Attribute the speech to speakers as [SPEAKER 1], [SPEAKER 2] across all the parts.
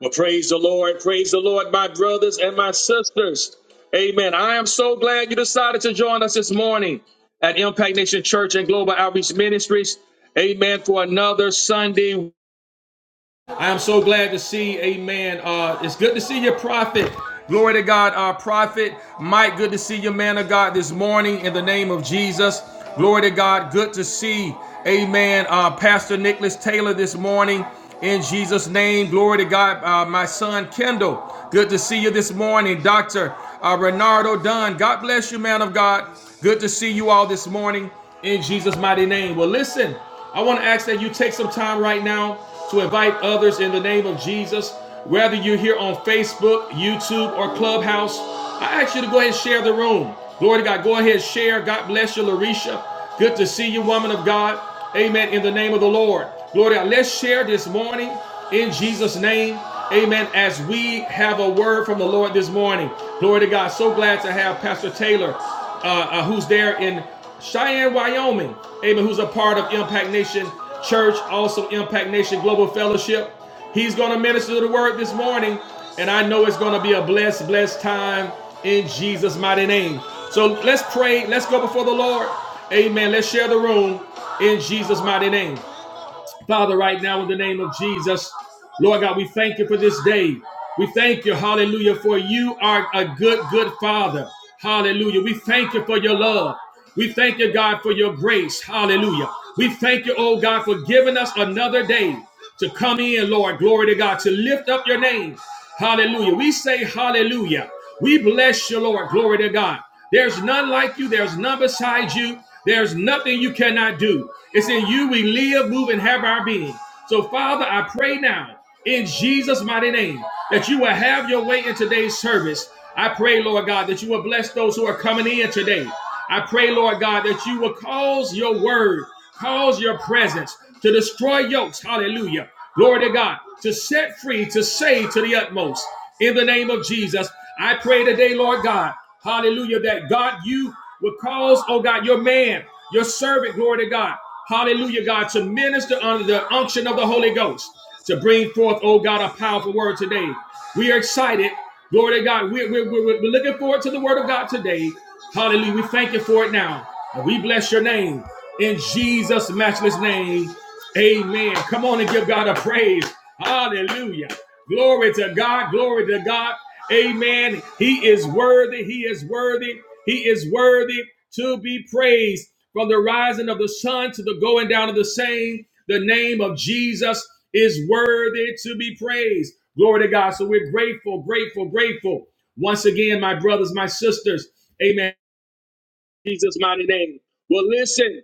[SPEAKER 1] Well, praise the Lord. Praise the Lord, my brothers and my sisters. Amen. I am so glad you decided to join us this morning at Impact Nation Church and Global Outreach Ministries. Amen. For another Sunday I am so glad to see, amen. Uh, it's good to see your prophet. Glory to God, our prophet. Mike, good to see you, man of God, this morning in the name of Jesus. Glory to God. Good to see, amen, uh, Pastor Nicholas Taylor this morning in Jesus' name. Glory to God, uh, my son Kendall. Good to see you this morning, Dr. Uh, Renardo Dunn. God bless you, man of God. Good to see you all this morning in Jesus' mighty name. Well, listen. I want to ask that you take some time right now to invite others in the name of Jesus. Whether you're here on Facebook, YouTube, or Clubhouse, I ask you to go ahead and share the room. Glory to God. Go ahead and share. God bless you, Larisha. Good to see you, woman of God. Amen. In the name of the Lord. Glory to God. Let's share this morning in Jesus' name. Amen. As we have a word from the Lord this morning. Glory to God. So glad to have Pastor Taylor, uh, uh, who's there in Cheyenne, Wyoming. Amen. Who's a part of Impact Nation Church, also Impact Nation Global Fellowship. He's going to minister the word this morning, and I know it's going to be a blessed, blessed time in Jesus' mighty name. So let's pray. Let's go before the Lord. Amen. Let's share the room in Jesus' mighty name. Father, right now in the name of Jesus, Lord God, we thank you for this day. We thank you, hallelujah, for you are a good, good Father. Hallelujah. We thank you for your love. We thank you, God, for your grace. Hallelujah. We thank you, oh God, for giving us another day to come in, Lord. Glory to God, to lift up your name. Hallelujah. We say hallelujah. We bless you, Lord. Glory to God. There's none like you, there's none beside you, there's nothing you cannot do. It's in you we live, move, and have our being. So, Father, I pray now in Jesus' mighty name that you will have your way in today's service. I pray, Lord God, that you will bless those who are coming in today. I pray, Lord God, that you will cause your word Cause your presence to destroy yokes. Hallelujah. Glory to God. To set free, to save to the utmost. In the name of Jesus, I pray today, Lord God. Hallelujah. That God, you will cause, oh God, your man, your servant, glory to God. Hallelujah, God, to minister under the unction of the Holy Ghost to bring forth, oh God, a powerful word today. We are excited Glory to God. We're, we're, we're, we're looking forward to the word of God today. Hallelujah. We thank you for it now. And we bless your name. In Jesus' matchless name, amen. Come on and give God a praise. Hallelujah. Glory to God. Glory to God. Amen. He is worthy. He is worthy. He is worthy to be praised from the rising of the sun to the going down of the same. The name of Jesus is worthy to be praised. Glory to God. So we're grateful, grateful, grateful. Once again, my brothers, my sisters, amen. Jesus' mighty name. Well, listen.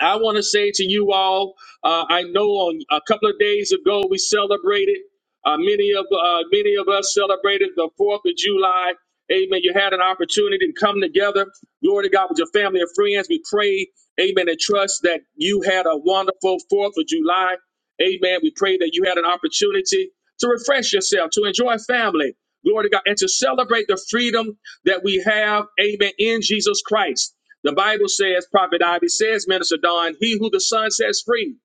[SPEAKER 1] I want to say to you all, uh, I know on a couple of days ago we celebrated. Uh, many of uh, many of us celebrated the Fourth of July. Amen. You had an opportunity to come together. Glory to God with your family and friends. We pray, Amen, and trust that you had a wonderful Fourth of July. Amen. We pray that you had an opportunity to refresh yourself, to enjoy family. Glory to God, and to celebrate the freedom that we have. Amen. In Jesus Christ. The Bible says, Prophet Ivy says, Minister Don, he who the Son sets free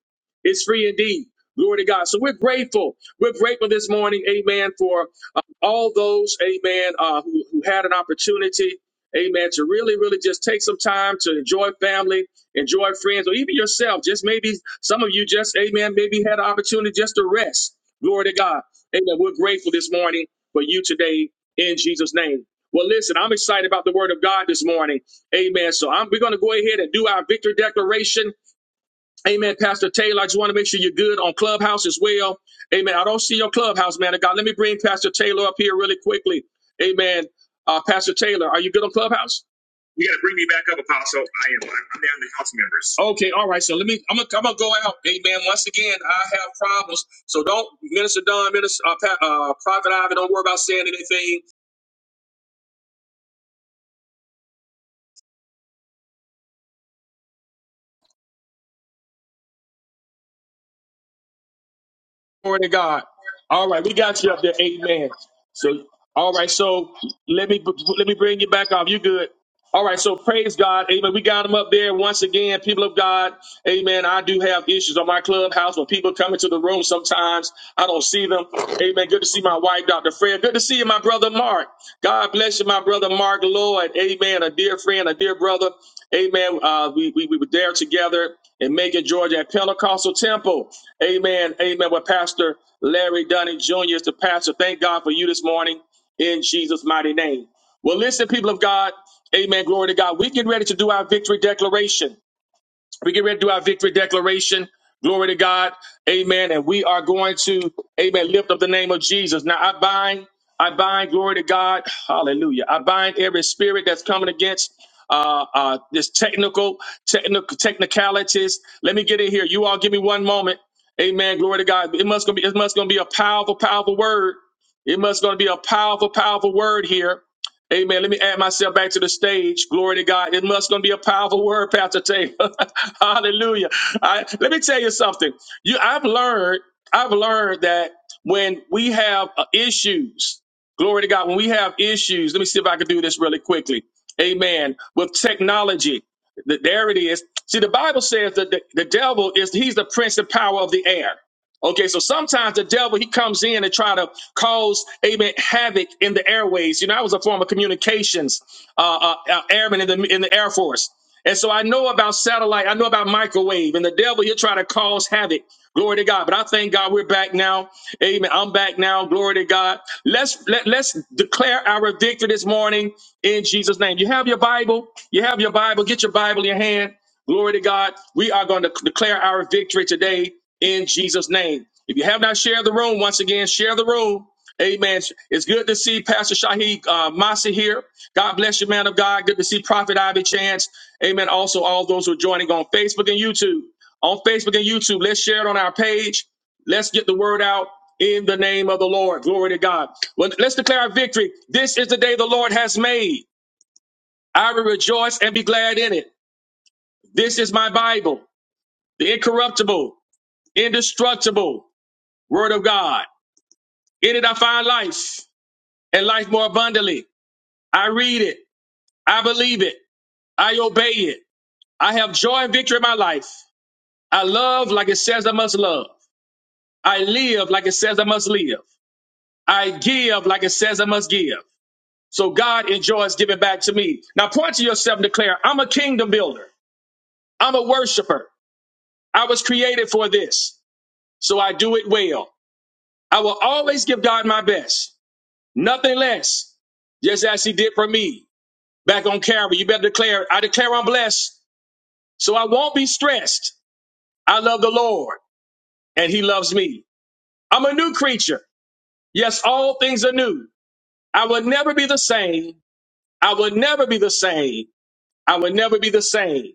[SPEAKER 1] is free indeed. Glory to God. So we're grateful. We're grateful this morning, amen, for uh, all those, amen, uh, who, who had an opportunity, amen, to really, really just take some time to enjoy family, enjoy friends, or even yourself. Just maybe some of you just, amen, maybe had an opportunity just to rest. Glory to God. Amen. We're grateful this morning for you today in Jesus' name. Well, listen, I'm excited about the word of God this morning. Amen. So I'm, we're going to go ahead and do our victory declaration. Amen, Pastor Taylor. I just want to make sure you're good on Clubhouse as well. Amen. I don't see your Clubhouse, man of God. Let me bring Pastor Taylor up here really quickly. Amen. Uh, Pastor Taylor, are you good on Clubhouse? You got to bring me back up, Apostle. I am. I'm I'm down to house members. Okay. All right. So let me. I'm gonna. I'm gonna go out. Amen. Once again, I have problems. So don't, Minister Don, Minister uh, Pa- uh, Prophet Ivan. Don't worry about saying anything. Amen. I do have issues on my clubhouse when people come into the room. Sometimes I don't see them. Amen. Good to see my wife, Dr. Fred. Good to see you, my brother Mark. God bless you, my brother Mark Lloyd. Amen. A dear friend, a dear brother. Amen. Uh, we, we, we were there together in Macon, Georgia at Pentecostal Temple. Amen. Amen. With Pastor Larry Dunning Jr. is the pastor. Thank God for you this morning in Jesus' mighty name. Well, listen, people of God. Amen. Glory to God. We're getting ready to do our victory declaration. We get ready to do our victory declaration. Glory to God. Amen. And we are going to, amen, lift up the name of Jesus. Now I bind, I bind, glory to God. Hallelujah. I bind every spirit that's coming against uh uh this technical, technical technicalities. Let me get in here. You all give me one moment. Amen. Glory to God. It must gonna be it must gonna be a powerful, powerful word. It must gonna be a powerful, powerful word here. Amen. Let me add myself back to the stage. Glory to God. It must going to be a powerful word, Pastor Taylor. Hallelujah. I, let me tell you something. You, I've learned. I've learned that when we have uh, issues, glory to God. When we have issues, let me see if I can do this really quickly. Amen. With technology, th- there it is. See, the Bible says that the, the devil is he's the prince and power of the air. Okay, so sometimes the devil he comes in and try to cause amen havoc in the airways. You know, I was a former communications uh, uh, uh, airman in the in the Air Force, and so I know about satellite. I know about microwave, and the devil he'll try to cause havoc. Glory to God. But I thank God we're back now. Amen. I'm back now. Glory to God. Let's let, let's declare our victory this morning in Jesus' name. You have your Bible. You have your Bible. Get your Bible in your hand. Glory to God. We are going to declare our victory today in Jesus' name. If you have not shared the room, once again, share the room. Amen. It's good to see Pastor Shaheed uh, Masi here. God bless you, man of God. Good to see Prophet Ivy Chance. Amen. Also, all those who are joining on Facebook and YouTube. On Facebook and YouTube, let's share it on our page. Let's get the word out in the name of the Lord. Glory to God. Well, let's declare our victory. This is the day the Lord has made. I will rejoice and be glad in it. This is my Bible the incorruptible, indestructible word of God. In it I find life and life more abundantly. I read it. I believe it. I obey it. I have joy and victory in my life. I love like it says I must love. I live like it says I must live. I give like it says I must give. So God enjoys giving back to me. Now point to yourself and declare, I'm a kingdom builder. I'm a worshiper. I was created for this. So I do it well. I will always give God my best. Nothing less. Just as he did for me back on Calvary. You better declare, I declare I'm blessed. So I won't be stressed. I love the Lord and he loves me. I'm a new creature. Yes, all things are new. I will never be the same. I will never be the same. I will never be the same.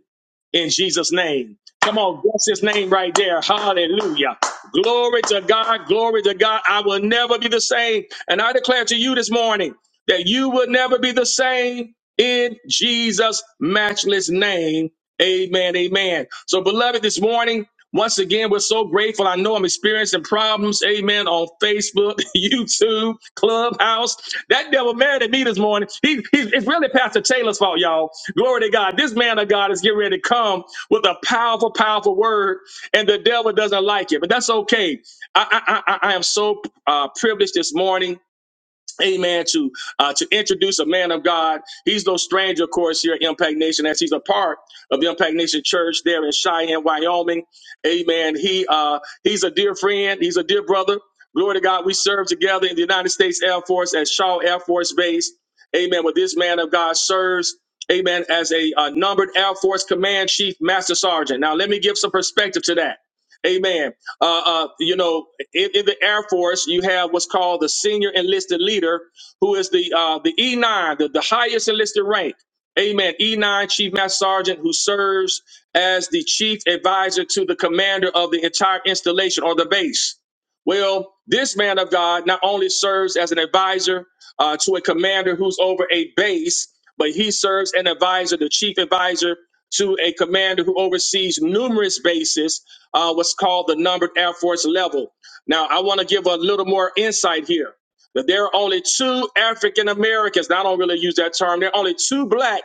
[SPEAKER 1] in Jesus' name. Come on, bless his name right there. Hallelujah. Glory to God. Glory to God. I will never be the same. And I declare to you this morning that you will never be the same in Jesus' matchless name. Amen. Amen. So, beloved, this morning, once again, we're so grateful. I know I'm experiencing problems, amen, on Facebook, YouTube, Clubhouse. That devil mad at me this morning. He, he's, it's really Pastor Taylor's fault, y'all. Glory to God. This man of God is getting ready to come with a powerful, powerful word, and the devil doesn't like it, but that's okay. I, I, I, I am so uh, privileged this morning amen to uh, to introduce a man of god he's no stranger of course here at impact nation as he's a part of the impact nation church there in cheyenne wyoming amen he uh he's a dear friend he's a dear brother glory to god we serve together in the united states air force at shaw air force base amen where this man of god serves amen as a uh, numbered air force command chief master sergeant now let me give some perspective to that amen uh, uh, you know, in, in the Air Force, you have what's called the senior enlisted leader, who is the uh, the E9, the, the highest enlisted rank. Amen. E9 Chief Master Sergeant, who serves as the chief advisor to the commander of the entire installation or the base. Well, this man of God not only serves as an advisor uh, to a commander who's over a base, but he serves an advisor, the chief advisor to a commander who oversees numerous bases uh, what's called the numbered Air Force level. Now, I want to give a little more insight here. That there are only two African Americans. Now, I don't really use that term. There are only two black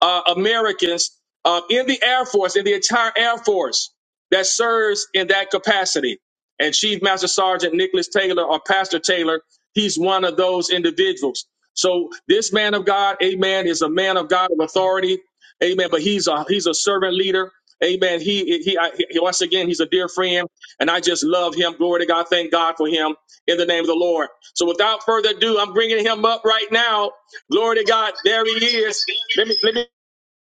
[SPEAKER 1] uh, Americans uh, in the Air Force, in the entire Air Force, that serves in that capacity. And Chief Master Sergeant Nicholas Taylor or Pastor Taylor, he's one of those individuals. So this man of God, amen, is a man of God of authority, amen. But he's a he's a servant leader. Amen. He, he, I, he, once again, he's a dear friend, and I just love him. Glory to God. Thank God for him in the name of the Lord. So, without further ado, I'm bringing him up right now. Glory to God. There he is. Let me, let me.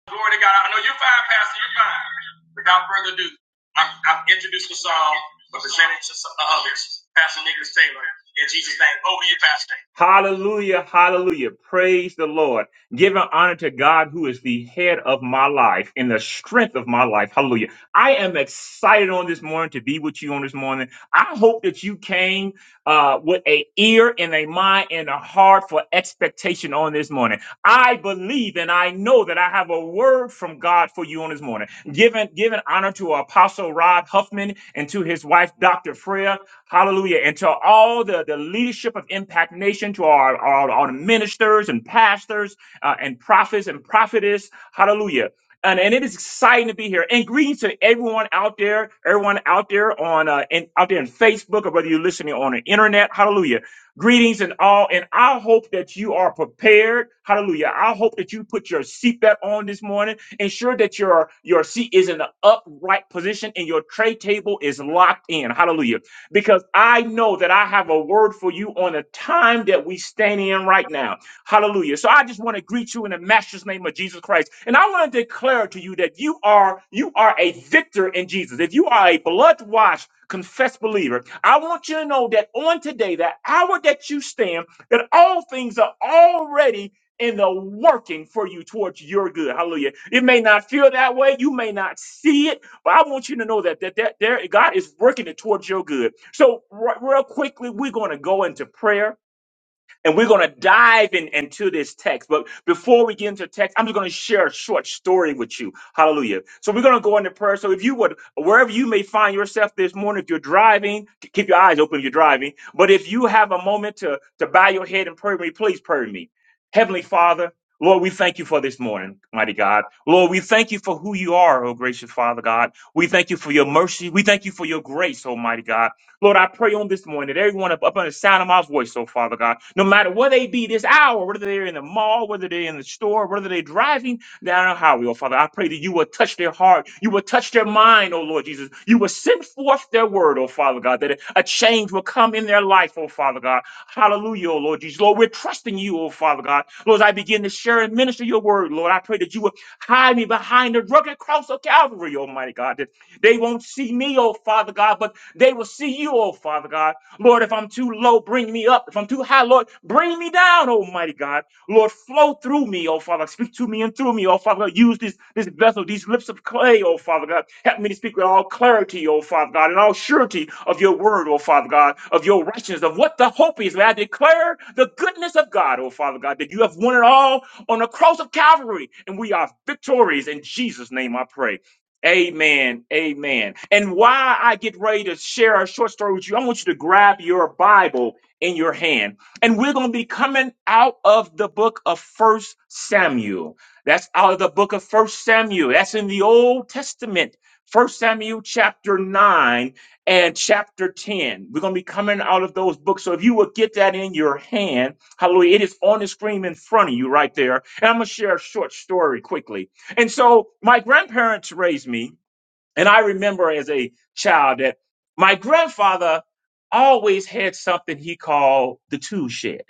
[SPEAKER 2] Glory to God. I know you're fine, Pastor. You're fine. Without further ado, I've, I've introduced the song, but presented to some others. Pastor Nicholas Taylor, in Jesus' name. Over to you, Pastor. Hallelujah. Hallelujah. Praise the Lord. Giving honor to God, who is the head of my life and the strength of my life. Hallelujah. I am excited on this morning to be with you on this morning. I hope that you came uh, with a ear and a mind and a heart for expectation on this morning. I believe and I know that I have a word from God for you on this morning. Giving, giving honor to Apostle Rod Huffman and to his wife, Dr. Freya. Hallelujah. And to all the, the leadership of Impact Nation, to our, our, our ministers and pastors uh, and prophets and prophetess. Hallelujah. And, and it is exciting to be here. And greetings to everyone out there, everyone out there on uh, in, out there in Facebook, or whether you're listening on the internet. Hallelujah. Greetings and all, and I hope that you are prepared. Hallelujah. I hope that you put your seatbelt on this morning. Ensure that your, your seat is in an upright position and your tray table is locked in. Hallelujah. Because I know that I have a word for you on the time that we stand in right now. Hallelujah. So I just want to greet you in the master's name of Jesus Christ. And I want to declare to you that you are you are a victor in Jesus. If you are a blood washed confessed believer, I want you to know that on today, the hour that you stand, that all things are already in the working for you towards your good. Hallelujah. It may not feel that way. You may not see it, but I want you to know that that, that there God is working it towards your good. So, right, real quickly, we're going to go into prayer and we're going to dive in, into this text. But before we get into text, I'm just going to share a short story with you. Hallelujah. So we're going to go into prayer. So if you would, wherever you may find yourself this morning, if you're driving, k- keep your eyes open if you're driving. But if you have a moment to, to bow your head and pray with me, please pray with me. Heavenly Father, Lord, we thank you for this morning, mighty God. Lord, we thank you for who you are, oh gracious Father God. We thank you for your mercy. We thank you for your grace, Almighty God. Lord, I pray on this morning that everyone up, up under the sound of my voice, oh Father God, no matter where they be this hour, whether they're in the mall, whether they're in the store, whether they're driving down the highway, oh Father, I pray that you will touch their heart, you will touch their mind, oh Lord Jesus. You will send forth their word, oh Father God, that a change will come in their life, oh Father God. Hallelujah, oh Lord Jesus. Lord, we're trusting you, oh Father God. Lord, as I begin to share and minister your word, Lord, I pray that you will hide me behind the rugged cross of Calvary, Almighty God, that they won't see me, oh Father God, but they will see you, oh Father God. Lord, if I'm too low, bring me up. If I'm too high, Lord, bring me down, Almighty God. Lord, flow through me, oh Father. Speak to me and through me, oh Father God. Use this, this vessel, these lips of clay, oh Father God. Help me to speak with all clarity, oh Father God, and all surety of your word, oh Father God, of your righteousness, of what the hope is. May I declare the goodness of God, oh Father God, that you have won it all on the cross of Calvary, and we are victorious. In Jesus' name I pray. Amen. Amen. And why I get ready to share a short story with you, I want you to grab your Bible in your hand. And we're going to be coming out of the book of First Samuel. That's out of the book of First Samuel. That's in the Old Testament. First Samuel chapter 9 and chapter 10. We're going to be coming out of those books. So if you will get that in your hand, hallelujah, it is on the screen in front of you right there. And I'm going to share a short story quickly. And so my grandparents raised me, and I remember as a child that my grandfather always had something he called the tool shed.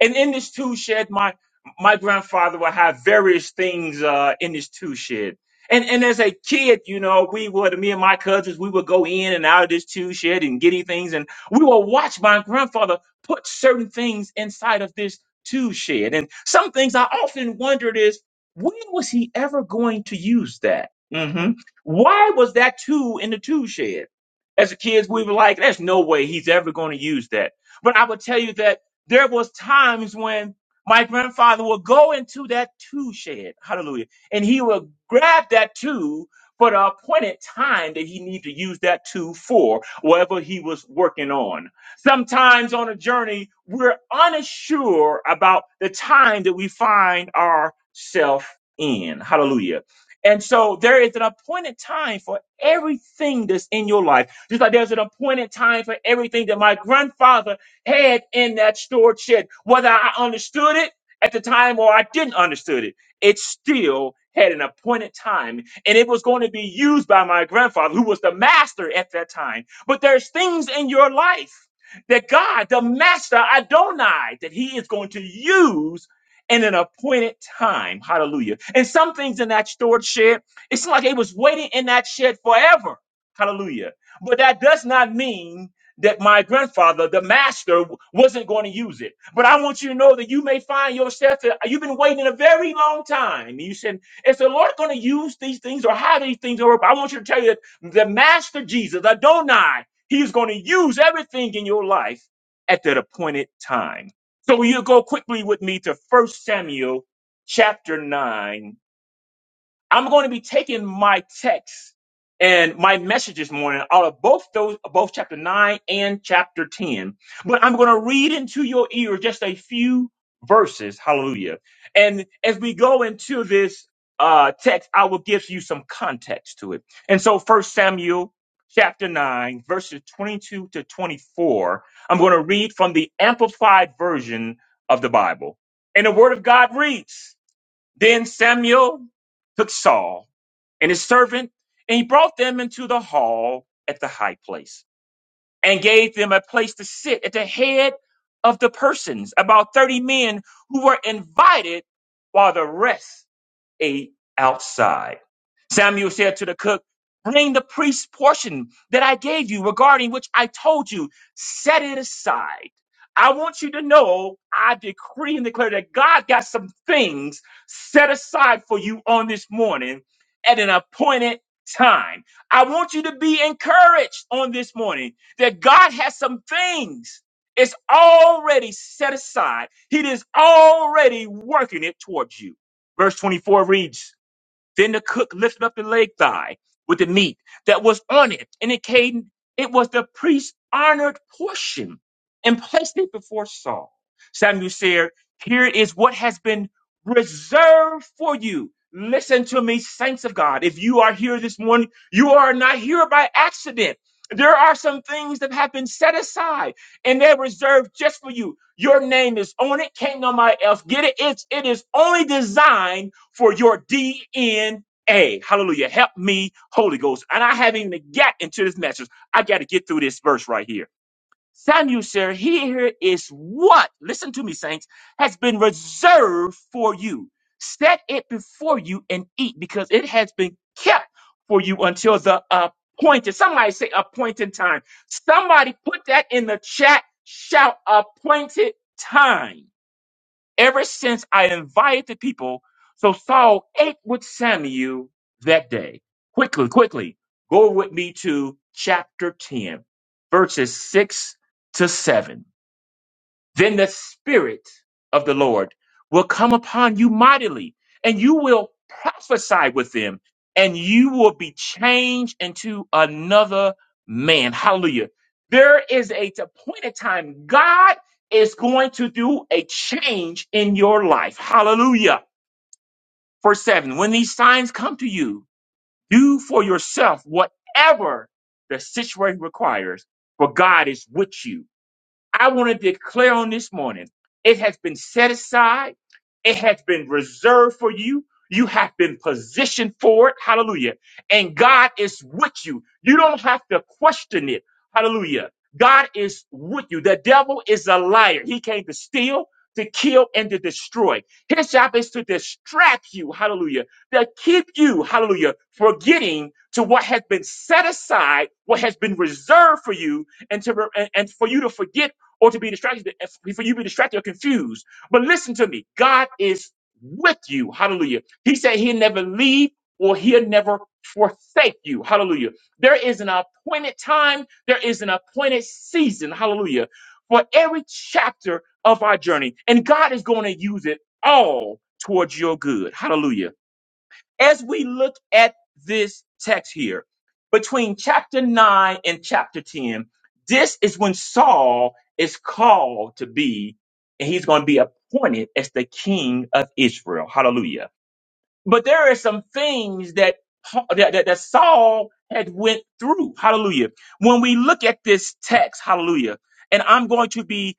[SPEAKER 2] And in this tool shed, my my grandfather would have various things uh, in this tool shed. And and as a kid, you know, we would me and my cousins, we would go in and out of this tool shed and get things, and we would watch my grandfather put certain things inside of this tool shed. And some things I often wondered is when was he ever going to use that? hmm Why was that tool in the tool shed? As a kids, we were like, "There's no way he's ever going to use that." But I would tell you that there was times when my grandfather would go into that tool shed, hallelujah, and he would grab that tool for the appointed time that he needed to use that tool for, whatever he was working on. Sometimes on a journey, we're unsure about the time that we find ourselves in, hallelujah. And so there is an appointed time for everything that's in your life. Just like there's an appointed time for everything that my grandfather had in that stored shed. Whether I understood it at the time or I didn't understood it, it still had an appointed time and it was going to be used by my grandfather who was the master at that time. But there's things in your life that God, the master Adonai, that he is going to use in an appointed time. Hallelujah. And some things in that stored shed, it's like it was waiting in that shed forever. Hallelujah. But that does not mean that my grandfather, the master, wasn't going to use it. But I want you to know that you may find yourself, that you've been waiting a very long time. And you said, Is the Lord going to use these things or how these things work? But I want you to tell you that the master Jesus, Adonai, he's going to use everything in your life at that appointed time. So you go quickly with me to First Samuel chapter 9 I'm going to be taking my text and my message this morning out of both those, both chapter nine and chapter 10. But I'm going to read into your ear just a few verses. Hallelujah. And as we go into this uh, text, I will give you some context to it. And so first Samuel chapter nine, verses 22 to 24, I'm going to read from the amplified version of the Bible. And the word of God reads, then Samuel took Saul and his servant, and he brought them into the hall at the high place, and gave them a place to sit at the head of the persons, about thirty men who were invited, while the rest ate outside. Samuel said to the cook, Bring the priest's portion that I gave you, regarding which I told you, set it aside. I want you to know, I decree and declare that God got some things set aside for you on this morning at an appointed time. I want you to be encouraged on this morning that God has some things. It's already set aside. He is already working it towards you. Verse 24 reads, Then the cook lifted up the leg thigh with the meat that was on it, indicating it was the priest's honored portion, and placed it before Saul. Samuel said, Here is what has been reserved for you. Listen to me, saints of God. If you are here this morning, you are not here by accident. There are some things that have been set aside and they're reserved just for you. Your name is on it. Can't nobody else get it. It's it is only designed for your DNA. Hallelujah. Help me, Holy Ghost. And I haven't even got into this message. I got to get through this verse right here. Samuel, sir, here is what, listen to me, saints, has been reserved for you. Set it before you and eat because it has been kept for you until the appointed. Somebody say appointed time. Somebody put that in the chat. Shout appointed time ever since I invited the people. So Saul ate with Samuel that day. Quickly, quickly, go with me to chapter 10, verses 6 to 7 then the Spirit of the Lord will come upon you mightily, and you will prophesy with them, and you will be changed into another man. Hallelujah. There is a t- point in time God is going to do a change in your life. Hallelujah. Verse 7 When these signs come to you, do for yourself whatever the situation requires, for God is with you I want to declare on this morning it has been set aside, it has been reserved for you. You have been positioned for it. Hallelujah. And God is with you. You don't have to question it. Hallelujah. God is with you. The devil is a liar. He came to steal, to kill, and to destroy. His job is to distract you. Hallelujah. To keep you, hallelujah, forgetting to what has been set aside, what has been reserved for you, and to and and for you to forget or to be distracted, for you be distracted or confused. But listen to me. God is with you. Hallelujah. He said he'll never leave or he'll never forsake you. Hallelujah. There is an appointed time. There is an appointed season. Hallelujah. For every chapter of our journey. And God is going to use it all towards your good. Hallelujah as we look at this text here, between chapter 9 and chapter 10, this is when Saul is called to be, and he's going to be appointed as the king of Israel. Hallelujah. But there are some things that, Pa- that, that, that Saul had went through. Hallelujah. When we look at this text, hallelujah, and I'm going to be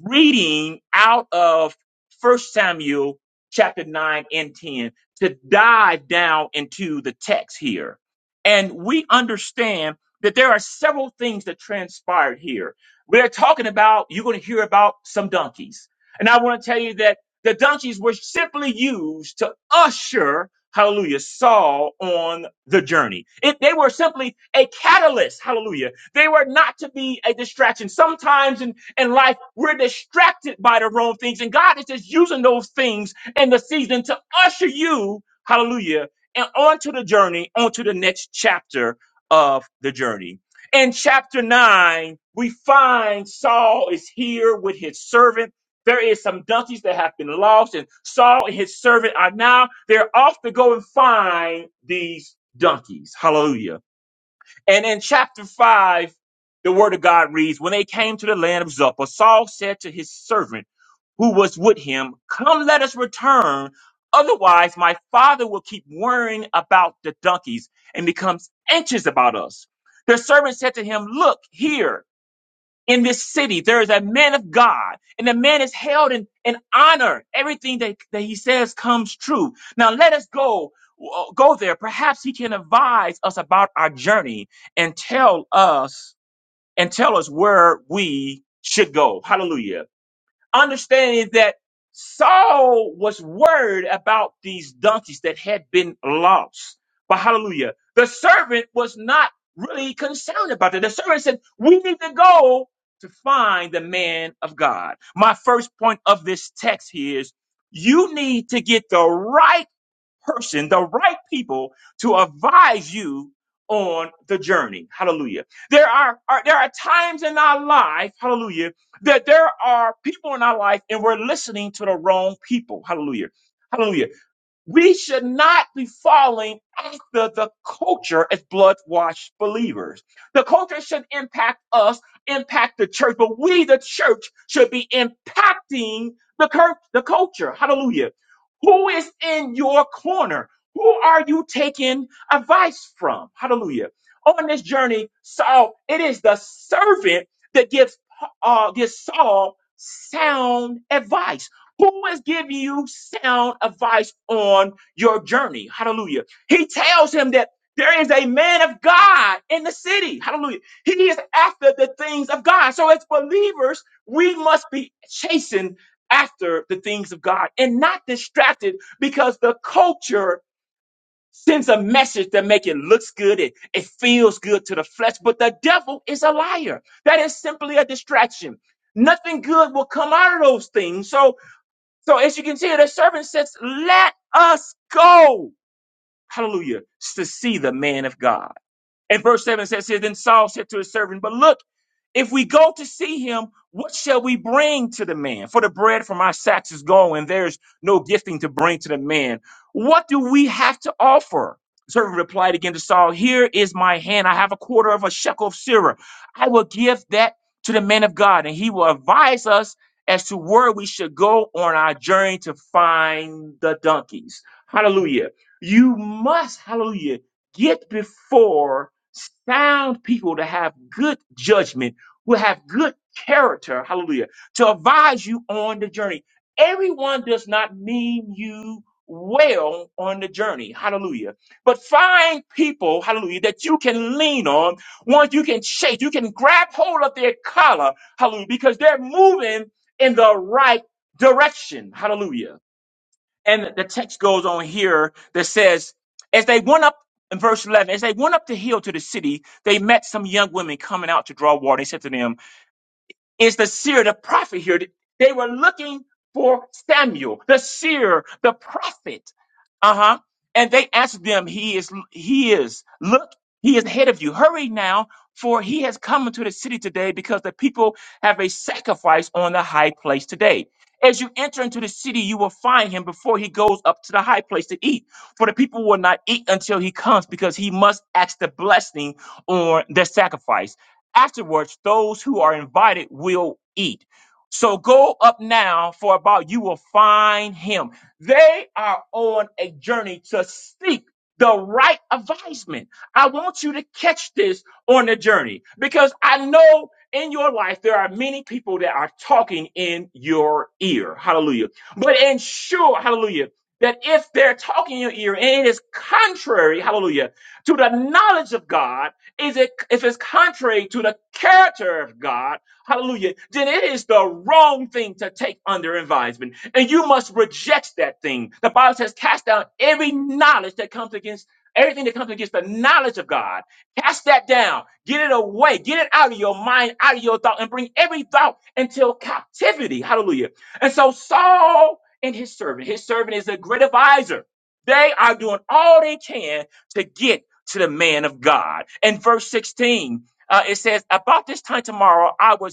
[SPEAKER 2] reading out of First Samuel chapter 9 and 10 to dive down into the text here. And we understand that there are several things that transpired here. We're talking about, you're going to hear about some donkeys. And I want to tell you that the donkeys were simply used to usher, hallelujah, Saul on the journey. It, they were simply a catalyst, hallelujah. They were not to be a distraction. Sometimes in, in life, we're distracted by the wrong things, and God is just using those things in the season to usher you, hallelujah, and onto the journey, onto the next chapter of the journey. In chapter 9, we find Saul is here with his servant there is some donkeys that have been lost, and Saul and his servant are now they're off to go and find these donkeys. Hallelujah. And in chapter five, the word of God reads, When they came to the land of Zoppa, Saul said to his servant who was with him, Come let us return. Otherwise, my father will keep worrying about the donkeys and becomes anxious about us. The servant said to him, Look here in this city. There is a man of God, and the man is held in, in honor. Everything that, that he says comes true. Now let us go uh, go there. Perhaps he can advise us about our journey and tell us and tell us where we should go. Hallelujah understanding that Saul was worried about these donkeys that had been lost. But hallelujah. The servant was not really concerned about that. The servant said, We need to go to find the man of God. My first point of this text here is you need to get the right person, the right people to advise you on the journey. Hallelujah. There are, are there are times in our life, hallelujah, that there are people in our life and we're listening to the wrong people. Hallelujah. Hallelujah. We should not be falling after the culture as blood washed believers. The culture should impact us, impact the church, but we, the church, should be impacting the, cur- the culture. Hallelujah. Who is in your corner? Who are you taking advice from? Hallelujah. On this journey, Saul, it is the servant that gives, uh, gives Saul sound advice. Who is giving you sound advice on your journey? Hallelujah. He tells him that there is a man of God in the city. Hallelujah. He is after the things of God. So, as believers, we must be chasing after the things of God and not distracted because the culture sends a message that make it looks good it, it feels good to the flesh but the devil is a liar that is simply a distraction nothing good will come out of those things so so as you can see, the servant says, let us go. Hallelujah. To see the man of God. And verse 7 says here, Then Saul said to his servant, But look, if we go to see him, what shall we bring to the man? For the bread from our sacks is gone, and there's no gifting to bring to the man. What do we have to offer? The servant replied again to Saul, Here is my hand. I have a quarter of a shekel of silver. I will give that to the man of God, and he will advise us as to where we should go on our journey to find the donkeys. Hallelujah. You must, hallelujah, get before sound people to have good judgment, who have good character, hallelujah, to advise you on the journey. Everyone does not mean you well on the journey, hallelujah. But find people, hallelujah, that you can lean on, ones you can shake, you can grab hold of their collar, hallelujah, because they're moving in the right direction, hallelujah. And the text goes on here that says, as they went up in verse 11, as they went up the hill to the city, they met some young women coming out to draw water. They said to them, is the seer, the prophet here. They were looking for Samuel, the seer, the prophet. Uh huh. And they answered them, He is, He is, look, He is ahead of you. Hurry now, for He has come into the city today because the people have a sacrifice on the high place today. As you enter into the city, you will find him before he goes up to the high place to eat. For the people will not eat until he comes because he must ask the blessing on their sacrifice. Afterwards, those who are invited will eat. So go up now, for about you will find him. They are on a journey to seek the right advisement. I want you to catch this on the journey because I know in your life there are many people that are talking in your ear. Hallelujah. But ensure, hallelujah, that if they're talking in your ear and it is contrary, hallelujah, to the knowledge of God, is it if it's contrary to the character of God, hallelujah, then it is the wrong thing to take under advisement. And you must reject that thing. The Bible says, cast down every knowledge that comes against everything that comes against the knowledge of God. Cast that down. Get it away. Get it out of your mind, out of your thought, and bring every thought into captivity. Hallelujah. And so Saul and his servant, his servant is a great advisor. They are doing all they can to get to the man of God. And verse 16, uh, it says, About this time tomorrow, I will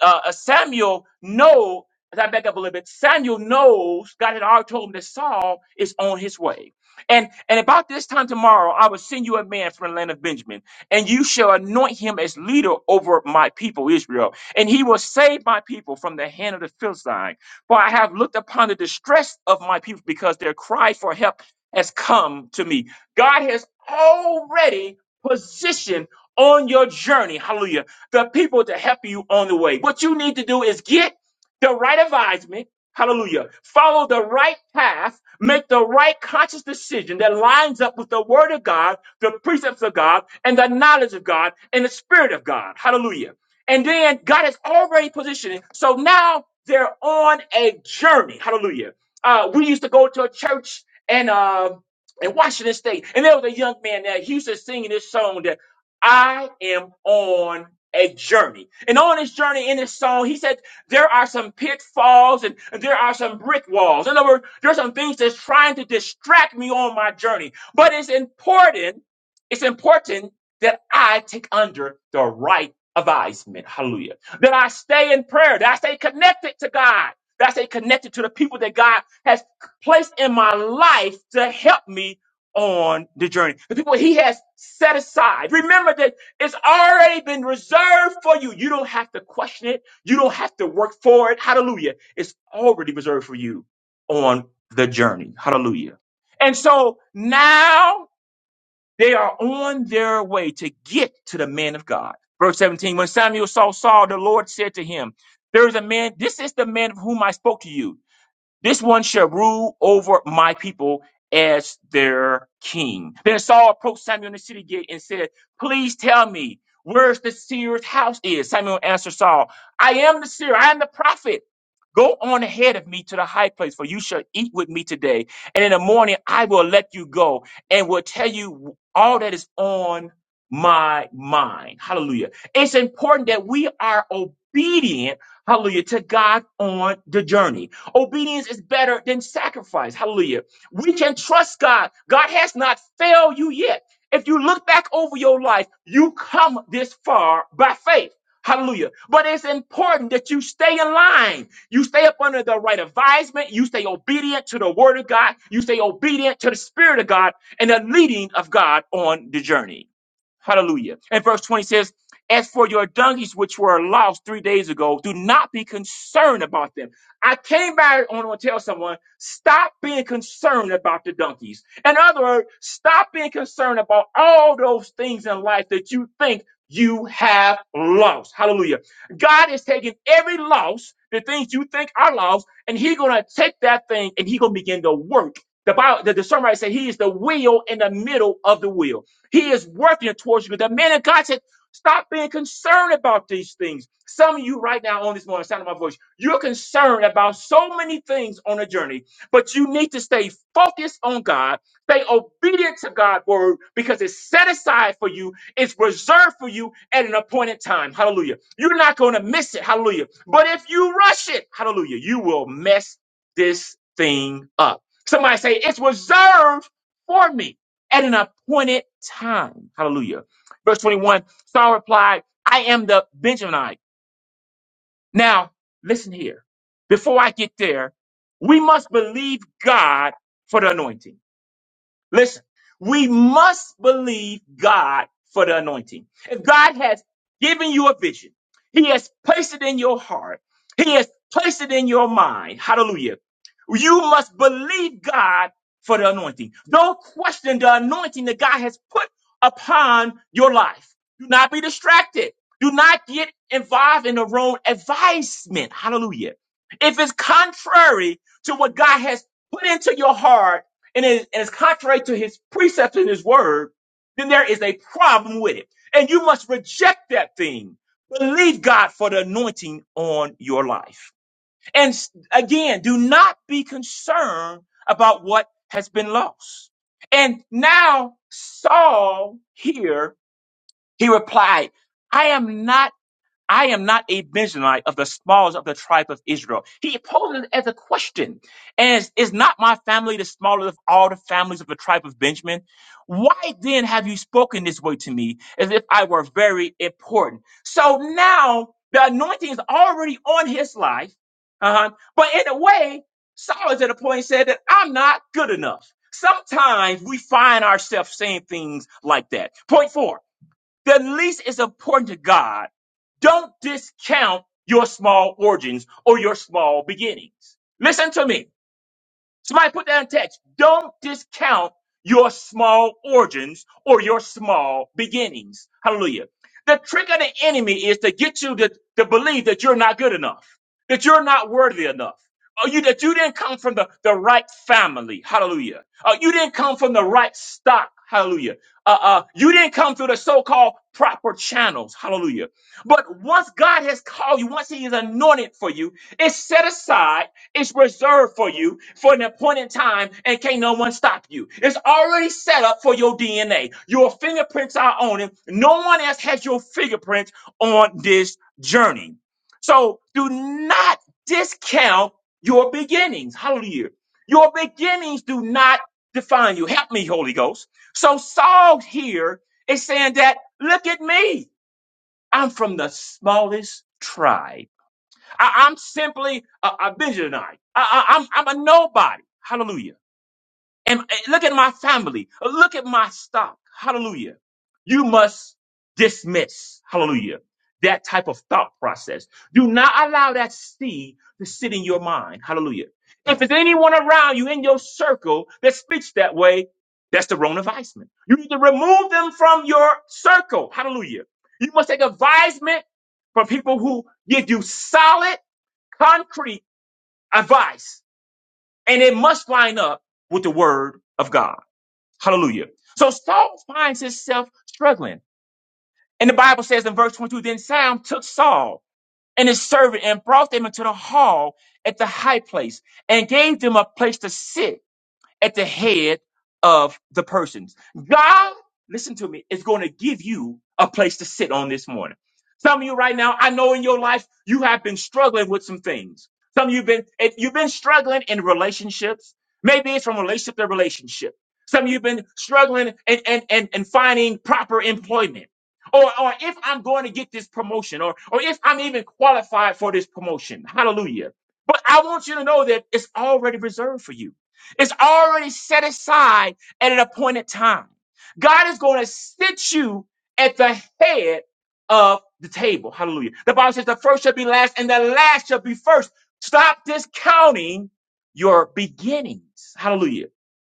[SPEAKER 2] uh, uh, Samuel know. As I back up a little bit, Samuel knows God had already told him that Saul is on his way. And and about this time tomorrow, I will send you a man from the land of Benjamin, and you shall anoint him as leader over my people Israel, and he will save my people from the hand of the Philistine. For I have looked upon the distress of my people, because their cry for help has come to me. God has already positioned on your journey. Hallelujah the people to help you on the way. What you need to do is get the right advisement. Hallelujah. Follow the right path. Make the right conscious decision that lines up with the word of God, the precepts of God, and the knowledge of God, and the spirit of God. Hallelujah. And then God is already positioning. So now they're on a journey. Hallelujah. Uh, we used to go to a church and, uh, in Washington State, and there was a young man there. He used to sing this song. I am on a journey. And on his journey in his song, he said, there are some pitfalls and, and there are some brick walls. In other words, there are some things that's trying to distract me on my journey. But it's important, it's important that I take under the right advisement. Hallelujah. That I stay in prayer, that I stay connected to God, that I stay connected to the people that God has placed in my life to help me on the journey. The people he has set aside. Remember that it's already been reserved for you. You don't have to question it. You don't have to work for it. Hallelujah. It's already reserved for you on the journey. Hallelujah. And so now they are on their way to get to the man of God. Verse 17, when Samuel saw Saul, the Lord said to him, there is a man, this is the man of whom I spoke to you. This one shall rule over my people as their king. Then Saul approached Samuel in the city gate and said, Please tell me where's the seer's house is. Samuel answered Saul, I am the seer, I am the prophet. Go on ahead of me to the high place, for you shall eat with me today. And in the morning I will let you go and will tell you all that is on my mind. Hallelujah. It's important that we are obedient, hallelujah, to God on the journey. Obedience is better than sacrifice. Hallelujah. We can trust God. God has not failed you yet. If you look back over your life, you come this far by faith. Hallelujah. But it's important that you stay in line. You stay up under the right advisement. You stay obedient to the word of God. You stay obedient to the spirit of God and the leading of God on the journey. Hallelujah. And verse 20 says, As for your donkeys which were lost three days ago, do not be concerned about them. I came back on to tell someone, stop being concerned about the donkeys. In other words, stop being concerned about all those things in life that you think you have lost. Hallelujah. God is taking every loss, the things you think are lost, and He's gonna take that thing and He's gonna begin to work. The Bible, the, the songwriter said, He is the wheel in the middle of the wheel. He is working towards you. The man of God said, stop being concerned about these things. Some of you right now on this morning, sound of my voice, you're concerned about so many things on the journey, but you need to stay focused on God, stay obedient to God's word because it's set aside for you, it's reserved for you at an appointed time. Hallelujah. You're not going to miss it. Hallelujah. But if you rush it, hallelujah, you will mess this thing up. Somebody say, it's reserved for me at an appointed time. Hallelujah. Verse 21, Saul replied, I am the Benjaminite. Now, listen here. Before I get there, we must believe God for the anointing. Listen, we must believe God for the anointing. If God has given you a vision, He has placed it in your heart, He has placed it in your mind. Hallelujah. You must believe God for the anointing. Don't question the anointing that God has put upon your life. Do not be distracted. Do not get involved in the wrong advisement. Hallelujah. If it's contrary to what God has put into your heart, and it- and it's contrary to his precepts in his word, then there is a problem with it. And you must reject that thing. Believe God for the anointing on your life. And s- again, do not be concerned about what has been lost. And now Saul here, he replied, I am not I am not a Benjamite of the smallest of the tribe of Israel. He poses it as a question. As is not my family the smallest of all the families of the tribe of Benjamin? Why then have you spoken this way to me as if I were very important? So now the anointing is already on his life. Uh-huh. But in a way, Saul is at a point said that I'm not good enough. Sometimes we find ourselves saying things like that. Point four. The least is important to God. Don't discount your small origins or your small beginnings. Listen to me. Somebody put that in text. Don't discount your small origins or your small beginnings. Hallelujah. The trick of the enemy is to get you to, to believe that you're not good enough, that you're not worthy enough. Or you that you didn't come from the, the right family. Hallelujah. Uh, you didn't come from the right stock. Hallelujah. Uh, uh, you didn't come through the so-called proper channels. Hallelujah. But once God has called you, once he is anointed for you, it's set aside it's reserved for you for an appointed time and can't no one stop you. It's already set up for your DNA. Your fingerprints are on it. No one else has your fingerprints on this journey. So do not discount your beginnings. Hallelujah. Your beginnings do not define you. Help me, Holy Ghost. So Saul here is saying that, look at me. I'm from the smallest tribe. I, I'm simply a, a visionary. I, I, I'm, I'm a nobody. Hallelujah. And uh, look at my family. Look at my stock. Hallelujah. You must dismiss, hallelujah, that type of thought process. Do not allow that seed to sit in your mind. Hallelujah. If there's anyone around you in your circle that speaks that way, that's the Rona Weissman. You need to remove them from your circle. Hallelujah. You must take advisement from people who give you solid concrete advice, and it must line up with the word of God. Hallelujah. So Saul finds himself struggling. And the Bible says in verse 22 Then Sam took Saul and his servant and brought them into the hall at the high place and gave them a place to sit at the head of the persons. God, listen to me, is going to give you a place to sit on this morning. Some of you right now, I know in your life you have been struggling with some things. Some of you've been if you've been struggling in relationships. Maybe it's from relationship to relationship. Some of you've been struggling and and and, and finding proper employment. Or, or if I'm going to get this promotion, or, or if I'm even qualified for this promotion. Hallelujah. But I want you to know that it's already reserved for you. It's already set aside at an appointed time. God is going to sit you at the head of the table. Hallelujah. The Bible says the first shall be last and the last shall be first. Stop discounting your beginnings. Hallelujah.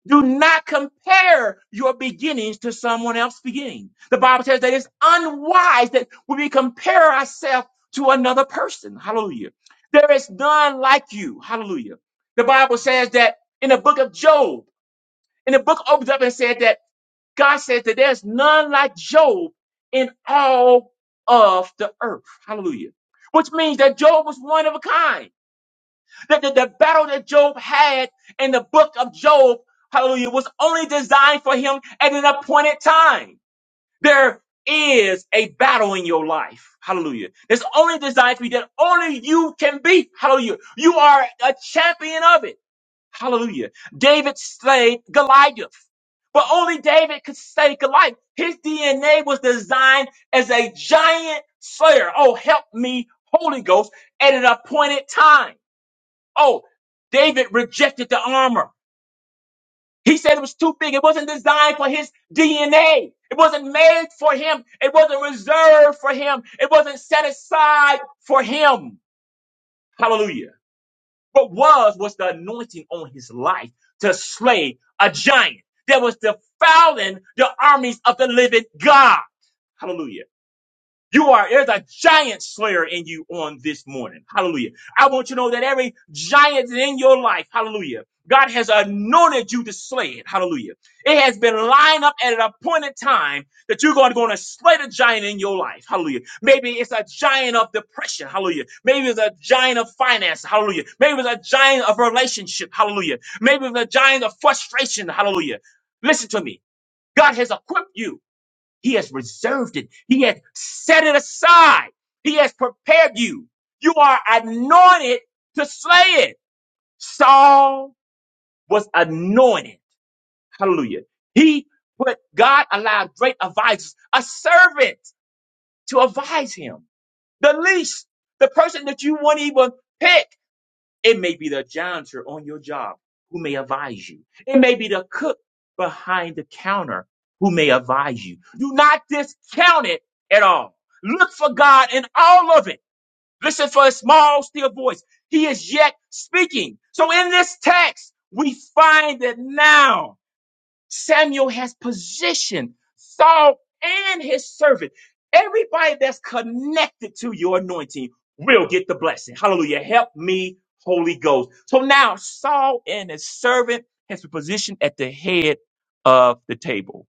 [SPEAKER 2] Do not compare your beginnings to someone else's beginning. The Bible says that it's unwise that we compare ourselves to another person. Hallelujah. There is none like you. Hallelujah. The Bible says that in the book of Job, and the book opens up and said that God says that there's none like Job in all of the earth. Hallelujah. Which means that Job was one of a kind that the, the battle that Job had in the book of Job, hallelujah, was only designed for him at an appointed time. There is a battle in your life. Hallelujah. It's only designed to be that only you can beat. Hallelujah. You are a champion of it. Hallelujah. David slayed Goliath. But only David could slay Goliath. His DNA was designed as a giant slayer. Oh, help me, Holy Ghost, at an appointed time. Oh, David rejected the armor. He said it was too big. It wasn't designed for his DNA. It wasn't made for him. It wasn't reserved for him. It wasn't set aside for him. Hallelujah. What was was the anointing on his life to slay a giant. That was defiling the armies of the living God. Hallelujah. You are, there's a giant slayer in you on this morning. Hallelujah. I want you to know that every giant in your life, hallelujah, God has anointed you to slay it. Hallelujah. It has been lined up at an appointed time that you're going to, going to slay the giant in your life. Hallelujah. Maybe it's a giant of depression. Hallelujah. Maybe it's a giant of finance. Hallelujah. Maybe it's a giant of relationship. Hallelujah. Maybe it's a giant of frustration. Hallelujah. Listen to me. God has equipped you he has reserved it. He has set it aside. He has prepared you. You are anointed to slay it. Saul was anointed. Hallelujah. He put, God allowed great advisors, a servant to advise him. The least, the person that you wouldn't even pick it may be the janitor on your job who may advise you. It may be the cook behind the counter who may advise you. Do not discount it at all. Look for God in all of it. Listen for a small, still voice. He is yet speaking. So in this text, we find it now Samuel has positioned Saul and his servant. Everybody that's connected to your anointing will get the blessing. Hallelujah. Help me, Holy Ghost. So now Saul and his servant has been positioned at the head of the table.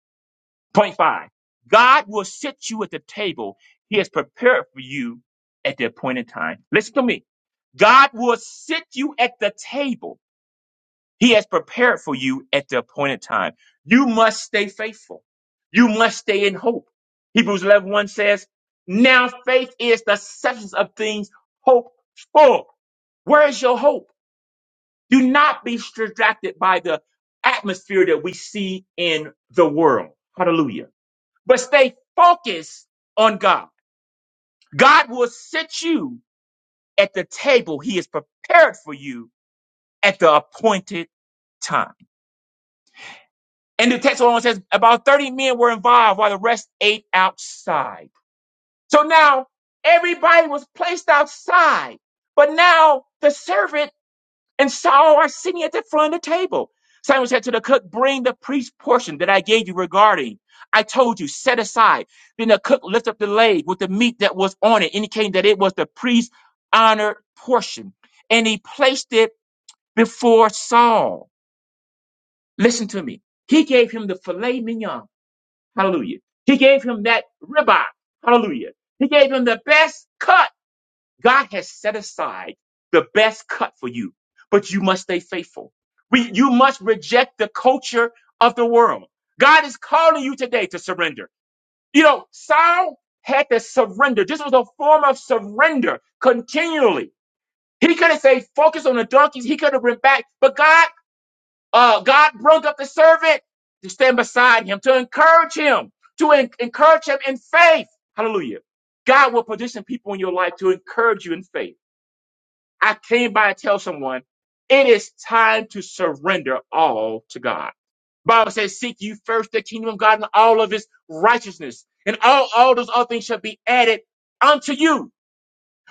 [SPEAKER 2] Point five. God will sit you at the table. He has prepared for you at the appointed time. Listen to me. God will sit you at the table he has prepared for you at the appointed time. You must stay faithful. You must stay in hope. Hebrews 11 one says, Now faith is the substance of things hoped for. Where is your hope? Do not be distracted by the atmosphere that we see in the world. Hallelujah. But stay focused on God. God will sit you at the table He has prepared for you at the appointed time. And the text on says about 30 men were involved while the rest ate outside. So now everybody was placed outside, but now the servant and Saul are sitting at the front of the table. Simon said to the cook, bring the priest's portion that I gave you regarding. I told you, set aside. Then the cook lifted up the leg with the meat that was on it, indicating that it was the priest's honored portion. And he placed it before Saul. Listen to me. He gave him the filet mignon Hallelujah. He gave him that ribeye. Hallelujah. He gave him the best cut. God has set aside the best cut for you, but you must stay faithful. We, you must reject the culture of the world. God is calling you today to surrender. You know, Saul had to surrender. This was a form of surrender continually. He could have said, focus on the donkeys. He could have went back, but God uh, God broke up the servant to stand beside him, to encourage him, to en- encourage him in faith. Hallelujah. God will position people in your life to encourage you in faith. I came by to tell someone it is time to surrender all to God. Bible says, seek you first the kingdom of God and all of his righteousness, and all, all those other things shall be added unto you.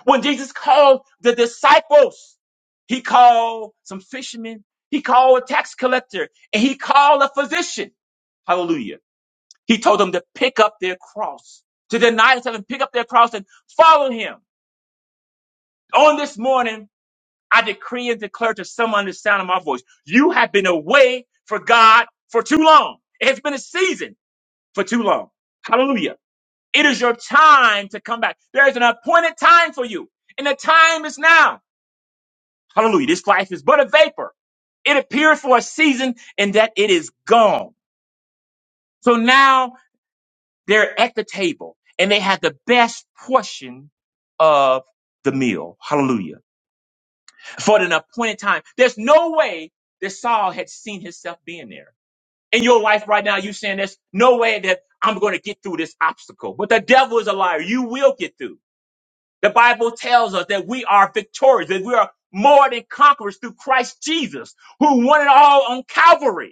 [SPEAKER 2] When Jesus called the disciples, he called some fishermen, he called a tax collector, and he called a physician. Hallelujah. He told them to pick up their cross, to deny themselves and pick up their cross and follow him. On this morning, I decree and declare to someone the sound of my voice, you have been away for God for too long. It has been a season for too long. Hallelujah. It is your time to come back. There is an appointed time for you, and the time is now. Hallelujah. This life is but a vapor. It appears for a season and that it is gone. So now they're at the table and they had the best portion of the meal. Hallelujah. For an appointed time. There's no way that Saul had seen himself being there. In your life right now, you're saying there's no way that I'm going to get through this obstacle. But the devil is a liar. You will get through. The Bible tells us that we are victorious, that we are more than conquerors through Christ Jesus, who won it all on Calvary.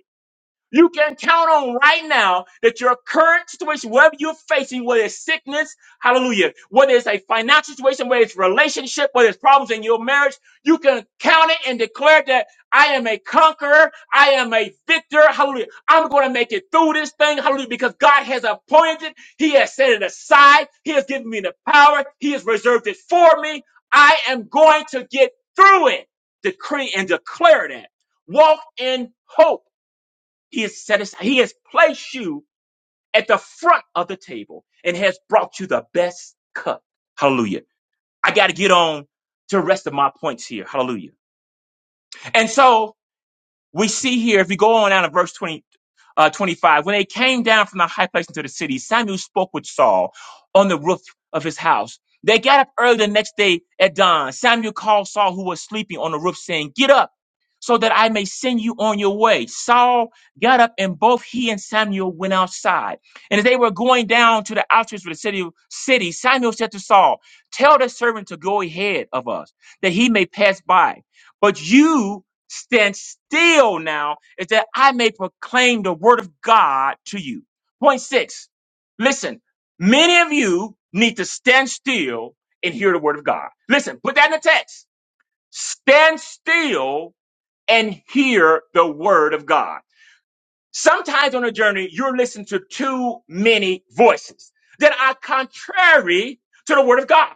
[SPEAKER 2] You can count on right now that your current situation, whatever you're facing, whether it's sickness, hallelujah, whether it's a financial situation, whether it's relationship, whether it's problems in your marriage, you can count it and declare that I am a conqueror. I am a victor. Hallelujah. I'm going to make it through this thing. Hallelujah. Because God has appointed it. He has set it aside. He has given me the power. He has reserved it for me. I am going to get through it. Decree and declare that. Walk in hope he has set aside, he has placed you at the front of the table and has brought you the best cup. Hallelujah. I got to get on to the rest of my points here. Hallelujah. And so we see here, if we go on down to verse 20, uh, 25, when they came down from the high place into the city, Samuel spoke with Saul on the roof of his house. They got up early the next day at dawn. Samuel called Saul, who was sleeping on the roof, saying, Get up so that I may send you on your way. Saul got up, and both he and Samuel went outside. And as they were going down to the outskirts of the city, city, Samuel said to Saul, Tell the servant to go ahead of us, that he may pass by. But you stand still now is that I may proclaim the word of God to you. Point six, listen, many of you need to stand still and hear the word of God. Listen, put that in the text. Stand still and hear the word of God. Sometimes on a journey, you're listening to too many voices that are contrary to the word of God.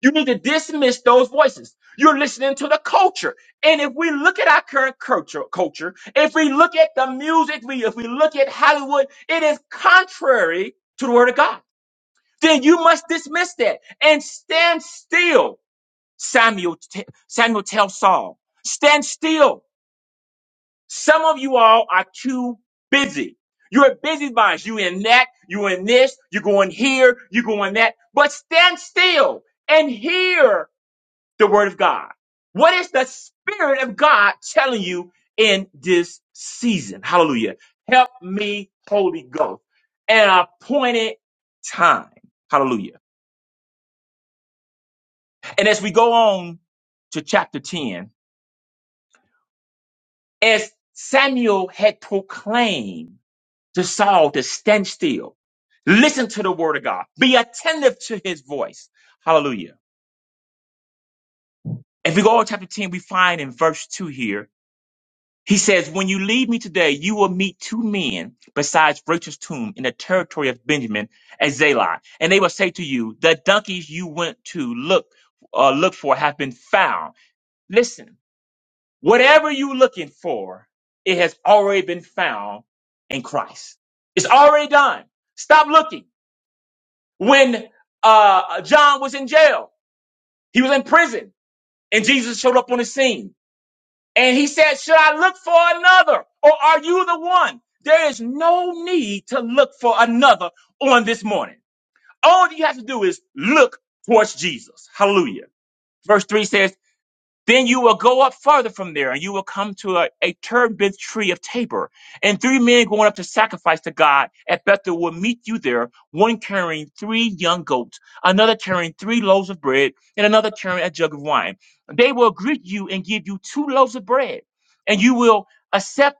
[SPEAKER 2] You need to dismiss those voices. You're listening to the culture. And if we look at our current culture, culture, if we look at the music, we, if we look at Hollywood, it is contrary to the word of God. Then you must dismiss that and stand still. Samuel, t- Samuel tells Saul, stand still. Some of you all are too busy. You're busybodies. You in that, you in this, you going here, you going that, but stand still and hear the word of God? What is the spirit of God telling you in this season? Hallelujah. Help me, Holy Ghost, at an appointed time. Hallelujah. And as we go on to chapter 10, as Samuel had proclaimed to Saul to stand still, listen to the word of God, be attentive to his voice. Hallelujah. If we go on chapter 10, we find in verse 2 here He says, When you leave me today, you will meet two men besides Rachel's tomb in the territory of Benjamin at Zelah. And they will say to you, The donkeys you went to look, uh, look for have been found. Listen, whatever you're looking for, it has already been found in Christ. It's already done. Stop looking. When uh, John was in jail, he was in prison, and Jesus showed up on the scene. And he said, Should I look for another? Or are you the one? There is no need to look for another on this morning. All you have to do is look towards Jesus. Hallelujah. Verse 3 says, then you will go up farther from there, and you will come to a, a turbid tree of Tabor. And three men going up to sacrifice to God at Bethel will meet you there, one carrying three young goats, another carrying three loaves of bread, and another carrying a jug of wine. They will greet you and give you two loaves of bread, and you will accept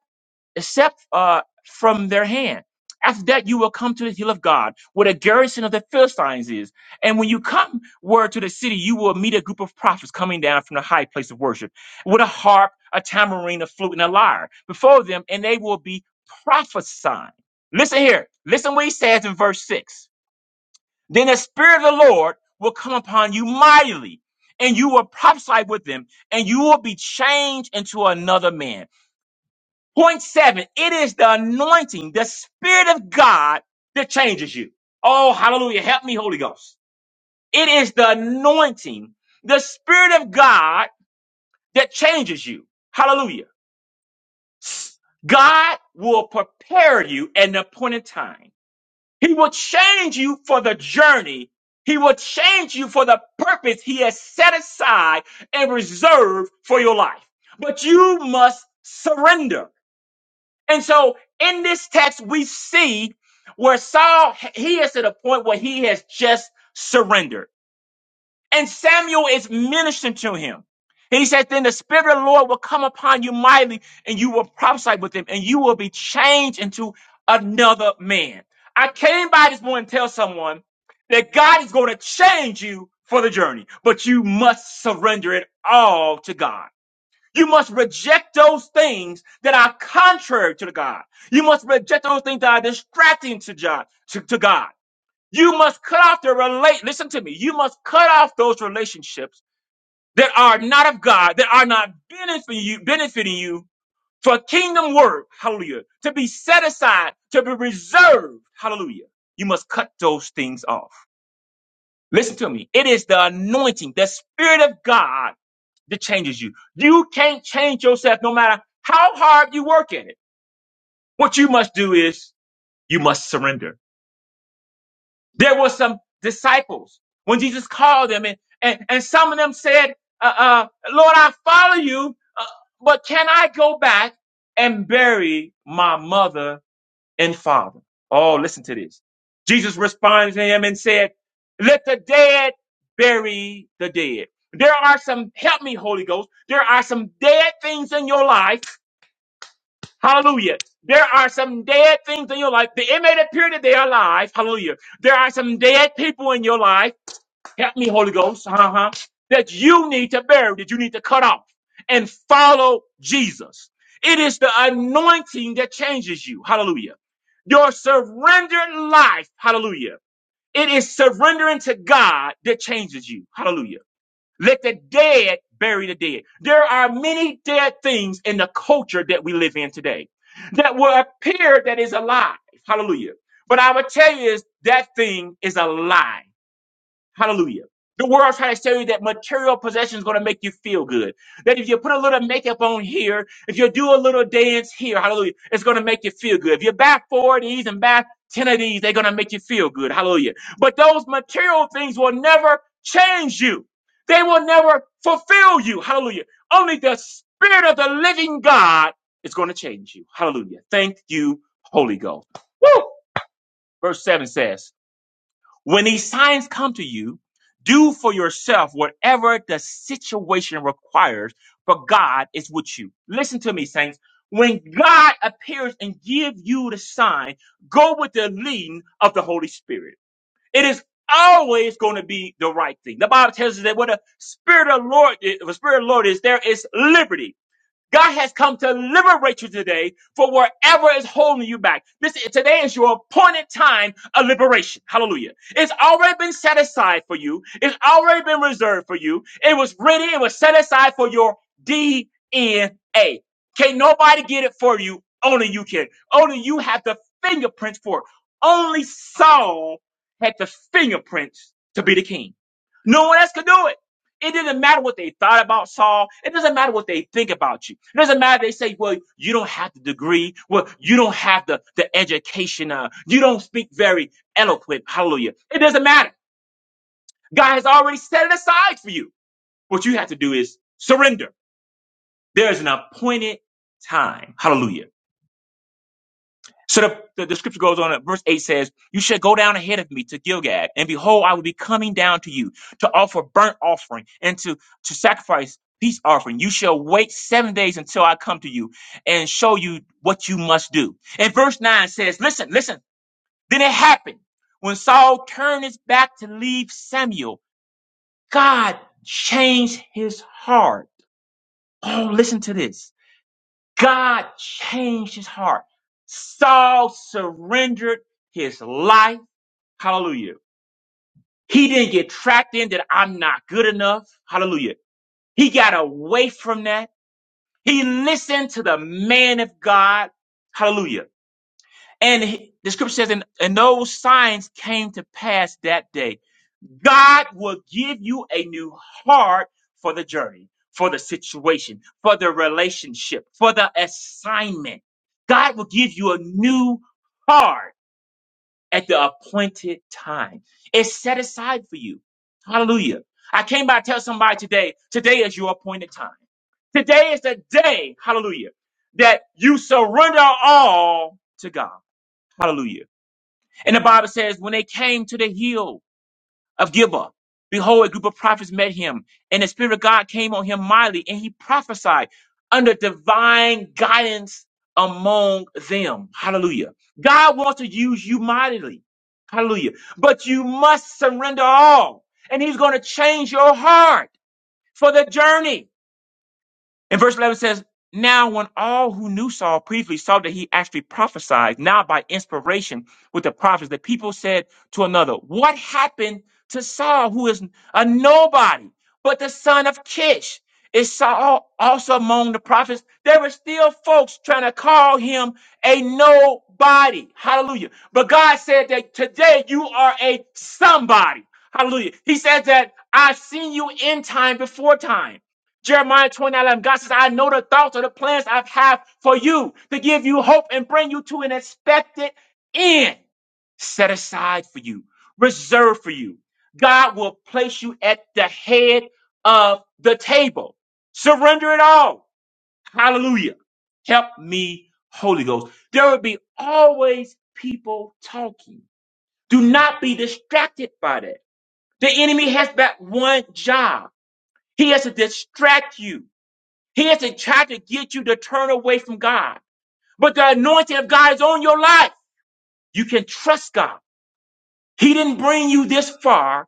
[SPEAKER 2] except uh, from their hand. After that, you will come to the hill of God, where the garrison of the Philistines is. And when you come word to the city, you will meet a group of prophets coming down from the high place of worship with a harp, a tambourine, a flute, and a lyre before them, and they will be prophesying. Listen here. Listen what he says in verse 6. Then the Spirit of the Lord will come upon you mightily, and you will prophesy with them, and you will be changed into another man Point seven, it is the anointing, the Spirit of God that changes you. Oh, hallelujah. Help me, Holy Ghost. It is the anointing, the Spirit of God that changes you. Hallelujah. God will prepare you at an appointed time. He will change you for the journey. He will change you for the purpose He has set aside and reserved for your life. But you must surrender. And so in this text, we see where Saul, he is at a point where he has just surrendered. And Samuel is ministering to him. He said, then the spirit of the Lord will come upon you mightily and you will prophesy with him and you will be changed into another man. I came by this morning to tell someone that God is going to change you for the journey, but you must surrender it all to God. You must reject those things that are contrary to the God. You must reject those things that are distracting to God. To, to God. You must cut off the relate. Listen to me. You must cut off those relationships that are not of God, that are not benefiting you, benefiting you for kingdom work. Hallelujah. To be set aside, to be reserved. Hallelujah. You must cut those things off. Listen to me. It is the anointing, the spirit of God that changes you. You can't change yourself no matter how hard you work at it. What you must do is you must surrender. There were some disciples when Jesus called them, and, and, and some of them said, uh, uh, Lord, I follow you, uh, but can I go back and bury my mother and Father. Oh, listen to this. Jesus responded to him and said, Let the dead bury the dead. There are some, help me, Holy Ghost. There are some dead things in your life. Hallelujah. There are some dead things in your life. It may appear that they are alive. Hallelujah. There are some dead people in your life help me, Holy Ghost, uh-huh, that you need to bury, that you need to cut off and follow Jesus. It is the anointing that changes you. Hallelujah. Your surrendered life, hallelujah. It is surrendering to God that changes you. Hallelujah. Let the dead bury the dead. There are many dead things in the culture that we live in today that will appear that is alive. Hallelujah. But I would tell you is that thing is a lie. Hallelujah. The world trying to tell you that material possession is going to make you feel good. That if you put a little makeup on here, if you do a little dance here, hallelujah, it's going to make you feel good. If you buy four of these and buy 10 of these, they're going to make you feel good. Hallelujah. But those material things will never change you. They will never fulfill you. Hallelujah. Only the spirit of the living God is going to change you. Hallelujah. Thank you, Holy Ghost. Woo! Verse 7 says, when these signs come to you, do for yourself whatever the situation requires, for God is with you. Listen to me, saints. When God appears and give you the sign, go with the leading of the Holy Spirit. It is always going to be the right thing. The Bible tells us that where the Spirit of the Lord, if the Spirit of the Lord is, there is liberty. God has come to liberate you today for wherever is holding you back. This today is your appointed time of liberation. Hallelujah. It's already been set aside for you. It's already been reserved for you. It was ready. It was set aside for your DNA. Can't nobody get it for you. Only you can. Only you have the fingerprints for it. Only Saul had the fingerprints to be the king. No one else could do it. It doesn't matter what they thought about Saul. It doesn't matter what they think about you. It doesn't matter. They say, well, you don't have the degree. Well, you don't have the, the education. Uh, you don't speak very eloquent. Hallelujah. It doesn't matter. God has already set it aside for you. What you have to do is surrender. There's an appointed time. Hallelujah So the, the, the scripture goes on, verse 8 says, You shall go down ahead of me to Gilgad, and behold, I will be coming down to you to offer burnt offering and to, to sacrifice peace offering. You shall wait seven days until I come to you and show you what you must do. And verse 9 says, Listen, listen. Then it happened when Saul turned his back to leave Samuel, God changed his heart. Oh, listen to this. God changed his heart. Saul surrendered his life. Hallelujah. He didn't get trapped in that I'm not good enough. Hallelujah. He got away from that. He listened to the man of God. Hallelujah and he- the scripture says, and, and those signs came to pass that day. God will give you a new heart for the journey, for the situation, for the relationship, for the assignment. God will give you a new heart at the appointed time. It's set aside for you. Hallelujah. I came by to tell somebody today, today is your appointed time. Today is the day, hallelujah, that you surrender all to God. Hallelujah. And the Bible says, when they came to the hill of Gibeah, behold, a group of prophets met him, and the Spirit of God came on him mightily, and he prophesied under divine guidance among them. Hallelujah. God wants to use you mightily. Hallelujah. But you must surrender all, and he's going to change your heart for the journey. And verse 11 says, Now, when all who knew Saul previously saw that he actually prophesied, now by inspiration with the prophets, the people said to another, What happened to Saul, who is a nobody, but the son of Kish? Is Saul also among the prophets? There were still folks trying to call him a nobody. Hallelujah. But God said that today you are a somebody. Hallelujah. He said that I've seen you in time before time. Jeremiah 29 God says, I know the thoughts or the plans I have for you to give you hope and bring you to an expected end set aside for you, reserved for you. God will place you at the head of the table. Surrender it all. Hallelujah. Help me, Holy Ghost. There will be always people talking. Do not be distracted by that. The enemy has that one job. He has to distract you. He has to try to get you to turn away from God. But the anointing of God is on your life. You can trust God. He didn't bring you this far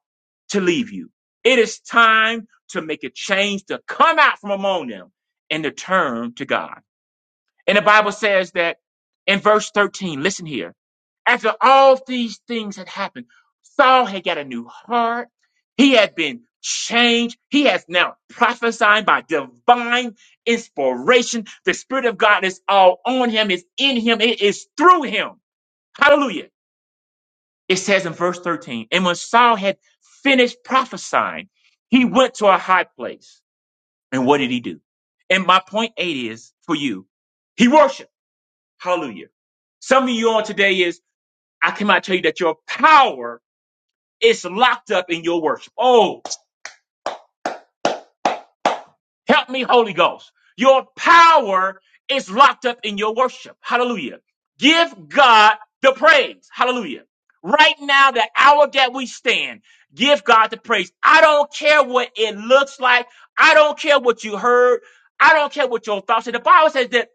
[SPEAKER 2] to leave you. It is time to make a change, to come out from among them and to turn to God. And the Bible says that in verse 13, listen here. After all these things had happened, Saul had got a new heart. He had been changed. He has now prophesying by divine inspiration. The Spirit of God is all on him, is in him, it is through him. Hallelujah. It says in verse 13, and when Saul had finished prophesying, he went to a high place. And what did he do? And my point eight is for you, he worshiped. Hallelujah. Some of you on today is, I cannot tell you that your power is locked up in your worship. Oh, Help me, Holy Ghost. Your power is locked up in your worship. Hallelujah. Give God the praise. Hallelujah. Right now, the hour that we stand, give God the praise. I don't care what it looks like. I don't care what you heard. I don't care what your thoughts are. The Bible says that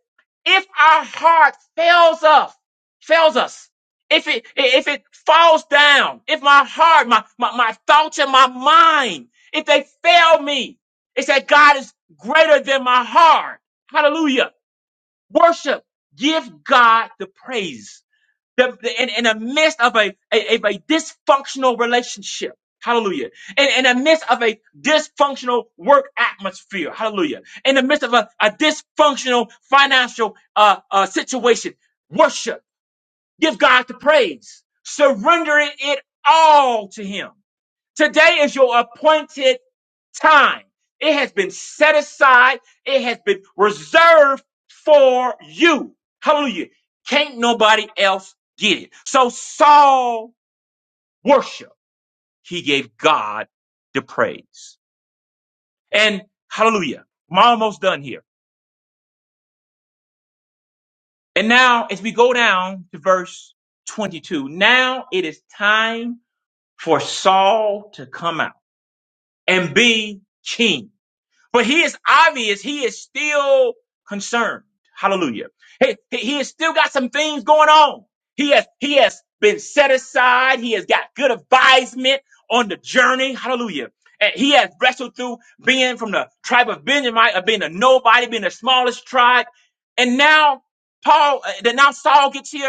[SPEAKER 2] if our heart fails us, fails us, if it if it falls down, if my heart, my, my, my thoughts and my mind, if they fail me, it's that God is greater than my heart. Hallelujah. Worship. Give God the praise. The- the- in, in the midst of a, a, of a dysfunctional relationship. Hallelujah. In, in the midst of a dysfunctional work atmosphere. Hallelujah. In the midst of a, a dysfunctional financial uh, uh, situation. Worship. Give God the praise. Surrendering it all to Him. Today is your appointed time. It has been set aside. It has been reserved for you. Hallelujah. Can't nobody else get it. So Saul worshiped; He gave God the praise. And hallelujah. I'm almost done here. And now as we go down to verse 22, now it is time for Saul to come out and be king. But he is obvious. He is still concerned. Hallelujah. He, he, he has still got some things going on. He has, he has been set aside. He has got good advisement on the journey. Hallelujah. And he has wrestled through being from the tribe of Benjamin, of being a nobody, being the smallest tribe. And now Paul, uh, then now Saul gets here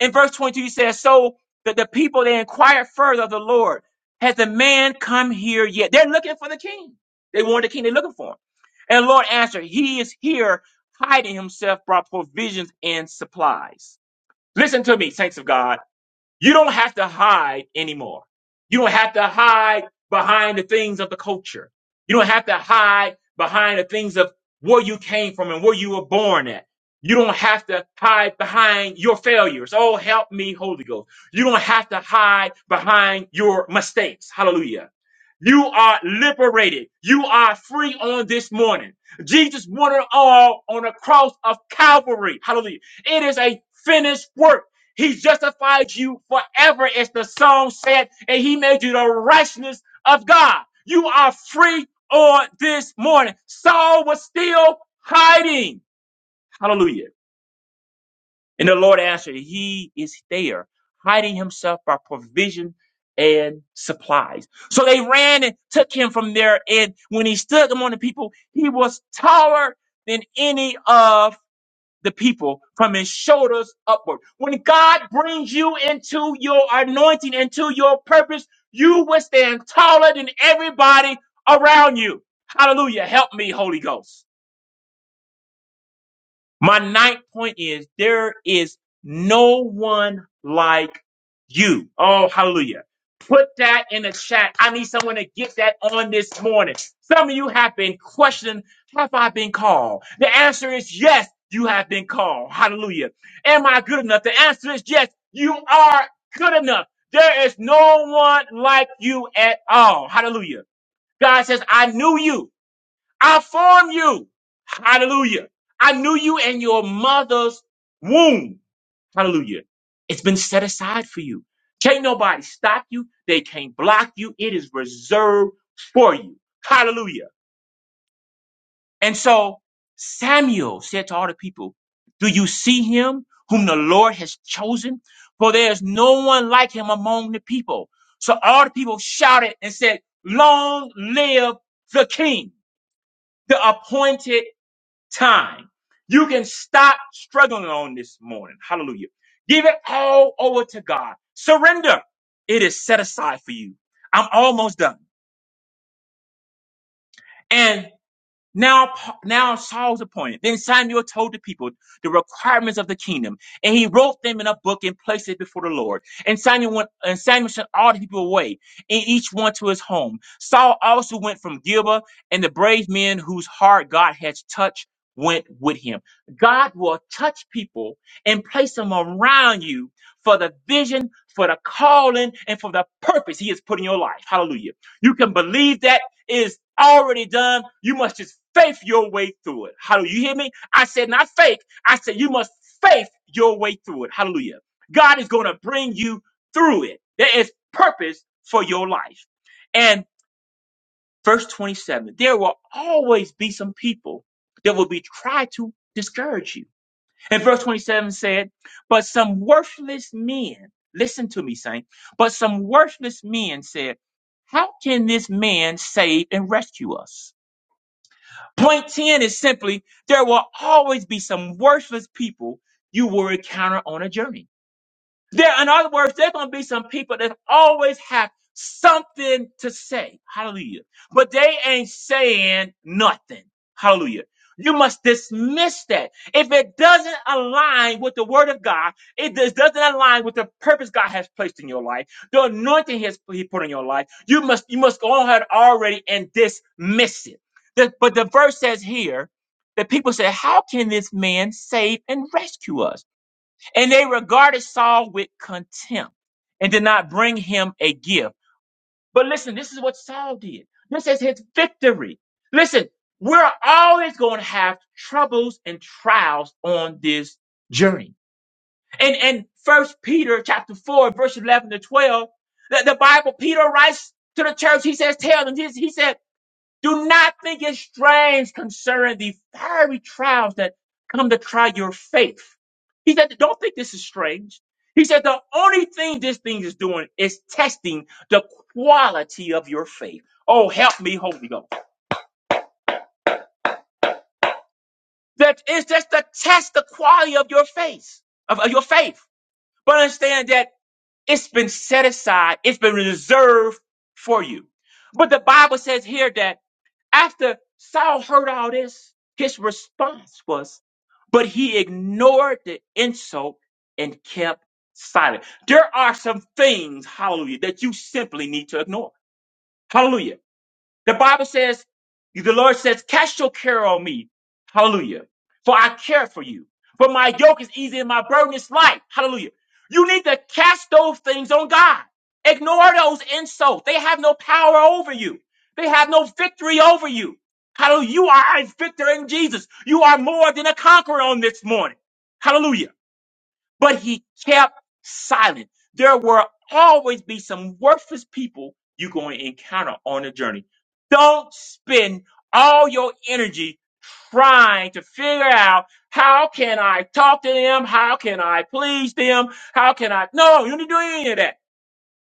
[SPEAKER 2] in verse 22, he says, So that the people they inquired further of the Lord, has the man come here yet? They're looking for the king. They want the king, they're looking for him. And the Lord answered, He is here, hiding himself, brought provisions and supplies. Listen to me, saints of God. You don't have to hide anymore. You don't have to hide behind the things of the culture. You don't have to hide behind the things of where you came from and where you were born at. You don't have to hide behind your failures. Oh, help me, Holy Ghost. You don't have to hide behind your mistakes. Hallelujah. You are liberated. You are free on this morning. Jesus won it all on the cross of Calvary. Hallelujah. It is a finished work. He justified you forever, as the song said, and he made you the righteousness of God. You are free on this morning. Saul was still hiding. Hallelujah. And the Lord answered, He is there, hiding himself by provision and supplies. So they ran and took him from there. And when he stood among the people, he was taller than any of the people from his shoulders upward. When God brings you into your anointing, into your purpose, you will stand taller than everybody around you. Hallelujah. Help me, Holy Ghost. My ninth point is there is no one like you. Oh, hallelujah. Put that in the chat. I need someone to get that on this morning. Some of you have been questioning, have I been called? The answer is yes, you have been called. Hallelujah. Am I good enough? The answer is yes, you are good enough. There is no one like you at all. Hallelujah. God says, I knew you. I formed you. Hallelujah. I knew you in your mother's womb. Hallelujah. It's been set aside for you. Can't nobody stop you. They can't block you. It is reserved for you. Hallelujah. And so Samuel said to all the people, do you see him whom the Lord has chosen? For there is no one like him among the people. So all the people shouted and said, long live the king, the appointed time. You can stop struggling on this morning. Hallelujah. Give it all over to God. Surrender. It is set aside for you. I'm almost done. And. Now, Pa- now Saul's appointed. Then Samuel told the people the requirements of the kingdom, and he wrote them in a book and placed it before the Lord. And Samuel went, and Samuel sent all the people away, and each one to his home. Saul also went from Gilboa, and the brave men whose heart God has touched went with him. God will touch people and place them around you for the vision, for the calling, and for the purpose He has put in your life. Hallelujah! You can believe that is already done. You must just faith your way through it. Hallelujah. You hear me? I said not fake. I said you must faith your way through it. Hallelujah. God is going to bring you through it. There is purpose for your life. And verse 27, there will always be some people that will be try to discourage you. And verse 27 said, but some worthless men, listen to me, saint, but some worthless men said, how can this man save and rescue us? Point 10 is simply there will always be some worthless people you will encounter on a journey. There, in other words, there's going to be some people that always have something to say. Hallelujah. But they ain't saying nothing. Hallelujah. You must dismiss that. If it doesn't align with the word of God, it does- doesn't align with the purpose God has placed in your life, the anointing He has He put in your life, you must you must go ahead already and dismiss it. The- but the verse says here that people say, How can this man save and rescue us? And they regarded Saul with contempt and did not bring him a gift. But listen, this is what Saul did. This is his victory. Listen, we're always going to have troubles and trials on this journey. And and First Peter chapter four, verse eleven to twelve, that the Bible Peter writes to the church. He says, "Tell them." He, he said. Do not think it strange concerning the fiery trials that come to try your faith. He said, don't think this is strange. He said, the only thing this thing is doing is testing the quality of your faith. Oh, help me, Holy Ghost. That is just to test the quality of your faith, of, of your faith. But understand that it's been set aside, it's been reserved for you. But the Bible says here that After Saul heard all this, his response was, but he ignored the insult and kept silent. There are some things, hallelujah, that you simply need to ignore. Hallelujah. The Bible says, the Lord says, cast your care on me. Hallelujah. For I care for you. For my yoke is easy and my burden is light. Hallelujah. You need to cast those things on God. Ignore those insults. They have no power over you. They have no victory over you. Hallelujah. You are a victor in Jesus. You are more than a conqueror on this morning. Hallelujah but he kept silent. There will always be some worthless people you're going to encounter on the journey. Don't spend all your energy trying to figure out how can I talk to them? How can I please them? How can I? No, you don't need to do any of that.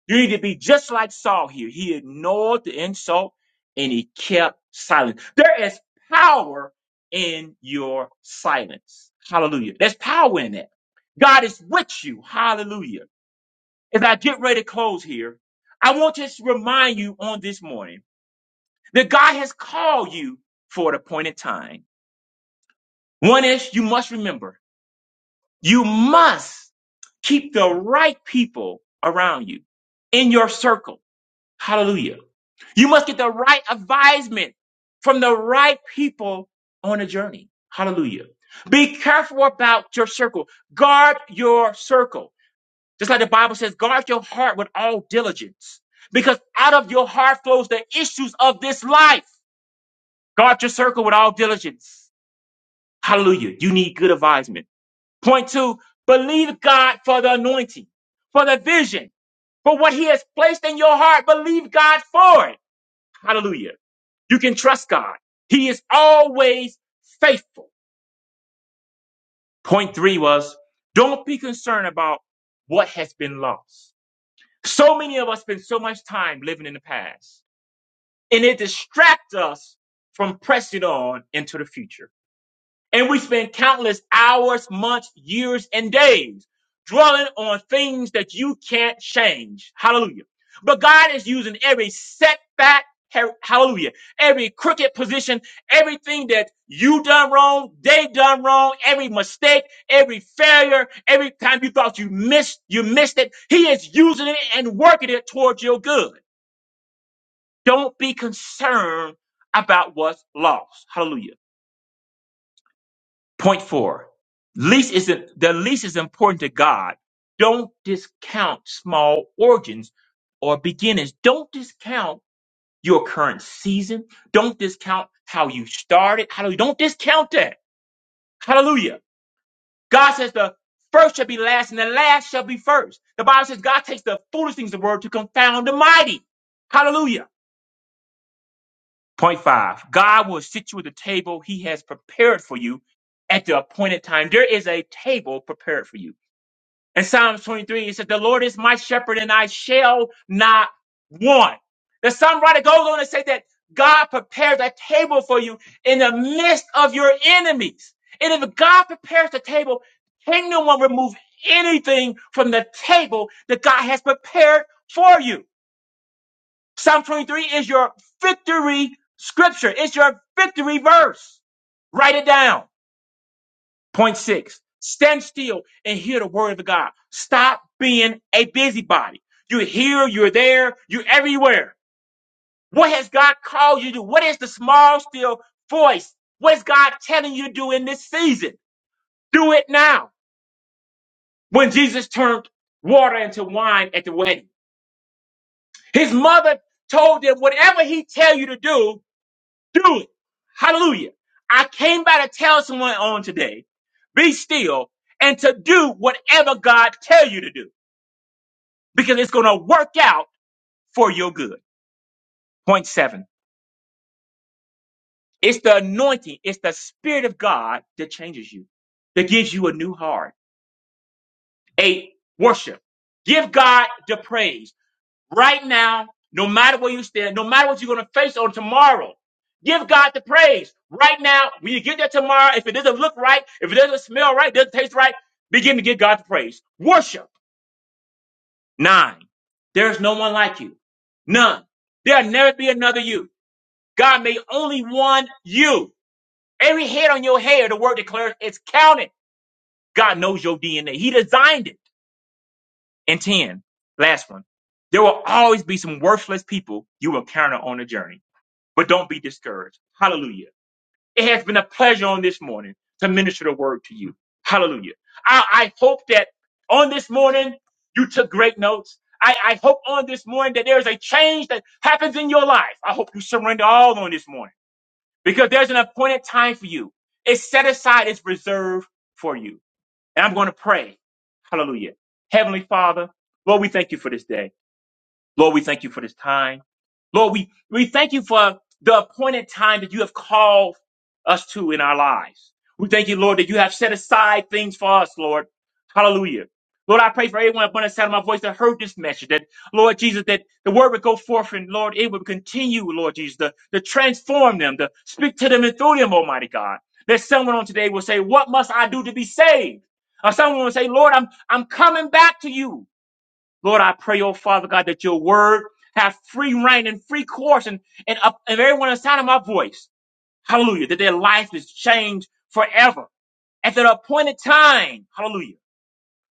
[SPEAKER 2] You need to be just like Saul here. He ignored the insult and he kept silent. There is power in your silence. Hallelujah. There's power in that. God is with you. Hallelujah. As I get ready to close here, I want to just remind you on this morning that God has called you for an appointed time. One is you must remember, you must keep the right people around you in your circle Hallelujah. You must get the right advisement from the right people on a journey. Hallelujah. Be careful about your circle. Guard your circle. Just like the Bible says, guard your heart with all diligence because out of your heart flows the issues of this life. Guard your circle with all diligence. Hallelujah. You need good advisement. Point two, believe God for the anointing, for the vision, for what he has placed in your heart. Believe God for it. Hallelujah. You can trust God. He is always faithful. Point three was don't be concerned about what has been lost. So many of us spend so much time living in the past and it distracts us from pressing on into the future. And we spend countless hours, months, years, and days dwelling on things that you can't change. Hallelujah. But God is using every setback. ha- Hallelujah. Every crooked position, everything that you done wrong, they done wrong, every mistake, every failure, every time you thought you missed, you missed it. He is using it and working it towards your good. Don't be concerned about what's lost. Hallelujah Point four, least is the least is important to God. Don't discount small origins or beginnings. Don't discount your current season. Don't discount how you started. Hallelujah. Don't discount that. Hallelujah. God says the first shall be last and the last shall be first. The Bible says God takes the foolish things of the world to confound the mighty. Hallelujah. Point five, God will sit you at the table he has prepared for you at the appointed time. There is a table prepared for you. In Psalms 23, he said, The Lord is my shepherd and I shall not want. The songwriter goes on to say that God prepares a table for you in the midst of your enemies. And if God prepares the table, can no one remove anything from the table that God has prepared for you? Psalm 23 is your victory scripture. It's your victory verse. Write it down. Point six, stand still and hear the word of God. Stop being a busybody. You're here, you're there, you're everywhere. What has God called you to do? What is the small, still voice? What is God telling you to do in this season? Do it now. When Jesus turned water into wine at the wedding, his mother told him, whatever he tell you to do, do it. Hallelujah. I came by to tell someone on today, be still and to do whatever God tell you to do. because it's going to work out for your good. Point seven. It's the anointing. It's the spirit of God that changes you, that gives you a new heart. Eight, worship. Give God the praise right now, no matter where you stand, no matter what you're going to face on tomorrow. Give God the praise right now. When you get there tomorrow, if it doesn't look right, if it doesn't smell right, doesn't taste right, begin to give God the praise. Worship. Nine. There's no one like you. None. There'll never be another you. God made only one you. Every head on your hair, the word declares, is counted. God knows your DNA. He designed it. And 10, last one. There will always be some worthless people you will encounter on the journey, but don't be discouraged. Hallelujah. It has been a pleasure on this morning to minister the word to you. Hallelujah. I, I hope that on this morning, you took great notes. I, I hope on this morning that there is a change that happens in your life. I hope you surrender all on this morning. because there's an appointed time for you. It's set aside, it's reserved for you. And I'm going to pray. Hallelujah. Heavenly Father, Lord, we thank you for this day. Lord, we thank you for this time. Lord, we, we thank you for the appointed time that you have called us to in our lives. We thank you, Lord, that you have set aside things for us, Lord. Hallelujah. Lord, I pray for everyone upon the sound of my voice that heard this message, that, Lord Jesus, that the word would go forth and, Lord, it would continue, Lord Jesus, to, to transform them, to speak to them and through them, Almighty God. That someone on today will say, what must I do to be saved? Or someone will say, Lord, I'm, I'm coming back to you. Lord, I pray, oh Father God, that your word have free reign and free course and, and, up, and everyone inside of my voice. Hallelujah. That their life is changed forever at their appointed time. Hallelujah.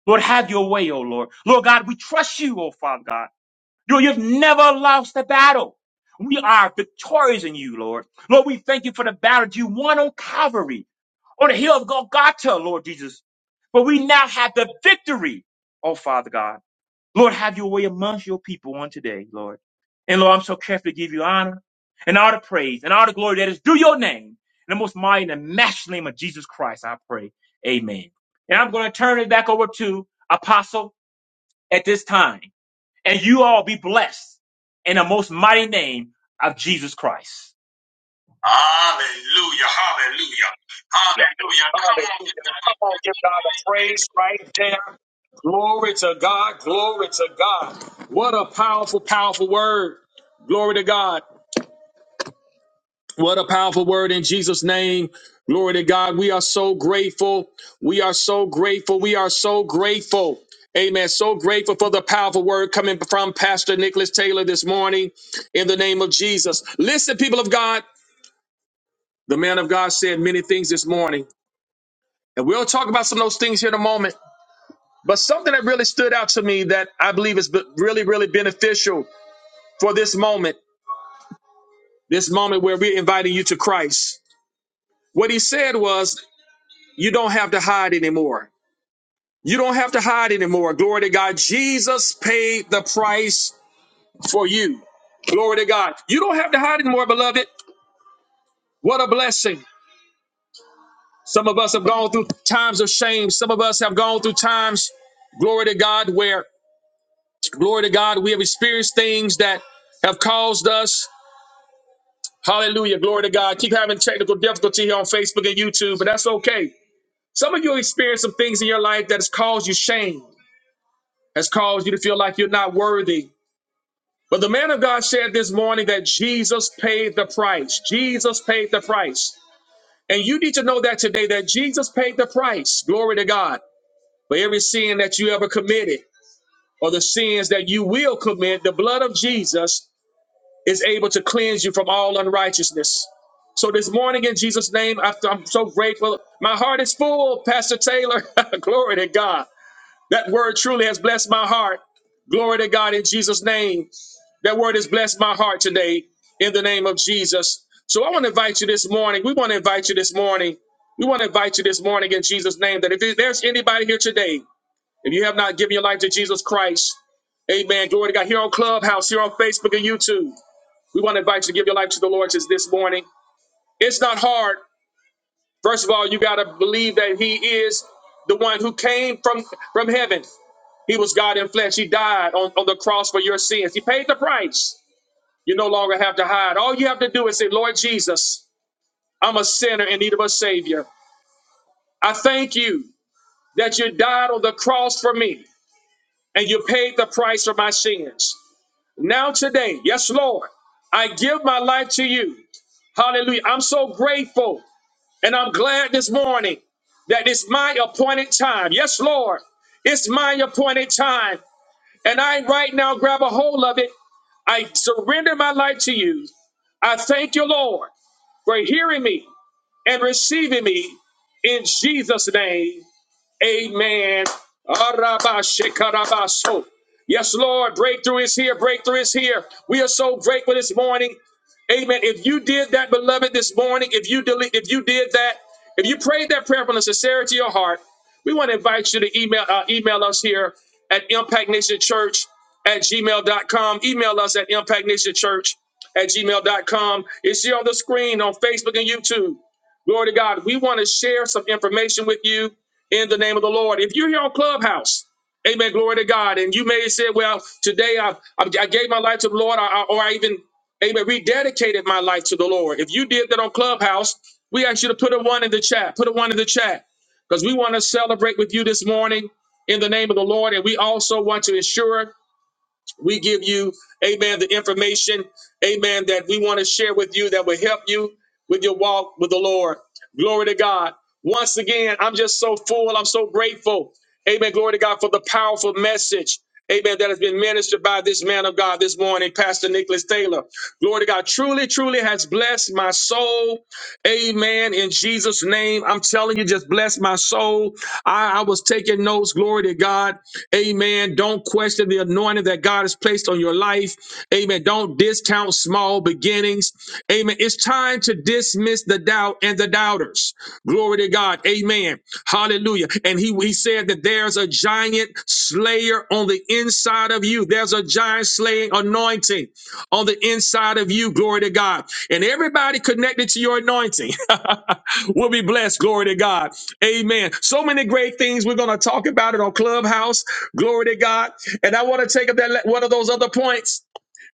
[SPEAKER 2] Lord, have your way, oh Lord. Lord God, we trust you, oh Father God. Lord, you've never lost a battle. We are victorious in you, Lord. Lord, we thank you for the battle you won on Calvary, on the hill of Golgotha, Lord Jesus. But we now have the victory, oh Father God. Lord, have your way amongst your people on today, Lord. And Lord, I'm so careful to give you honor and all the praise and all the glory that is due your name. In the most mighty and matchless name of Jesus Christ, I pray. Amen. And I'm going to turn it back over to Apostle at this time. And you all be blessed in the most mighty name of Jesus Christ. Hallelujah, hallelujah, hallelujah. Come
[SPEAKER 1] Hallelujah.
[SPEAKER 2] on.
[SPEAKER 1] Come on, give God a praise right there. Glory to God. Glory to God. What a powerful, powerful word. Glory to God. What a powerful word in Jesus' name. Glory to God. We are so grateful. We are so grateful. We are so grateful. Amen. So grateful for the powerful word coming from Pastor Nicholas Taylor this morning in the name of Jesus. Listen, people of God, the man of God said many things this morning, and we'll talk about some of those things here in a moment. But something that really stood out to me that I believe is be- really, really beneficial for this moment, this moment where we're inviting you to Christ. What he said was, You don't have to hide anymore. You don't have to hide anymore. against You, God, you don't see. Some of us have gone through times of shame. Some of us have gone through times, glory to God, where glory to God, we have experienced things that have caused us. Hallelujah, glory to God. Keep having technical difficulty here on Facebook and YouTube, but that's okay. Some of you experience some things in your life that has caused you shame, has caused you to feel like you're not worthy. But the man of God said this morning that Jesus paid the price. Jesus paid the price. And you need to know that today that Jesus paid the price, glory to God, for every sin that you ever committed or the sins that you will commit. The blood of Jesus is able to cleanse you from all unrighteousness. So this morning, in Jesus' name, I- I'm so grateful. My heart is full, Pastor Taylor. glory to God. That word truly has blessed my heart. Glory to God in Jesus' name. That word has blessed my heart today in the name of Jesus. So I want to invite you this morning. We want to invite you this morning. We want to invite you this morning in Jesus' name that if there's anybody here today, if you have not given your life to Jesus Christ, amen. Glory to God. Here on Clubhouse, here on Facebook and YouTube, we want to invite you to give your life to the Lord just this morning. It's not hard. First of all, you got to believe that He is the one who came from, from heaven. He was God in flesh. He died on, on the cross for your sins. He paid the price. You no longer have to hide. All you have to do is say, Lord Jesus, I'm a sinner in need of a Savior. I thank you that you died on the cross for me and you paid the price for my sins. Now, today, yes, Lord, I give my life to you. Hallelujah. I'm so grateful and I'm glad this morning that it's my appointed time. Yes, Lord, it's my appointed time. And I right now grab a hold of it. I surrender my life to you. I thank you, Lord, for hearing me. and receiving me in Jesus' name. Amen. Arabashekarabaso. Yes, Lord, breakthrough is here. Breakthrough is here. We are so grateful this morning. Amen. If you did that, beloved, this morning, if you delete, if you did that, if you prayed that prayer from the sincerity of your heart, we want to invite you to email uh, email us here at impactnationchurch at gmail dot com. Email us at impactnationchurch at gmail dot com. It's here on the screen on Facebook and YouTube. Glory to God. We want to share some information with you in the name of the Lord. If you're here on Clubhouse, amen, glory to God. And you may have said, well, today I, I, I gave my life to the Lord, I, I- or I even, amen, rededicated my life to the Lord. If you did that on Clubhouse, we ask you to put a one in the chat. Put a one in the chat because we want to celebrate with you this morning in the name of the Lord. And we also want to ensure we give you, amen, the information, amen, that we want to share with you that will help you with your walk with the Lord. Glory to God. Once again, I'm just so full. I'm so grateful. Amen. Glory to God for the powerful message. Amen. That has been ministered by this man of God this morning, Pastor Nicholas Taylor. Glory to God. Truly, truly has blessed my soul. Amen. In Jesus' name, I'm telling you, just bless my soul. I, I was taking notes. Glory to God. Amen. Don't question the anointing that God has placed on your life. Amen. Don't discount small beginnings. Amen. It's time to dismiss the doubt and the doubters. Glory to God. Amen. Hallelujah. And he, he said that there's a giant slayer on the inside of you. There's a giant slaying anointing on the inside of you. Glory to God. And everybody connected to your anointing will be blessed. Glory to God. Amen. So many great things. We're going to talk about it on Clubhouse. Glory to God. And I want to take up that one of those other points.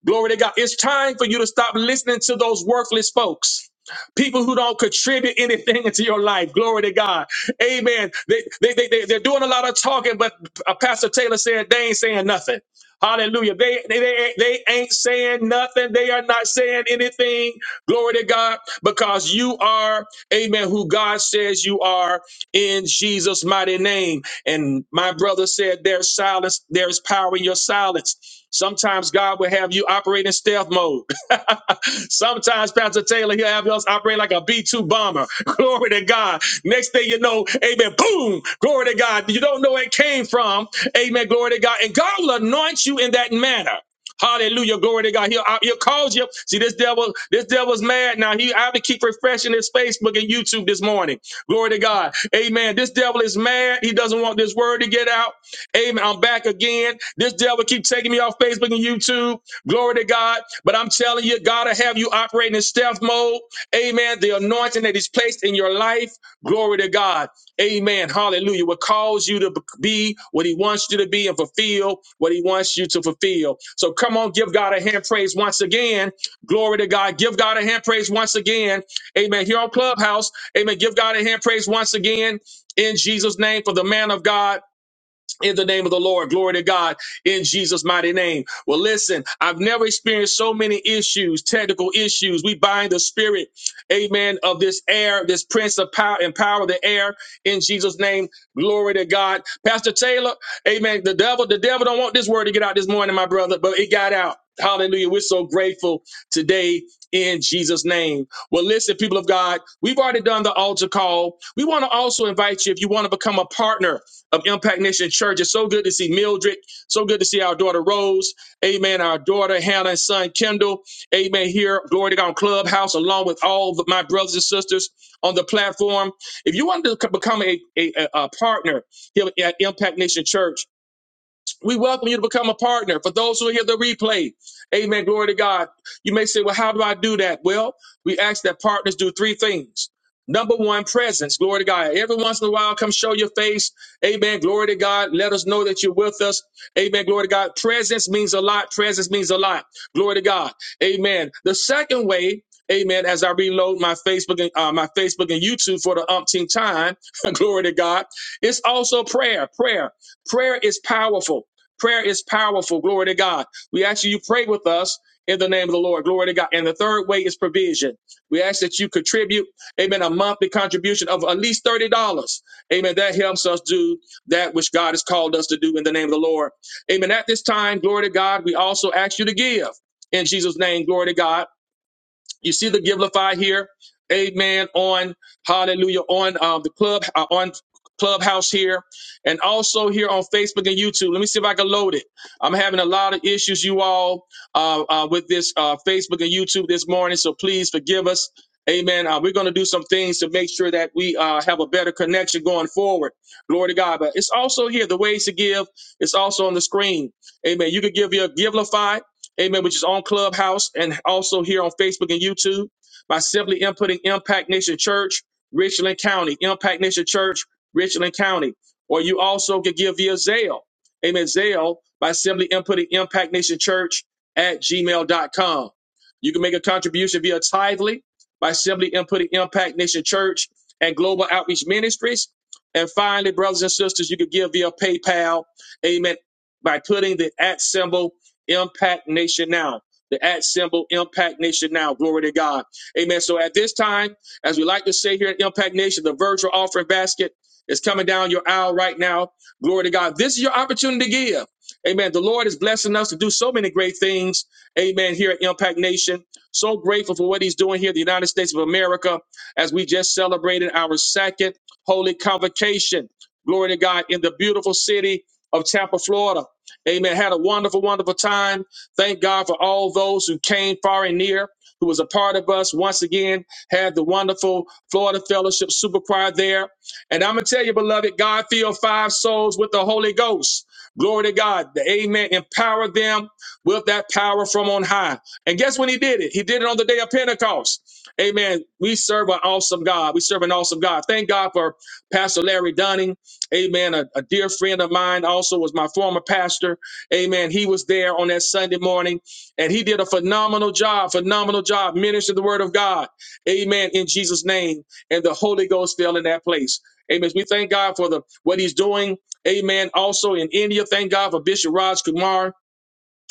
[SPEAKER 1] Glory to God. It's time for you to stop listening to those worthless folks. People who don't contribute anything into your life. Glory to God. Amen. They, they, they, they, they're doing a lot of talking, but uh, Pastor Taylor said they ain't saying nothing. Hallelujah. They, they, they, ain't- they ain't saying nothing. They are not saying anything. Glory to God. Because you are, amen, who God says you are in Jesus' mighty name. And my brother said, There's silence, there's power in your silence. Sometimes God will have you operate in stealth mode. Sometimes Pastor Taylor, he'll have us operate like a B-2 bomber. Glory to God. Next thing you know, amen, boom, glory to God. You don't know where it came from. Amen, glory to God. And God will anoint you in that manner. Hallelujah, glory to God. He'll, uh, he'll cause you. See, this devil, this devil's mad now. He I have to keep refreshing his Facebook and YouTube this morning. Glory to God. Amen. This devil is mad. He doesn't want this word to get out. Amen. I'm back again. This devil keep taking me off Facebook and YouTube. Glory to God. But I'm telling you, God will have you operating in stealth mode. Amen. The anointing that is placed in your life. Glory to God. Amen. Hallelujah. Will cause you to be what he wants you to be and fulfill what he wants you to fulfill. So come on, give God a hand praise once again. Glory to God. Give God a hand praise once again. Amen. Here on Clubhouse. Amen. Give God a hand praise once again in Jesus' name for the man of God in the name of the Lord. Glory to God in Jesus' mighty name. Well, listen, I've never experienced so many issues, technical issues. We bind the spirit, amen, of this air, this prince of power and power of the air in Jesus' name. Glory to God. Pastor Taylor, amen. The devil, the devil don't want this word to get out this morning, my brother, but it got out. Hallelujah. We're so grateful today in Jesus' name. Well, listen, people of God, we've already done the altar call. We want to also invite you, if you want to become a partner of Impact Nation Church. It's so good to see Mildred. So good to see our daughter Rose. Amen. Our daughter Hannah and son Kendall. Amen. Here, Glory to God on Clubhouse, along with all of my brothers and sisters on the platform. If you want to become a, a, a a partner here at Impact Nation Church, we welcome you to become a partner. For those who hear the replay, amen. Glory to God. You may say, well, how do I do that? Well, we ask that partners do three things. Number one, presence. Glory to God. Every once in a while, come show your face. Amen. Glory to God. Let us know that you're with us. Amen. Glory to God. Presence means a lot. Presence means a lot. Glory to God. Amen. The second way, amen, as I reload my Facebook and uh, my Facebook and YouTube for the umpteenth time, glory to God. It's also prayer. Prayer. Prayer is powerful. Prayer is powerful. Glory to God. We ask you, you pray with us in the name of the Lord. Glory to God. And the third way is provision. We ask that you contribute, amen, a monthly contribution of at least $30. Amen. That helps us do that which God has called us to do in the name of the Lord. Amen. At this time, glory to God, we also ask you to give in Jesus' name. Glory to God. You see the Givelify here, Amen. On Hallelujah on um, the club uh, on Clubhouse here, and also here on Facebook and YouTube. Let me see if I can load it. I'm having a lot of issues, you all, uh, uh, with this uh, Facebook and YouTube this morning. So please forgive us. Amen. Uh, we're going to do some things to make sure that we uh, have a better connection going forward. Glory to God. But it's also here. The ways to give It's also on the screen. Amen. You can give your Givelify amen, which is on Clubhouse and also here on Facebook and YouTube by simply inputting Impact Nation Church, Richland County, Impact Nation Church, Richland County. Or you also can give via Zelle, amen, Zelle by simply inputting Impact Nation Church at gmail dot com. You can make a contribution via Tithely by simply inputting Impact Nation Church and Global Outreach Ministries. And finally, brothers and sisters, you can give via PayPal, amen, by putting the at symbol Impact Nation Now. The at symbol Impact Nation Now. Glory to God. Amen. So at this time, as we like to say here at Impact Nation, the virtual offering basket is coming down your aisle right now. Glory to God. This is your opportunity to give. Amen. The Lord is blessing us to do so many great things. Amen. Here at Impact Nation. So grateful for what he's doing here in the United States of America as we just celebrated our second holy convocation. Glory to God in the beautiful city of Tampa, Florida. Amen. Had a wonderful, wonderful time. Thank God for all those who came far and near, who was a part of us. Once again, had the wonderful Florida Fellowship Super Choir there. And I'm going to tell you, beloved, God filled five souls with the Holy Ghost. Glory to God. The Amen. Empower them with that power from on high. And guess when he did it? He did it on the day of Pentecost. Amen. We serve an awesome God. We serve an awesome God. Thank God for Pastor Larry Dunning. Amen. A, a dear friend of mine also was my former pastor. Amen. He was there on that Sunday morning and he did a phenomenal job, phenomenal job ministering the word of God. Amen. In Jesus' name. And the Holy Ghost fell in that place. Amen. We thank God for the what he's doing. Amen. Also in India, thank God for Bishop Raj Kumar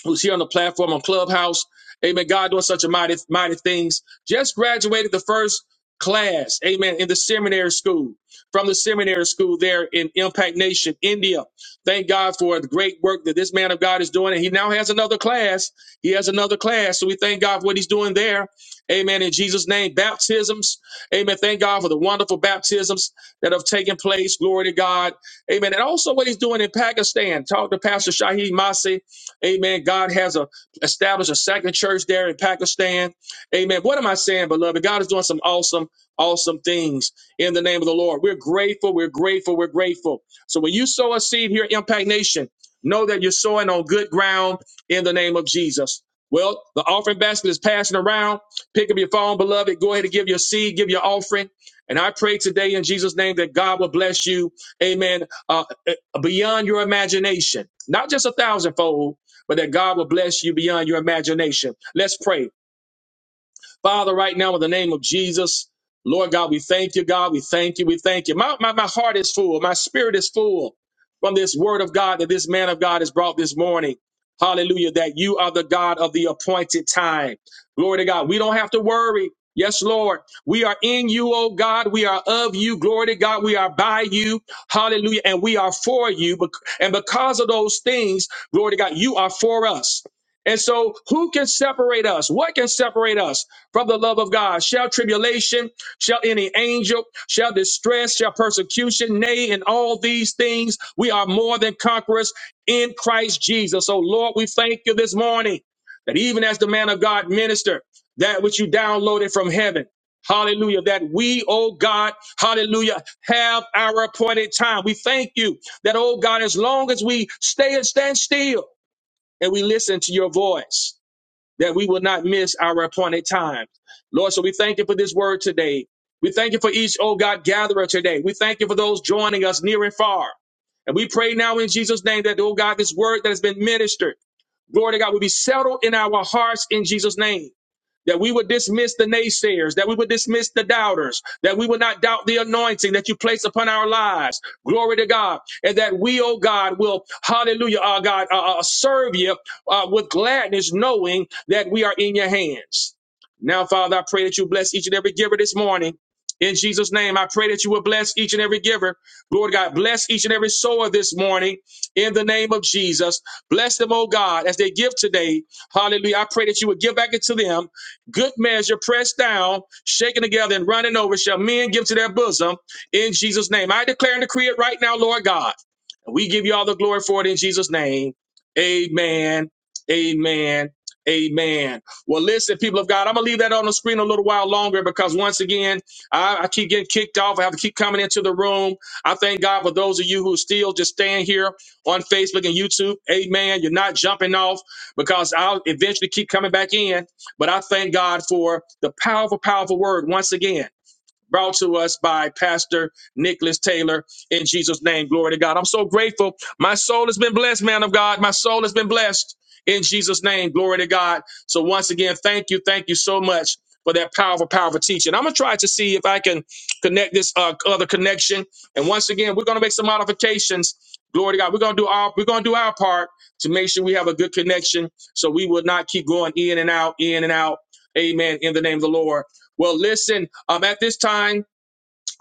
[SPEAKER 1] who's here on the platform on Clubhouse. Amen. God doing such a mighty, mighty things. Just graduated the first class, amen, in the seminary school, from the seminary school there in Impact Nation, India. Thank God for the great work that this man of God is doing. And he now has another class. He has another class. So we thank God for what he's doing there. Amen. In Jesus' name, baptisms. Amen. Thank God for the wonderful baptisms that have taken place. Glory to God. Amen. And also what he's doing in Pakistan. Talk to Pastor Shaheed Masih. Amen. God has a established a second church there in Pakistan. Amen. What am I saying, beloved? God is doing some awesome, awesome things in the name of the Lord. We're grateful. We're grateful. We're grateful. So when you sow a seed here at Impact Nation, know that you're sowing on good ground in the name of Jesus. Well, the offering basket is passing around. Pick up your phone, beloved. Go ahead and give your seed, give your offering. And I pray today in Jesus' name that God will bless you. Amen. Uh, uh, beyond your imagination, not just a thousandfold, but that God will bless you beyond your imagination. Let's pray. Father, right now, in the name of Jesus, Lord God, we thank you, God. We thank you. We thank you. My, my, my heart is full. My spirit is full from this word of God that this man of God has brought this morning. Hallelujah. That you are the God of the appointed time. Glory to God. We don't have to worry. Yes, Lord. We are in you, oh God. We are of you. Glory to God. We are by you. Hallelujah. And we are for you. Bec- And because of those things, glory to God, you are for us. And so, who can separate us? What can separate us? from the love of God. Shall tribulation, shall any angel, shall distress, shall persecution, nay, in all these things, we are more than conquerors in Christ Jesus. So, Lord, we thank you this morning that even as the man of God ministered, that which you downloaded from heaven. Hallelujah. That we, oh God, hallelujah, have our appointed time. We thank you that, oh God, as long as we stay and stand still and we listen to your voice, that we will not miss our appointed time. Lord, so we thank you for this word today. We thank you for each, oh God, gatherer today. We thank you for those joining us near and far. And we pray now in Jesus' name that, oh God, this word that has been ministered, glory to God, will be settled in our hearts in Jesus' name that we would dismiss the naysayers, that we would dismiss the doubters, that we would not doubt the anointing that you place upon our lives. Glory to God. And that we, oh God, will, hallelujah, our God, uh, uh, serve you uh, with gladness, knowing that we are in your hands. Now, Father, I pray that you bless each and every giver this morning. In Jesus' name, I pray that you will bless each and every giver. Lord God, bless each and every sower this morning in the name of Jesus. Bless them, oh God, as they give today. Hallelujah. I pray that you would give back into them. Good measure, pressed down, shaken together, and running over, shall men give to their bosom in Jesus' name. I declare and decree it right now, Lord God. And We give you all the glory for it in Jesus' name. Amen. Amen. Amen. Well, listen, people of God, I'm going to leave that on the screen a little while longer because once again, I, I keep getting kicked off. I have to keep coming into the room. I thank God for those of you who still just stand here on Facebook and YouTube. Amen. You're not jumping off because I'll eventually keep coming back in. But I thank God for the powerful, powerful word once again brought to us by Pastor Nicholas Taylor in Jesus' name. Glory to God. I'm so grateful. My soul has been blessed, man of God. My soul has been blessed in Jesus' name. Glory to God. So, once again, thank you. Thank you so much for that powerful, powerful teaching. I'm going to try to see if I can connect this uh, other connection. And once again, we're going to make some modifications. Glory to God. We're going to do our we're going to do our part to make sure we have a good connection so we will not keep going in and out, in and out. Amen. In the name of the Lord. Well, listen, um, at this time,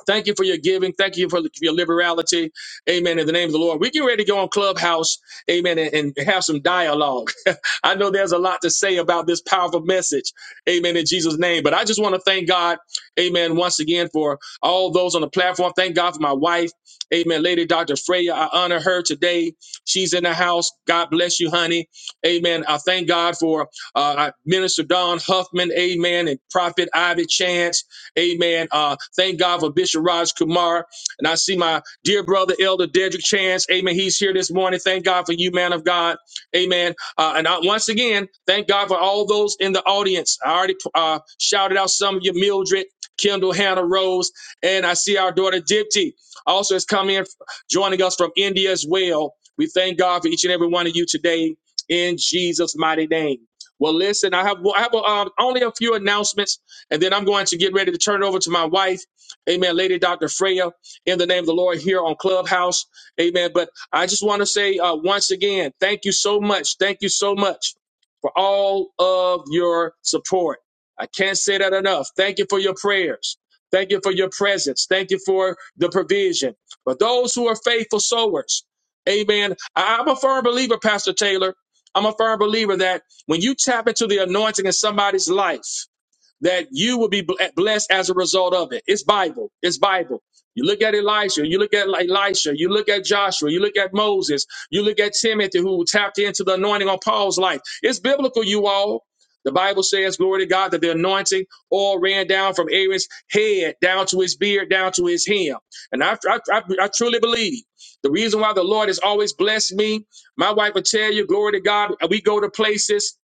[SPEAKER 1] thank you for your giving. Thank you for your liberality. Amen. In the name of the Lord. We get ready to go on Clubhouse. Amen. And, and have some dialogue. I know there's a lot to say about this powerful message. Amen. In Jesus' name. But I just want to thank God. Amen. Once again for all those on the platform. Thank God for my wife. Amen. Lady Dr. Freya. I honor her today. She's in the house. God bless you, honey. Amen. I thank God for uh, Minister Don Huffman. Amen. And Prophet Ivy Chance. Amen. Uh, thank God for Bishop Raj Kumar. And I see my dear brother, Elder Dedrick Chance. Amen. He's here this morning. Thank God for you, man of God. Amen. Uh, and I, once again, thank God for all those in the audience. I already uh, shouted out some of you, Mildred, Kendall, Hannah, Rose, and I see our daughter, Dipti, also has come in, joining us from India as well. We thank God for each and every one of you today in Jesus' mighty name. Well, listen, I have, I have uh, only a few announcements and then I'm going to get ready to turn it over to my wife, amen, Lady Dr. Freya, in the name of the Lord here on Clubhouse, amen. But I just want to say uh, once again, thank you so much. Thank you so much for all of your support. I can't say that enough. Thank you for your prayers. Thank you for your presence. Thank you for the provision. For those who are faithful sowers, amen. I- I'm a firm believer, Pastor Taylor. I'm a firm believer that when you tap into the anointing in somebody's life, that you will be blessed as a result of it. It's Bible. It's Bible. You look at Elisha, you look at Elisha, you look at Joshua, you look at Moses, you look at Timothy who tapped into the anointing on Paul's life. It's biblical, you all. The Bible says, glory to God, that the anointing all ran down from Aaron's head down to his beard, down to his hem. And I, I, I, I truly believe the reason why the Lord has always blessed me, my wife will tell you, glory to God, we go to places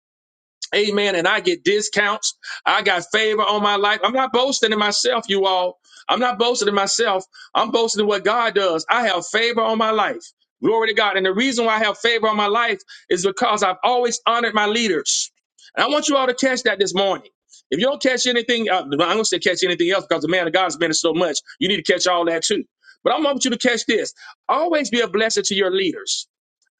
[SPEAKER 1] Amen. And I get discounts. I got favor on my life. I'm not boasting in myself, you all. I'm not boasting in myself. I'm boasting in what God does. I have favor on my life. Glory to God. And the reason why I have favor on my life is because I've always honored my leaders. And I want you all to catch that this morning. If you don't catch anything, uh, well, I'm going to say catch anything else because the man of God has been so much. You need to catch all that too. But I want you to catch this. Always be a blessing to your leaders.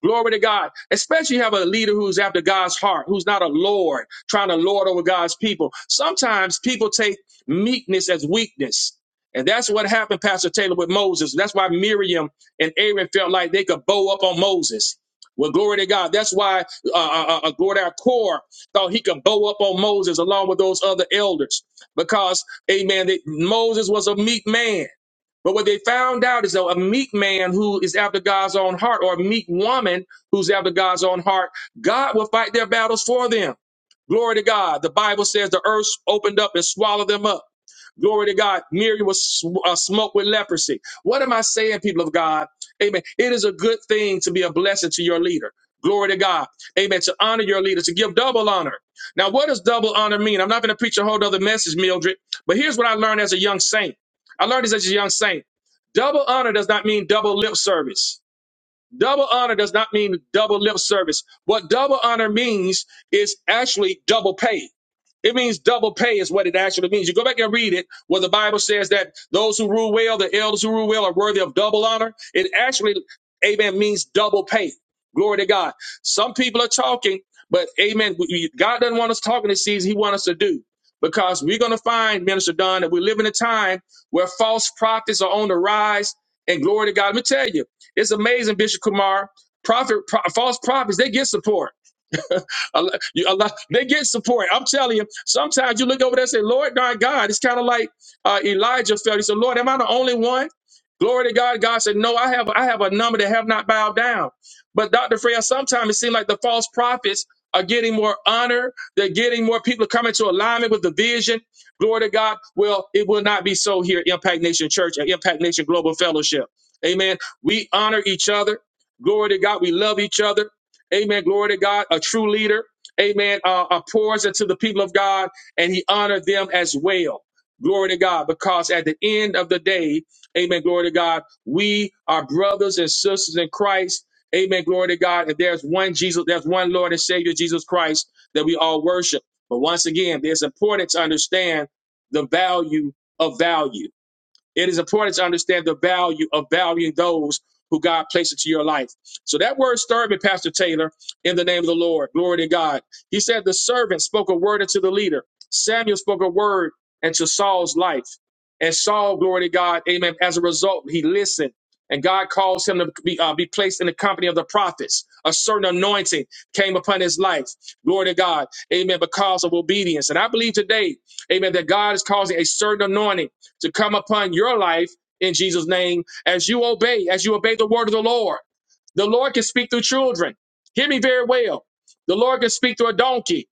[SPEAKER 1] Glory to God. Especially you have a leader who's after God's heart, who's not a Lord, trying to lord over God's people. Sometimes people take meekness as weakness. And that's what happened, Pastor Taylor, with Moses. That's why Miriam and Aaron felt like they could bow up on Moses. Well, glory to God. That's why uh, uh, uh, uh, Glory to our core thought he could bow up on Moses along with those other elders because, amen, that Moses was a meek man. But what they found out is that a meek man who is after God's own heart or a meek woman who's after God's own heart, God will fight their battles for them. Glory to God. The Bible says the earth opened up and swallowed them up. Glory to God. Miriam was sw- uh, smoked with leprosy. What am I saying, people of God? Amen. It is a good thing to be a blessing to your leader. Glory to God. Amen. To honor your leader, to give double honor. Now, what does double honor mean? I'm not going to preach a whole other message, Mildred, but here's what I learned as a young saint. I learned this as a young saint. Double honor does not mean double lip service. Double honor does not mean double lip service. What double honor means is actually double pay. It means double pay is what it actually means. You go back and read it, where the Bible says that those who rule well, the elders who rule well, are worthy of double honor. It actually, amen, means double pay. Glory to God. Some people are talking, but amen, we- God doesn't want us talking this season. He wants us to do. Because we're going to find, Minister Don, that we live in a time where false prophets are on the rise. And glory to God. Let me tell you, it's amazing, Bishop Kumar. Prophet, pro- false prophets, they get support. Allah, you- Allah- they get support. I'm telling you, sometimes you look over there and say, Lord, my God, it's kind of like uh, Elijah felt. He said, Lord, am I the only one? Glory to God. God said, No, I have I have a number that have not bowed down. But Dr. Freya, sometimes it seems like the false prophets are getting more honor. They're getting more people to come into alignment with the vision. Glory to God. Well, it will not be so here at Impact Nation Church and Impact Nation Global Fellowship. Amen. We honor each other. Glory to God. We love each other. Amen. Glory to God. A true leader. Amen. Uh, uh, pours into the people of God and he honored them as well. Glory to God. Because at the end of the day, amen. Glory to God. We are brothers and sisters in Christ. Amen. Glory to God. And there's one Jesus, there's one Lord and Savior, Jesus Christ, that we all worship. But once again, it's important to understand the value of value. It is important to understand the value of valuing those who God placed into your life. So that word stirred me, Pastor Taylor, in the name of the Lord. Glory to God. He said, The servant spoke a word unto the leader. Samuel spoke a word into Saul's life. And Saul, glory to God, amen. As a result, he listened. And God calls him to be, uh, be placed in the company of the prophets. A certain anointing came upon his life. Glory to God. Amen. Because of obedience. And I believe today, amen, that God is causing a certain anointing to come upon your life in Jesus' name as you obey, as you obey the word of the Lord. The Lord can speak through children. Hear me very well. The Lord can speak through a donkey.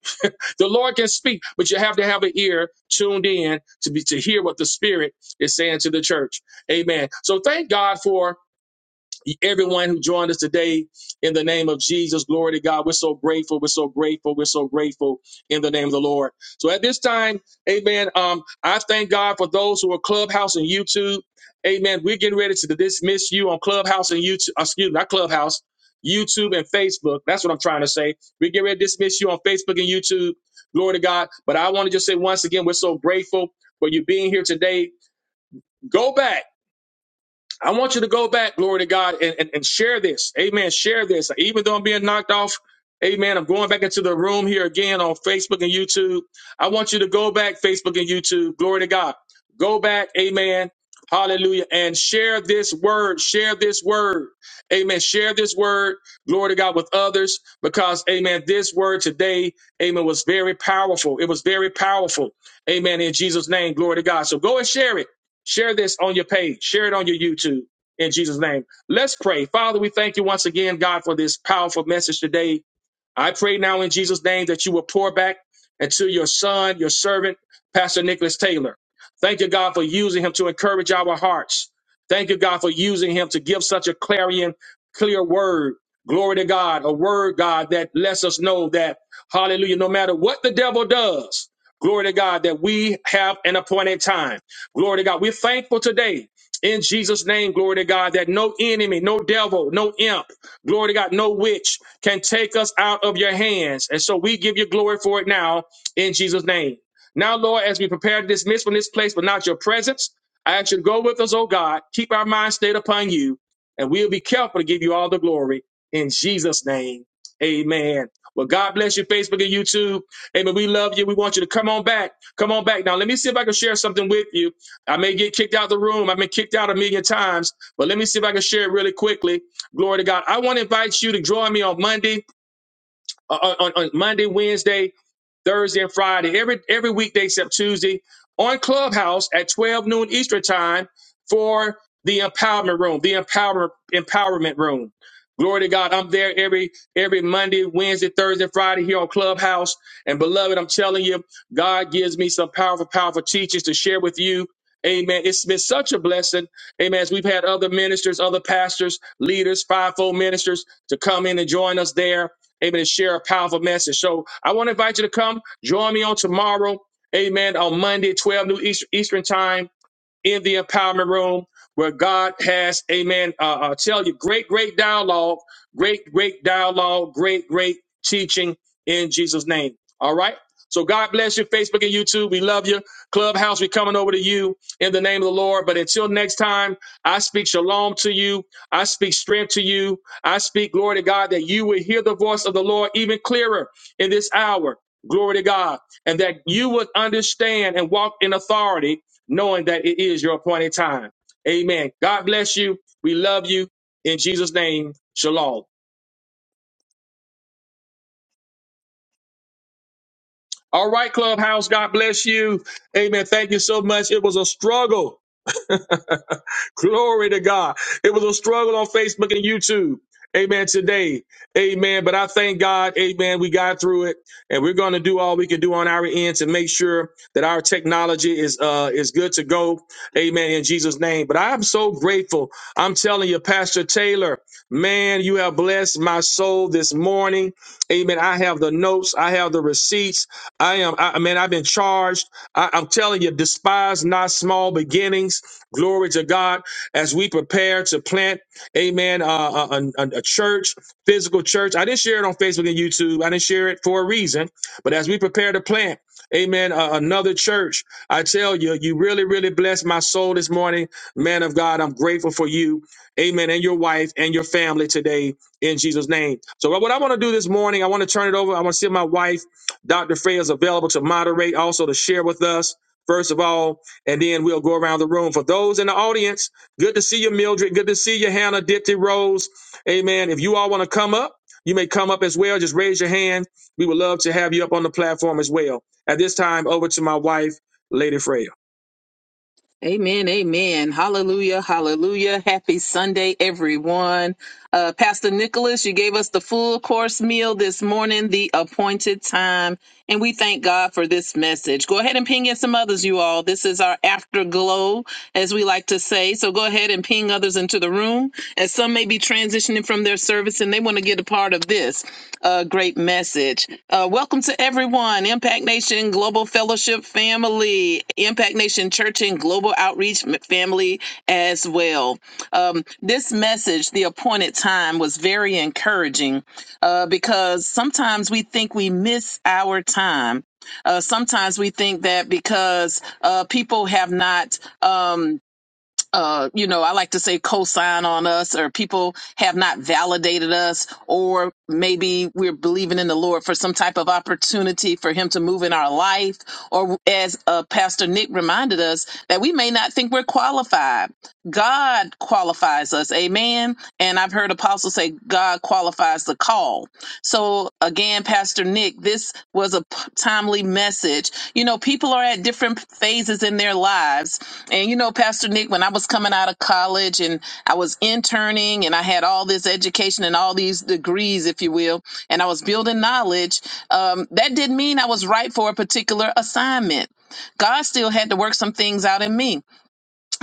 [SPEAKER 1] The Lord can speak, but you have to have an ear tuned in to be to hear what the Spirit is saying to the church. Amen. So thank God for everyone who joined us today in the name of Jesus. Glory to God. We're so grateful. We're so grateful. We're so grateful in the name of the Lord. So at this time, amen. Um, I thank God for those who are Clubhouse and YouTube. Amen. We're getting ready to dismiss you on Clubhouse and YouTube. uh, Excuse me, not Clubhouse, YouTube and Facebook. That's what I'm trying to say. We get ready to dismiss you on Facebook and YouTube. Glory to God. But I want to just say once again, we're so grateful for you being here today. Go back. I want you to go back, glory to God, and, and, and share this. Amen. Share this. Even though I'm being knocked off, amen, I'm going back into the room here again on Facebook and YouTube. I want you to go back, Facebook and YouTube. Glory to God. Go back, amen. Hallelujah. And share this word. Share this word. Amen. Share this word. Glory to God with others because, amen, this word today, amen, was very powerful. It was very powerful. Amen. In Jesus' name, glory to God. So go and share it. Share this on your page. Share it on your YouTube in Jesus' name. Let's pray. Father, we thank you once again, God, for this powerful message today. I pray now in Jesus' name that you will pour back into your son, your servant, Pastor Nicholas Taylor. Thank you, God, for using him to encourage our hearts. Thank you, God, for using him to give such a clarion, clear word. Glory to God, a word, God, that lets us know that, hallelujah, no matter what the devil does, glory to God, that we have an appointed time. Glory to God. We're thankful today in Jesus' name, glory to God, that no enemy, no devil, no imp, glory to God, no witch, can take us out of your hands. And so we give you glory for it now in Jesus' name. Now, Lord, as we prepare to dismiss from this place, but not your presence, I ask you to go with us, oh God. Keep our minds stayed upon you, and we'll be careful to give you all the glory in Jesus' name. Amen. Well, God bless you, Facebook and YouTube. Amen. We love you. We want you to come on back. Come on back. Now, let me see if I can share something with you. I may get kicked out of the room. I've been kicked out a million times, but let me see if I can share it really quickly. Glory to God. I want to invite you to join me on Monday on, on on Monday, Wednesday, Thursday, and Friday, every every weekday except Tuesday, on Clubhouse at 12 noon Eastern time for the empowerment room, the empower empowerment room. Glory to God. I'm there every every Monday, Wednesday, Thursday, Friday here on Clubhouse. And beloved, I'm telling you, God gives me some powerful, powerful teachings to share with you. Amen. It's been such a blessing. Amen. As we've had other ministers, other pastors, leaders, fivefold ministers to come in and join us there amen, to share a powerful message. So I want to invite you to come join me on tomorrow, amen, on Monday, 12 noon Eastern Eastern time in the empowerment room where God has, amen, uh, uh, tell you great, great dialogue, great, great dialogue, great, great teaching in Jesus' name. All right. So God bless you, Facebook and YouTube. We love you. Clubhouse, we coming over to you in the name of the Lord. But until next time, I speak shalom to you. I speak strength to you. I speak glory to God that you will hear the voice of the Lord even clearer in this hour. Glory to God. And that you would understand and walk in authority knowing that it is your appointed time. Amen. God bless you. We love you. In Jesus' name, shalom. All right, Clubhouse. God bless you. Amen. Thank you so much. It was a struggle. Glory to God. It was a struggle on Facebook and YouTube. Amen. Today. Amen. But I thank God. Amen. We got through it and we're going to do all we can do on our end to make sure that our technology is, uh, is good to go. Amen. In Jesus name. But I'm so grateful. I'm telling you, Pastor Taylor, man, you have blessed my soul this morning. Amen. I have the notes. I have the receipts. I am, I, I mean, I've been charged. I, I'm telling you, despise not small beginnings. Glory to God. As we prepare to plant, amen, uh, a, a, a church, physical church. I didn't share it on Facebook and YouTube. I didn't share it for a reason. But as we prepare to plant, amen, uh, another church, I tell you, you really, really blessed my soul this morning. Man of God, I'm grateful for you. Amen. And your wife and your family today in Jesus' name. So, what I want to do this morning, I want to turn it over. I want to see my wife. Dr. Frey is available to moderate, also to share with us, first of all, and then we'll go around the room. For those in the audience, good to see you, Mildred. Good to see you, Hannah, Dipty, Rose. Amen. If you all want to come up, you may come up as well. Just raise your hand. We would love to have you up on the platform as well. At this time, over to my wife, Lady Freya.
[SPEAKER 3] Amen. Amen. Hallelujah. Hallelujah. Happy Sunday, everyone. Uh, Pastor Nicholas, you gave us the full course meal this morning, the appointed time. And we thank God for this message. Go ahead and ping in some others, you all. This is our afterglow, as we like to say. So go ahead and ping others into the room, as some may be transitioning from their service and they want to get a part of this uh, great message. Uh, welcome to everyone, Impact Nation Global Fellowship family, Impact Nation Church and Global Outreach m- family as well. Um, this message, The Appointed Time, was very encouraging uh, because sometimes we think we miss our time. Uh, sometimes we think that because uh, people have not um, uh, you know, I like to say cosign on us or people have not validated us or maybe we're believing in the Lord for some type of opportunity for him to move in our life or as uh, Pastor Nick reminded us that we may not think we're qualified. God qualifies us. Amen. And I've heard apostles say God qualifies the call. So, again, Pastor Nick, this was a p- timely message. You know, people are at different phases in their lives. And, you know, Pastor Nick, when I was coming out of college and I was interning and I had all this education and all these degrees, if you will, and I was building knowledge, um, that didn't mean I was right for a particular assignment. God still had to work some things out in me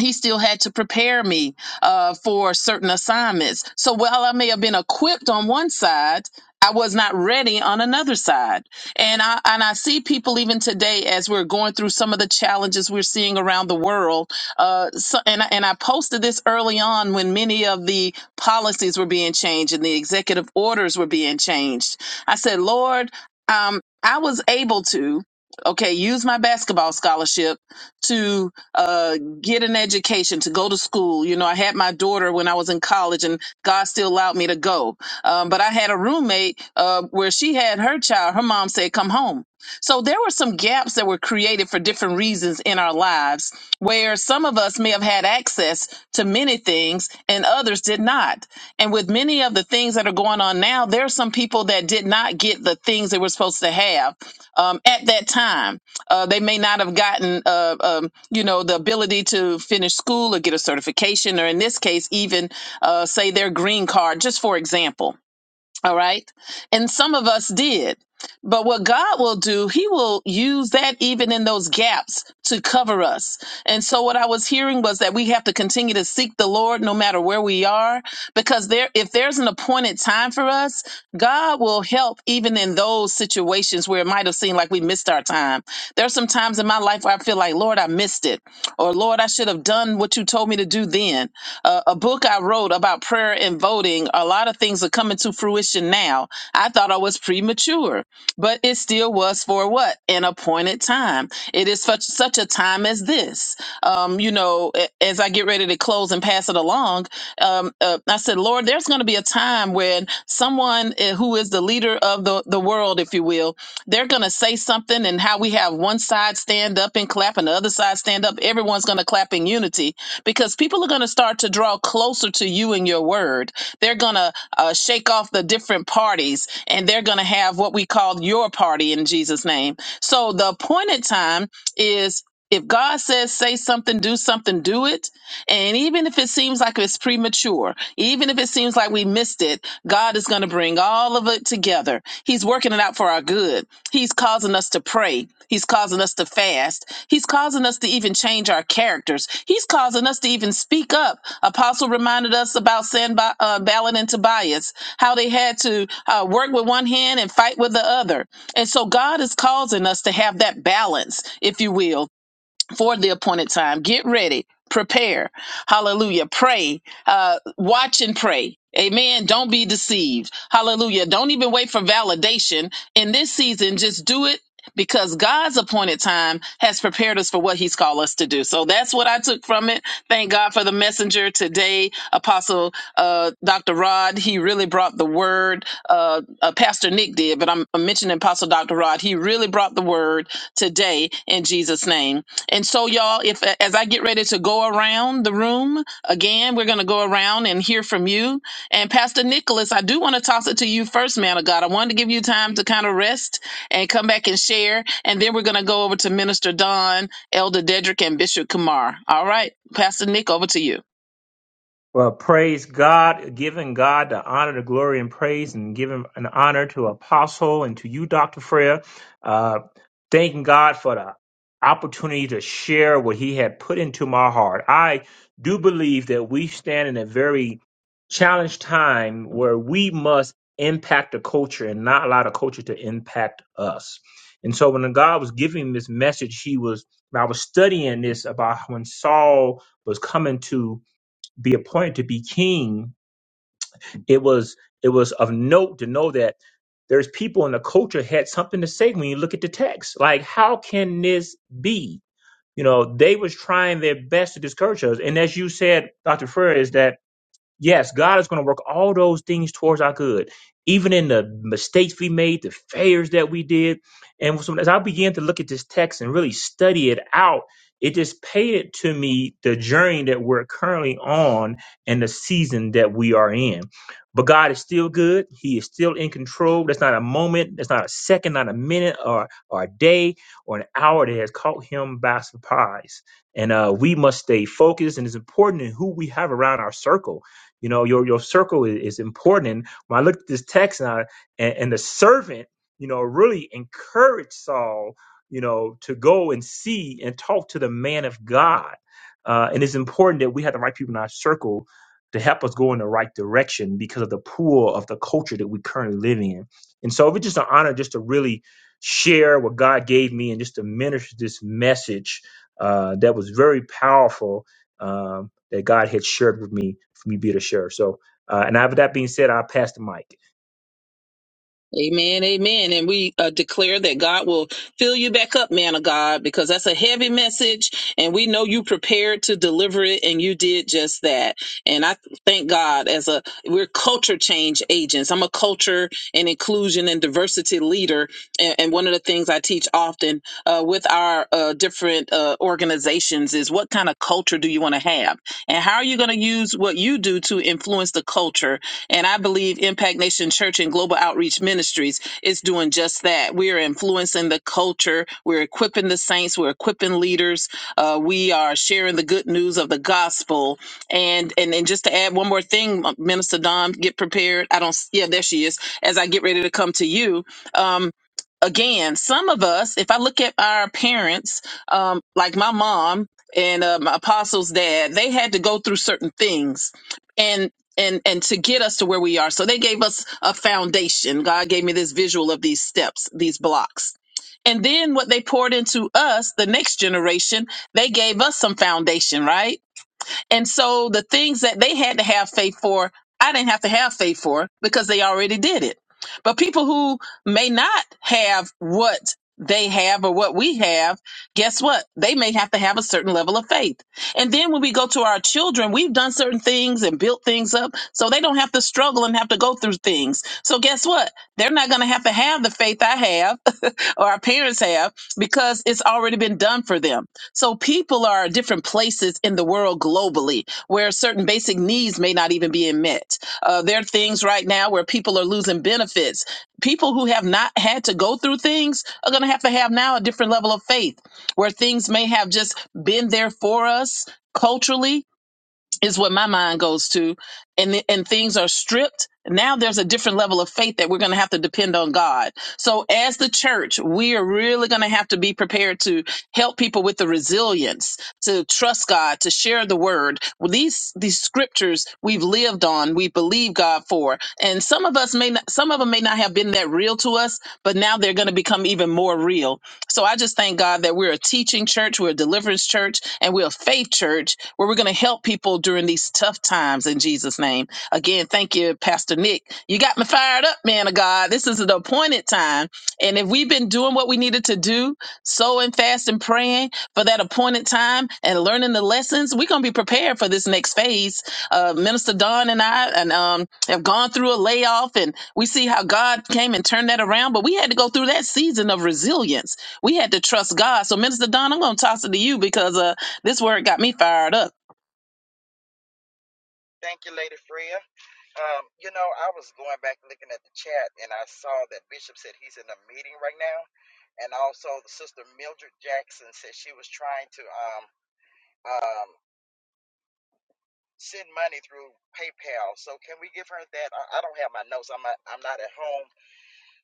[SPEAKER 3] he still had to prepare me uh, for certain assignments. So while I may have been equipped on one side, I was not ready on another side. And I and I see people even today as we're going through some of the challenges we're seeing around the world. Uh, so, and I- and I posted this early on when many of the policies were being changed and the executive orders were being changed. I said, Lord, um, I was able to okay use my basketball scholarship to Uh, get an education, to go to school. You know, I had my daughter when I was in college, and God still allowed me to go. Um, but I had a roommate uh, where she had her child. Her mom said, "Come home." So there were some gaps that were created for different reasons in our lives, where some of us may have had access to many things and others did not. And with many of the things that are going on now, there are some people that did not get the things they were supposed to have um, at that time. Uh, they may not have gotten, uh, um, you know, the ability to finish school or get a certification, or in this case, even uh, say their green card, just for example all right. And some of us did. But what God will do, He will use that even in those gaps to cover us. And so, what I was hearing was that we have to continue to seek the Lord no matter where we are, because there, if there's an appointed time for us, God will help even in those situations where it might have seemed like we missed our time. There's some times in my life where I feel like, Lord, I missed it, or Lord, I should have done what you told me to do then a, a book I wrote about prayer and voting, a lot of things are coming to fruition now. I thought I was premature, but it still was for what? An appointed time. It is such, such a time as this. Um, you know, a- as I get ready to close and pass it along, um, uh, I said, Lord, there's going to be a time when someone uh, who is the leader of the, the world, if you will, they're going to say something and how we have one side stand up and clap and the other side stand up. Everyone's going to clap in unity because people are going to start to draw closer to you and your word. They're going to uh, shake off the different parties and they're going to have what we call your party in Jesus' name. So the appointed time is if God says, say something, do something, do it and even if it seems like it's premature, even if it seems like we missed it, God is going to bring all of it together. He's working it out for our good. He's causing us to pray. He's causing us to fast. He's causing us to even change our characters. He's causing us to even speak up. Apostle reminded us about Sanba, uh, Balin and Tobias, how they had to uh, work with one hand and fight with the other. And so God is causing us to have that balance, if you will for the appointed time. Get ready, prepare. Hallelujah. Pray, uh, watch and pray. Amen. Don't be deceived. Hallelujah. Don't even wait for validation in this season. Just do it because God's appointed time has prepared us for what he's called us to do. So that's what I took from it. Thank God for the messenger today, Apostle uh, Dr. Rod. He really brought the word. Uh, uh, Pastor Nick did, but I'm I'm mentioning Apostle Dr. Rod. He really brought the word today in Jesus' name. And so, y'all, if as I get ready to go around the room again, we're going to go around and hear from you. And Pastor Nicholas, I do want to toss it to you first, man of God. I wanted to give you time to kind of rest and come back and share. And then we're going to go over to Minister Don, Elder Dedrick, and Bishop Kumar. All right, Pastor Nick, over to you.
[SPEAKER 2] Well, praise God, giving God the honor, the glory, and praise, and giving an honor to Apostle and to you, Dr. Freya. Uh, thanking God for the opportunity to share what He had put into my heart. I do believe that we stand in a very challenged time where we must impact the culture and not allow the culture to impact us. And so when God was giving this message, He was, I was studying this about when Saul was coming to be appointed to be king, it was it was of note to know that there's people in the culture had something to say when you look at the text. Like, how can this be? You know, they was trying their best to discourage us. And as you said, Dr. Furr, is that Yes, God is going to work all those things towards our good, even in the mistakes we made, the failures that we did. And so as I began to look at this text and really study it out, it just painted to me the journey that we're currently on and the season that we are in. But God is still good. He is still in control. That's not a moment, that's not a second, not a minute, or, or a day, or an hour that has caught him by surprise. And uh, we must stay focused, and it's important in who we have around our circle you know, your your circle is, is important. And When I looked at this text and, I, and and the servant, you know, really encouraged Saul, you know, to go and see and talk to the man of God. Uh, and it's important that we have the right people in our circle to help us go in the right direction because of the pool of the culture that we currently live in. And so it's just an honor just to really share what God gave me and just to minister this message uh, that was very powerful Um, that God had shared with me for me to be able to share. So, uh, and with that being said, I'll pass the mic.
[SPEAKER 3] Amen, amen. And we uh, declare that God will fill you back up, man of God, because that's a heavy message. And we know you prepared to deliver it, and you did just that. And I thank God as a, we're culture change agents. I'm a culture and inclusion and diversity leader. And, and one of the things I teach often uh, with our uh, different uh, organizations is what kind of culture do you want to have? And how are you going to use what you do to influence the culture? And I believe Impact Nation Church and Global Outreach Ministries is doing just that. We are influencing the culture. We're equipping the saints. We're equipping leaders. Uh, we are sharing the good news of the gospel. And, and and just to add one more thing, uh, Minister Dom, get prepared. I don't. s- Yeah, there she is. As I get ready to come to you. Um, Again, some of us, if I look at our parents, um, like my mom and uh, my apostle's dad, they had to go through certain things and and and to get us to where we are so they gave us a foundation god gave me this visual of these steps these blocks and then what they poured into us the next generation they gave us some foundation right and so the things that they had to have faith for, I didn't have to have faith for because they already did it. But people who may not have what they have or what we have, guess what? They may have to have a certain level of faith. And then when we go to our children, we've done certain things and built things up so they don't have to struggle and have to go through things. So guess what? They're not going to have to have the faith I have or our parents have because it's already been done for them. So people are at different places in the world globally where certain basic needs may not even be met. Uh, there are things right now where people are losing benefits. People who have not had to go through things are going to have to have now a different level of faith where things may have just been there for us culturally is what my mind goes to and th- and things are stripped now there's a different level of faith that we're going to have to depend on God. So as the church, we are really going to have to be prepared to help people with the resilience to trust God, to share the word. Well, these these scriptures we've lived on, we believe God for. And some of us may not some of them may not have been that real to us, but now they're going to become even more real. So I just thank God that we're a teaching church, we're a deliverance church, and we're a faith church where we're going to help people during these tough times in Jesus' name. Again, thank you, Pastor Nick. You got me fired up, man of God. This is an appointed time. And if we've been doing what we needed to do, sowing fasting, praying for that appointed time and learning the lessons, we're going to be prepared for this next phase. Uh, Minister Don and I and um, have gone through a layoff and we see how God came and turned that around, but we had to go through that season of resilience. We had to trust God. So, Minister Don, I'm going to toss it to you because uh, this word got me fired up.
[SPEAKER 4] Thank you, Lady Freya. Um, you know, I was going back looking at the chat and I saw that Bishop said he's in a meeting right now. And also, the sister Mildred Jackson said she was trying to um, um, send money through PayPal. So, can we give her that? I, I don't have my notes. I'm not, I'm not at home.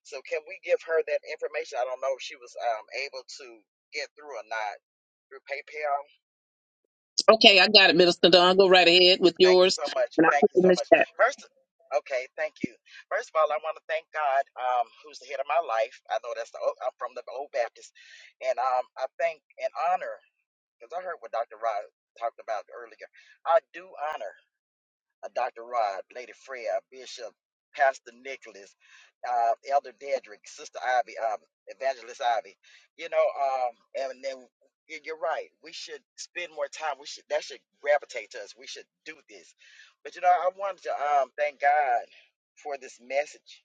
[SPEAKER 4] So, can we give her that information? I don't know if she was um, able to get through or not through PayPal.
[SPEAKER 3] Okay, I got it, Minister Don. Go right ahead with
[SPEAKER 4] Thank you
[SPEAKER 3] yours.
[SPEAKER 4] so much.
[SPEAKER 3] And I'll
[SPEAKER 4] Thank
[SPEAKER 3] put
[SPEAKER 4] you
[SPEAKER 3] it in
[SPEAKER 4] so
[SPEAKER 3] the
[SPEAKER 4] much.
[SPEAKER 3] chat.
[SPEAKER 4] First, okay, thank you. First of all, I want to thank God, um, who's the head of my life. I know that's the old, I'm from the Old Baptist, and um, I thank and honor because I heard what Dr. Rod talked about earlier. I do honor uh, Dr. Rod, Lady Fred, Bishop, Pastor Nicholas, uh, Elder Dedrick, Sister Ivy, um, Evangelist Ivy. You know, um, and then y- you're right. We should spend more time. We should that should gravitate to us. We should do this. But you know, I wanted to um, thank God for this message.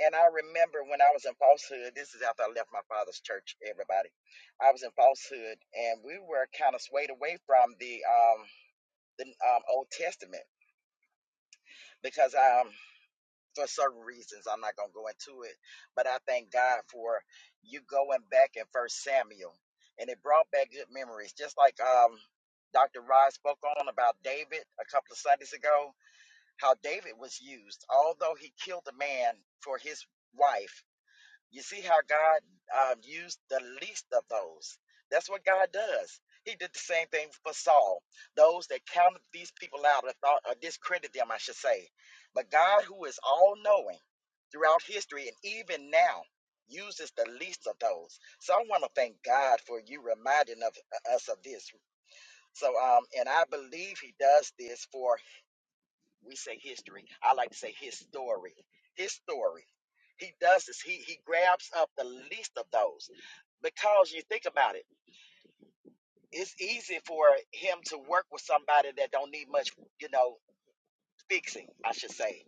[SPEAKER 4] And I remember when I was in falsehood. This is after I left my father's church. Everybody, I was in falsehood, and we were kind of swayed away from the um, the um, Old Testament because um, for certain reasons. I'm not gonna go into it, but I thank God for you going back in First Samuel, and it brought back good memories. Just like um, Dr. Rod spoke on about David a couple of Sundays ago, how David was used, although he killed a man for his wife. You see how God um, used the least of those. That's what God does. He did the same thing for Saul. Those that counted these people out or thought or discredited them, I should say. But God, who is all knowing throughout history and even now, uses the least of those. So I want to thank God for you reminding of uh, us of this. So um, and I believe He does this for we say history. I like to say his story. His story. He does this. He he grabs up the least of those because you think about it. It's easy for him to work with somebody that don't need much, you know, fixing. I should say,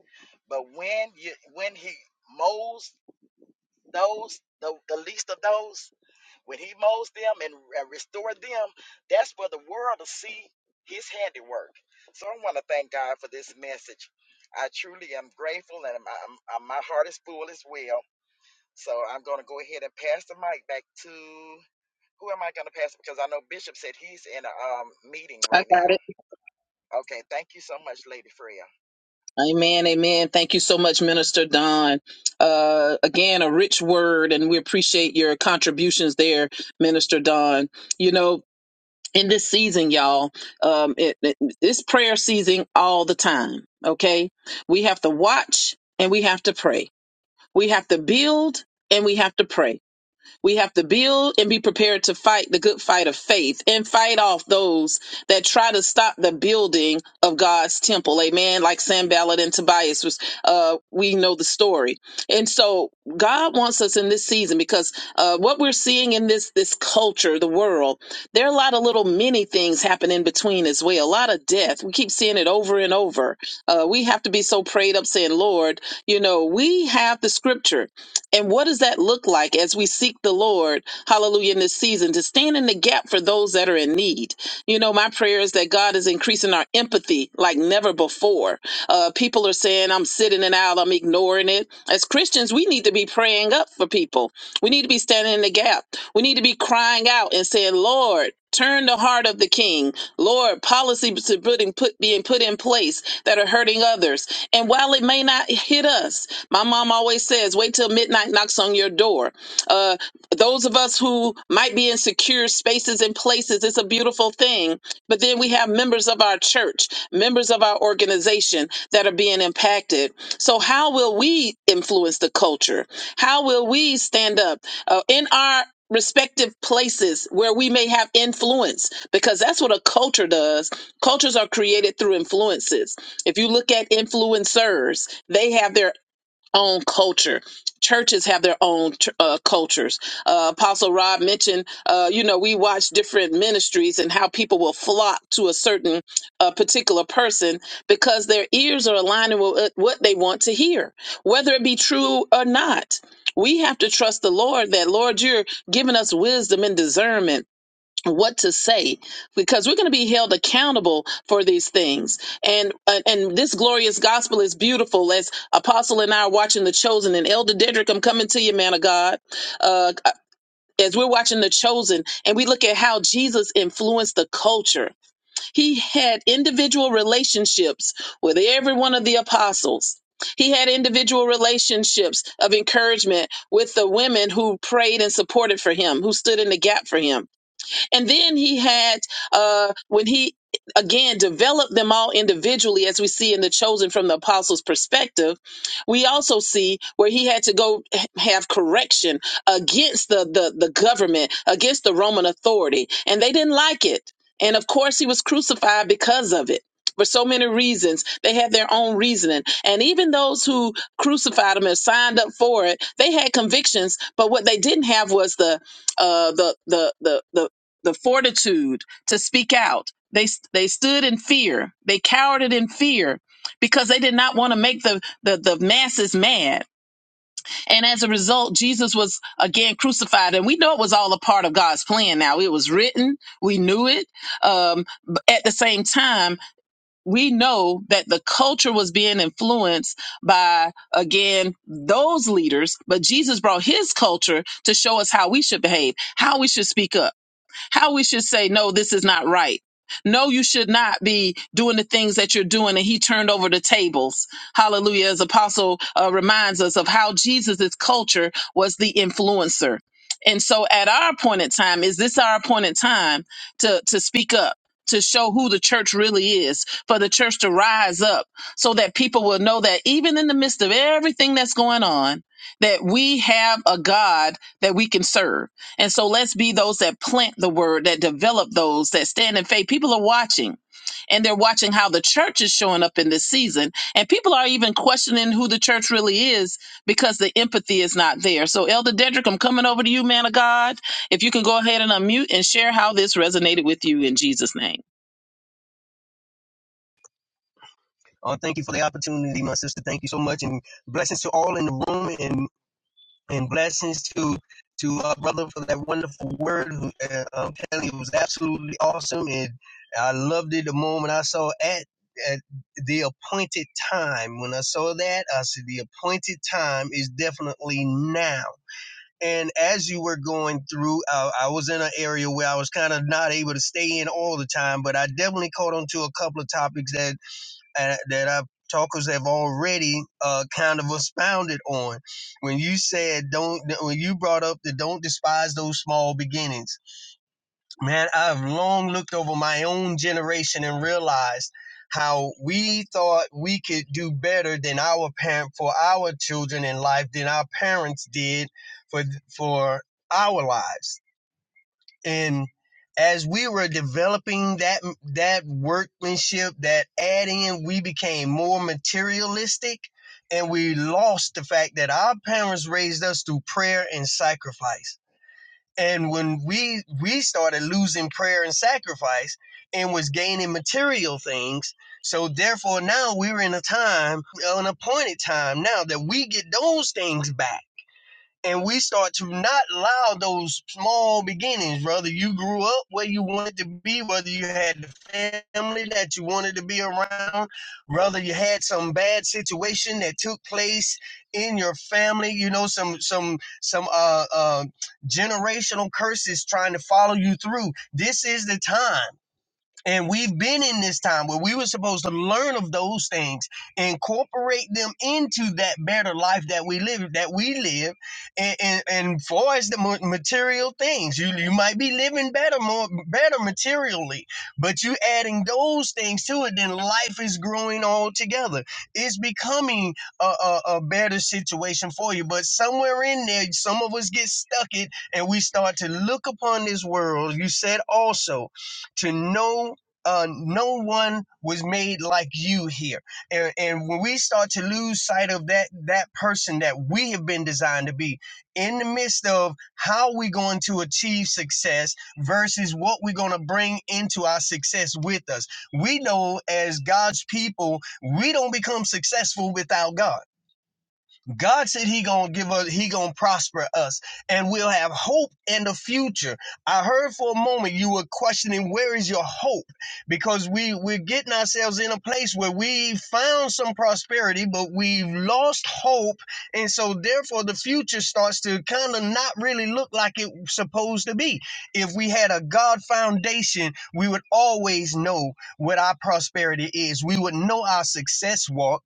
[SPEAKER 4] but when you when he molds those the, the least of those, when he molds them and uh, restore them, that's where the world will see his handiwork. So I want to thank God for this message. I truly am grateful and i I'm, my heart is full as well. So I'm going to go ahead and pass the mic back to who am I going to pass it? Because I know Bishop said he's in a um, meeting
[SPEAKER 3] I
[SPEAKER 4] right
[SPEAKER 3] got
[SPEAKER 4] now.
[SPEAKER 3] it.
[SPEAKER 4] Okay, thank you so much, Lady Freya.
[SPEAKER 3] Amen. Amen. Thank you so much, Minister Don. Uh, again, a rich word, and we appreciate your contributions there, Minister Don. You know, in this season, y'all, um, it, it, it's prayer season all the time. Okay. We have to watch and we have to pray. We have to build and we have to pray We have to build and be prepared to fight the good fight of faith and fight off those that try to stop the building of God's temple. Amen. Like Sanballat and Tobias was, uh, we know the story. And so God wants us in this season because uh, what we're seeing in this this culture, the world, there are a lot of little mini things happen in between as well. A lot of death. We keep seeing it over and over. Uh, we have to be so prayed up, saying, "Lord, you know, we have the Scripture. And what does that look like as we seek the Lord, hallelujah, in this season to stand in the gap for those that are in need? You know, my prayer is that God is increasing our empathy like never before. Uh, people are saying, I'm sitting it out, I'm ignoring it. As Christians, we need to be praying up for people. We need to be standing in the gap. We need to be crying out and saying, Lord, turn the heart of the king. Lord, policies are putting- put- being put in place that are hurting others. And while it may not hit us, my mom always says, wait till midnight knocks on your door. Uh, those of us who might be in secure spaces and places, it's a beautiful thing but then we have members of our church, members of our organization that are being impacted. So, how will we influence the culture? How will we stand up uh, in our respective places where we may have influence? Because that's what a culture does. Cultures are created through influences. If you look at influencers, they have their own culture. Churches have their own uh, cultures. Uh, Apostle Rob mentioned, uh, you know, we watch different ministries and how people will flock to a certain uh, particular person because their ears are aligning with what what they want to hear, whether it be true or not. We have to trust the Lord that, Lord, you're giving us wisdom and discernment what to say because we're going to be held accountable for these things and uh, and this glorious gospel is beautiful as apostle and i are watching the chosen and elder dedrick i'm coming to you man of god uh uh, as we're watching The Chosen and we look at how Jesus influenced the culture, he had individual relationships with every one of the apostles. He had individual relationships of encouragement with the women who prayed and supported for him, who stood in the gap for him and then he had, uh, when he again developed them all individually, as we see in the chosen from the apostles' perspective, we also see where he had to go have correction against the, the, the government, against the Roman authority. And they didn't like it. And of course, he was crucified because of it. For so many reasons, they had their own reasoning. And even those who crucified him and signed up for it, they had convictions. But what they didn't have was the uh, the, the, the, the the fortitude to speak out. They, they stood in fear. They cowered in fear because they did not want to make the, the, the masses mad. And as a result, Jesus was again crucified. And we know it was all a part of God's plan now. It was written. We knew it. Um, but at the same time, we know that the culture was being influenced by, again, those leaders. But Jesus brought his culture to show us how we should behave, how we should speak up how we should say, no, this is not right. No, you should not be doing the things that you're doing. And he turned over the tables. Hallelujah. As Apostle uh, reminds us of how Jesus's culture was the influencer. And so at our appointed time, is this our appointed time to, to speak up? To show who the church really is, for the church to rise up so that people will know that even in the midst of everything that's going on, that we have a God that we can serve and so let's be those that plant the word, that develop those, that stand in faith. People are watching and they're watching how the church is showing up in this season. And people are even questioning who the church really is because the empathy is not there. So, Elder Dedrick, I'm coming over to you, man of God. If you can go ahead and unmute and share how this resonated with you in Jesus' name.
[SPEAKER 5] Uh, thank you for the opportunity, my sister. Thank you so much, and blessings to all in the room, and and blessings to to our brother for that wonderful word. uh, um, Kelly it was absolutely awesome, and I loved it the moment I saw at at the appointed time. When I saw that, I said the appointed time is definitely now. And as you were going through, I, I was in an area where I was kind of not able to stay in all the time, but I definitely caught on to a couple of topics that uh, that our talkers have already uh, kind of expounded on. When you said don't, when you brought up the don't despise those small beginnings, man, I've long looked over my own generation and realized how we thought we could do better than our parent for our children in life than our parents did for for our lives and as we were developing that that workmanship that add in we became more materialistic and we lost the fact that our parents raised us through prayer and sacrifice and when we we started losing prayer and sacrifice and was gaining material things so therefore now we're in a time an appointed time now that we get those things back and we start to not allow those small beginnings, brother. You grew up where you wanted to be, whether you had the family that you wanted to be around, brother. You had some bad situation that took place in your family. You know, some some some uh, uh generational curses trying to follow you through. This is the time. And we've been in this time where we were supposed to learn of those things, incorporate them into that better life that we live, that we live. And, and, and far as the material things, you, you might be living better, more better materially, but you adding those things to it, then life is growing all together. It's becoming a, a, a better situation for you. But somewhere in there, some of us get stuck it and we start to look upon this world. You said also to know uh, no one was made like you here. And, and when we start to lose sight of that that person that we have been designed to be in the midst of how we are going to achieve success versus what we're going to bring into our success with us. We know as God's people, we don't become successful without God. God said he gonna give us, he gonna prosper us, and we'll have hope in the future. I heard for a moment you were questioning where is your hope, because we we're getting ourselves in a place where we found some prosperity, but we lost hope, and so therefore the future starts to kind of not really look like it's supposed to be. If we had a God foundation, we would always know what our prosperity is. We would know our success walk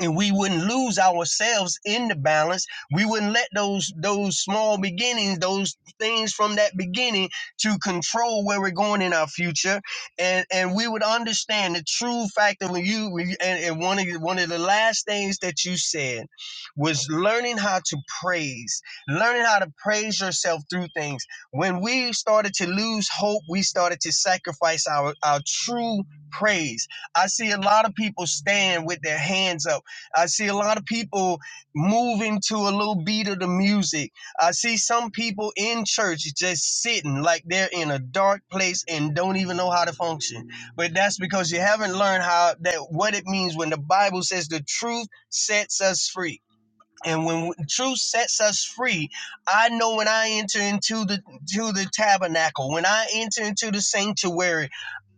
[SPEAKER 5] and we wouldn't lose ourselves in the balance we wouldn't let those those small beginnings those things from that beginning to control where we're going in our future and and we would understand the true fact that when you when you- and, and one of the, one of the last things that you said was learning how to praise learning how to praise yourself through things when we started to lose hope we started to sacrifice our our true praise I see a lot of people stand with their hands up I see a lot of people moving to a little beat of the music. I see some people in church just sitting like they're in a dark place and don't even know how to function. But that's because you haven't learned how that what it means when the Bible says the truth sets us free. And when truth sets us free, I know when I enter into the to the tabernacle, when I enter into the sanctuary,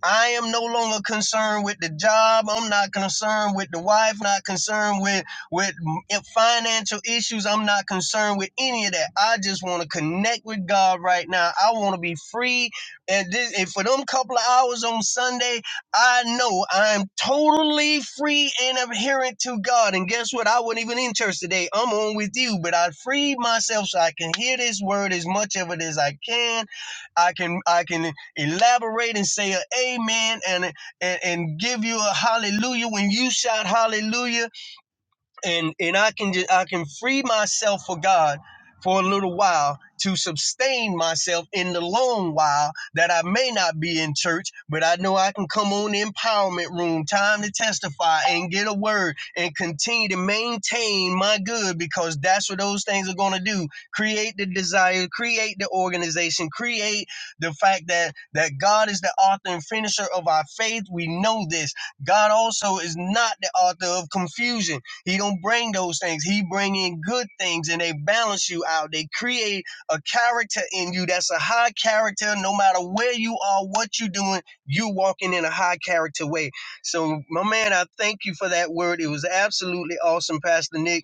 [SPEAKER 5] I am no longer concerned with the job. I'm not concerned with the wife. Not concerned with with m- financial issues. I'm not concerned with any of that. I just want to connect with God right now. I want to be free. And, this, and for them couple of hours on Sunday, I know I'm totally free and adherent to God. And guess what? I wasn't even in church today. I'm on with you, but I freed myself so I can hear this word as much of it as I can. I can I can Elaborate and say a amen and, and, and give you a hallelujah when you shout hallelujah and and I can just I can free myself for God for a little while to sustain myself in the long while that I may not be in church, but I know I can come on the empowerment room time to testify and get a word and continue to maintain my good because that's what those things are going to do. Create the desire, create the organization, create the fact that that God is the author and finisher of our faith. We know this. God also is not the author of confusion. He don't bring those things. He bring in good things and they balance you out. They create a character in you that's a high character. No matter where you are, what you are doing, you walking in a high character way. So my man, I thank you for that word. It was absolutely awesome, Pastor Nick.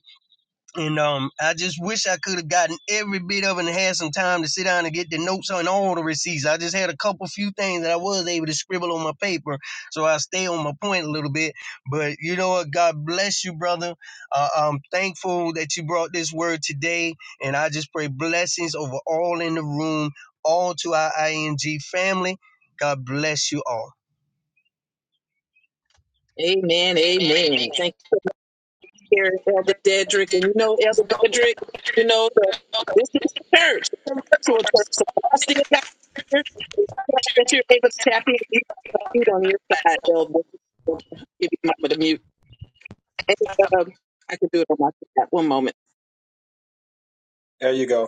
[SPEAKER 5] And um, I just wish I could have gotten every bit of it and had some time to sit down and get the notes on all the receipts. I just had a couple few things that I was able to scribble on my paper, so I stay on my point a little bit. But you know what? God bless you, brother. Uh, I'm thankful that you brought this word today, and I just pray blessings over all in the room, all to our ING family. God bless you all.
[SPEAKER 3] Amen. Amen. Thank. here, is Elder Dedrick, and you know Elder Dedrick, you know the this is the church, it's a virtual church. So I still got here. It's glad that you're able to tap in. You got mute on your side, Elder. Elder, Give you my with a mute. And, um, I can do it on my side. One moment.
[SPEAKER 1] There you go.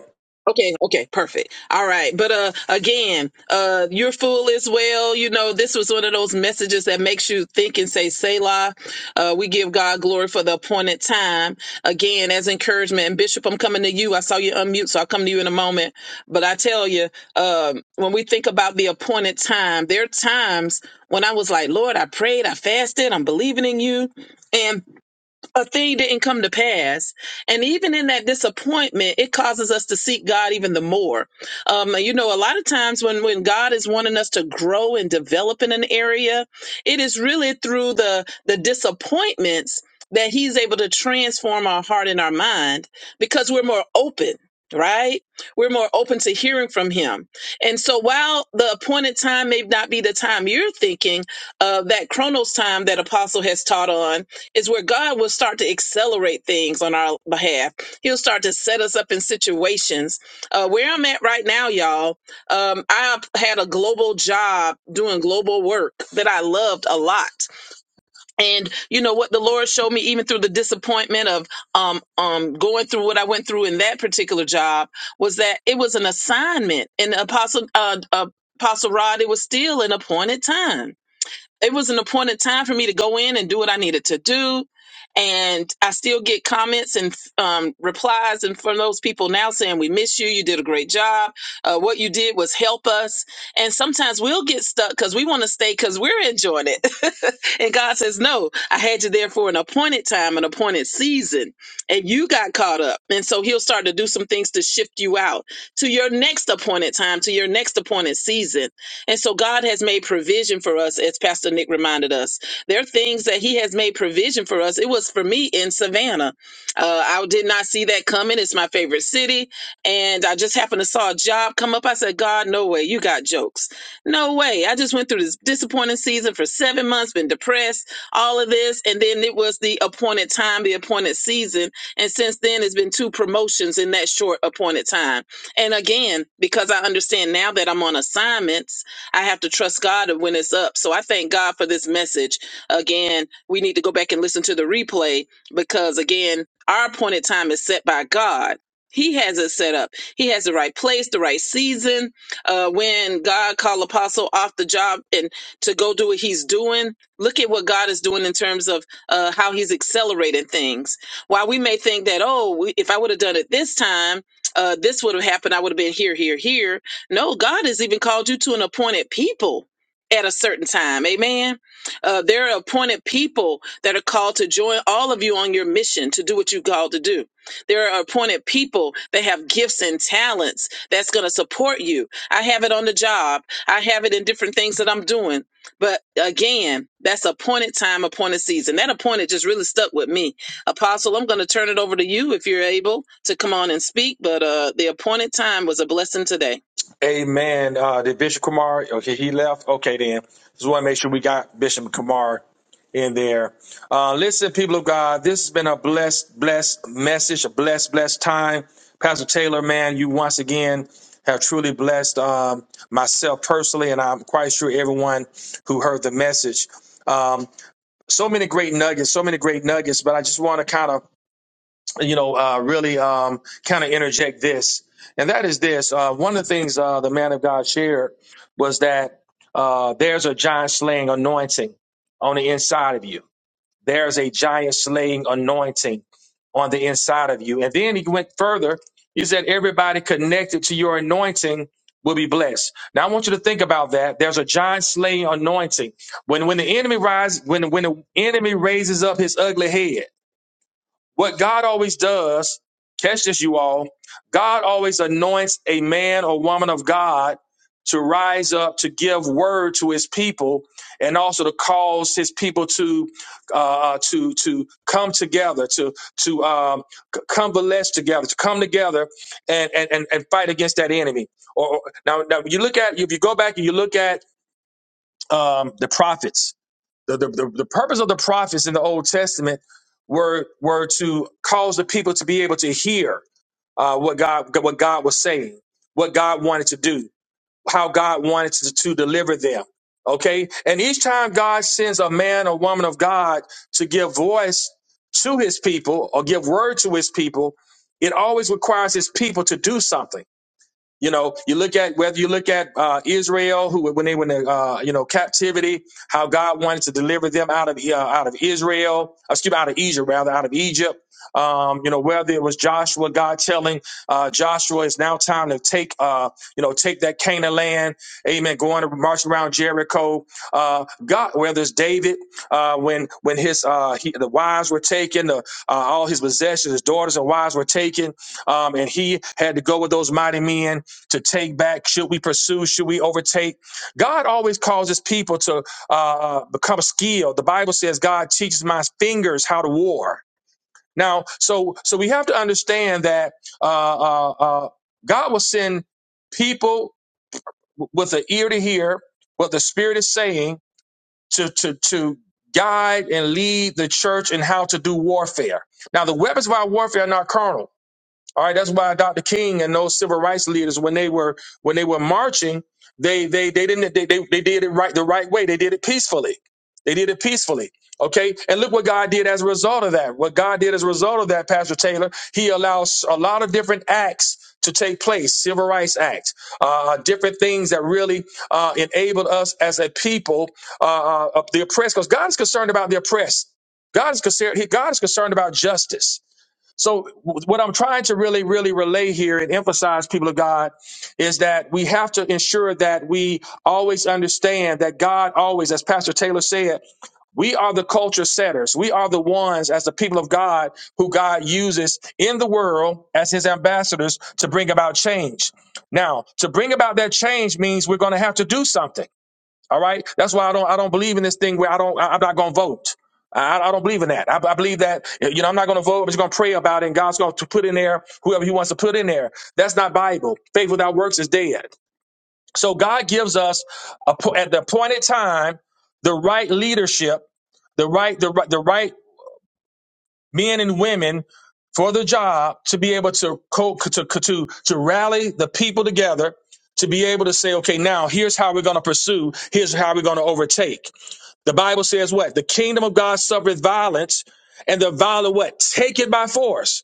[SPEAKER 3] Okay, okay, perfect. All right. But uh again, uh you're full as well. You know, this was one of those messages that makes you think and say Selah. Uh we give God glory for the appointed time. Again, as encouragement. And Bishop, I'm coming to you. I saw you unmute, so I'll come to you in a moment. But I tell you, um, when we think about the appointed time, there are times when I was like, Lord, I prayed, I fasted, I'm believing in you. and a thing didn't come to pass. And even in that disappointment, it causes us to seek God even the more. Um, you know, a lot of times when, when God is wanting us to grow and develop in an area, it is really through the, the disappointments that he's able to transform our heart and our mind because we're more open. Right? We're more open to hearing from him. And so while the appointed time may not be the time you're thinking of that chronos time that apostle has taught on, is where God will start to accelerate things on our behalf. He'll start to set us up in situations. Uh, where I'm at right now, y'all, um, I had a global job doing global work that I loved a lot. And you know what the Lord showed me, even through the disappointment of um, um, going through what I went through in that particular job, was that it was an assignment. And Apostle uh, uh, Apostle Rod, it was still an appointed time it was an appointed time for me to go in and do what I needed to do. And I still get comments and um, replies and from those people now saying, We miss you. You did a great job. Uh, what you did was help us. And sometimes we'll get stuck because we want to stay because we're enjoying it. and God says, No, I had you there for an appointed time, an appointed season, and you got caught up. And so He'll start to do some things to shift you out to your next appointed time, to your next appointed season and so God has made provision for us, as Pastor Nick reminded us. There are things that He has made provision for us. It was for me in Savannah. Uh, I did not see that coming. It's my favorite city. And I just happened to saw a job come up. I said, God, no way. You got jokes. No way. I just went through this disappointing season for seven months, been depressed, all of this. And then it was the appointed time, the appointed season. And since then, it's been two promotions in that short appointed time. And again, because I understand now that I'm on assignment I have to trust God when it's up. So I thank God for this message. Again, we need to go back and listen to the replay because, again, our appointed time is set by God. He has it set up. He has the right place, the right season. Uh, when God called Apostle off the job and to go do what he's doing, look at what God is doing in terms of uh, how he's accelerating things. While we may think that, oh, we- if I would have done it this time, uh, this would have happened. I would have been here, here, here no, God has even called you to an appointed people at a certain time. Amen. Uh, there are appointed people that are called to join all of you on your mission to do what you called to do. There are appointed people that have gifts and talents that's going to support you. I have it on the job. I have it in different things that I'm doing. But again, that's appointed time, appointed season. That appointed just really stuck with me. Apostle, I'm going to turn it over to you if you're able to come on and speak. But uh, the appointed time was a blessing today.
[SPEAKER 1] Amen. Uh, did Bishop Kumar? Okay, he left. Okay, then just want to make sure we got Bishop Kumar in there. Uh, listen, people of God, this has been a blessed, blessed message, a blessed, blessed time. Pastor Taylor, man, you once again have truly blessed um, myself personally, and I'm quite sure everyone who heard the message. Um, so many great nuggets, so many great nuggets, but I just want to kind of you know, uh, really um, kind of interject this, and that is this. Uh, one of the things uh, the man of God shared was that uh, there's a giant slaying anointing on the inside of you. There's a giant slaying anointing on the inside of you. And then he went further. He said everybody connected to your anointing will be blessed. Now I want you to think about that. There's a giant slaying anointing. When when the enemy rise, when when the enemy raises up his ugly head what God always does, catch this, you all, God always anoints a man or woman of God to rise up to give word to his people and also to cause his people to uh, uh, to to come together to to um, c- convalesce together to come together and and and, and fight against that enemy or or- now, now you look at if you go back and you look at um, the prophets the, the, the, the purpose of the prophets in the Old Testament were were to cause the people to be able to hear uh, what God what God was saying, what God wanted to do, how God wanted to, to deliver them. Okay, and each time God sends a man or woman of God to give voice to His people or give word to His people, it always requires His people to do something. You know, you look at whether you look at uh, Israel, who when they were in uh, you know captivity, how God wanted to deliver them out of uh, out of Israel, uh, excuse me, out of Egypt rather, out of Egypt. Um, you know, whether it was Joshua, God telling uh, Joshua, it's now time to take uh, you know take that Canaan land, Amen. Going to march around Jericho. Uh, God, whether it's David, uh, when when his uh, he, the wives were taken, the, uh, all his possessions, his daughters and wives were taken, um, and he had to go with those mighty men to take back? Should we pursue? Should we overtake? God always calls his people to uh, uh, become skilled. The Bible says God teaches my fingers how to war. Now, so so we have to understand that uh, uh, uh, God will send people w- with an ear to hear what the Spirit is saying to to to guide and lead the church in how to do warfare. Now, the weapons of our warfare are not carnal all right, that's why Dr. King and those civil rights leaders, when they were when they were marching, they they they didn't they they, they did it right the right way. They did it peacefully. They did it peacefully. Okay, and look what God did as a result of that. What God did as a result of that, Pastor Taylor, He allows a lot of different acts to take place, civil rights acts, uh, different things that really uh, enabled us as a people, uh, uh, the oppressed, because God is concerned about the oppressed. God is concerned. He, God is concerned about justice. So, w- what I'm trying to really, really relay here and emphasize, people of God, is that we have to ensure that we always understand that God always, as Pastor Taylor said, we are the culture setters. We are the ones, as the people of God, who God uses in the world as his ambassadors to bring about change. Now, to bring about that change means we're going to have to do something. All right. That's why I don't I don't believe in this thing where I don't I, am not gonna vote. I, I don't believe in that. I, I believe that you know I'm not going to vote. I'm just going to pray about it, and God's going to put in there whoever He wants to put in there. That's not Bible. Faith without works is dead. So God gives us a, po- at the appointed time the right leadership, the right the right the right men and women for the job to be able to co- to to to rally the people together to be able to say, okay, now here's how we're going to pursue. Here's how we're going to overtake. The Bible says what? The kingdom of God suffereth violence, and the violent what? Take it by force.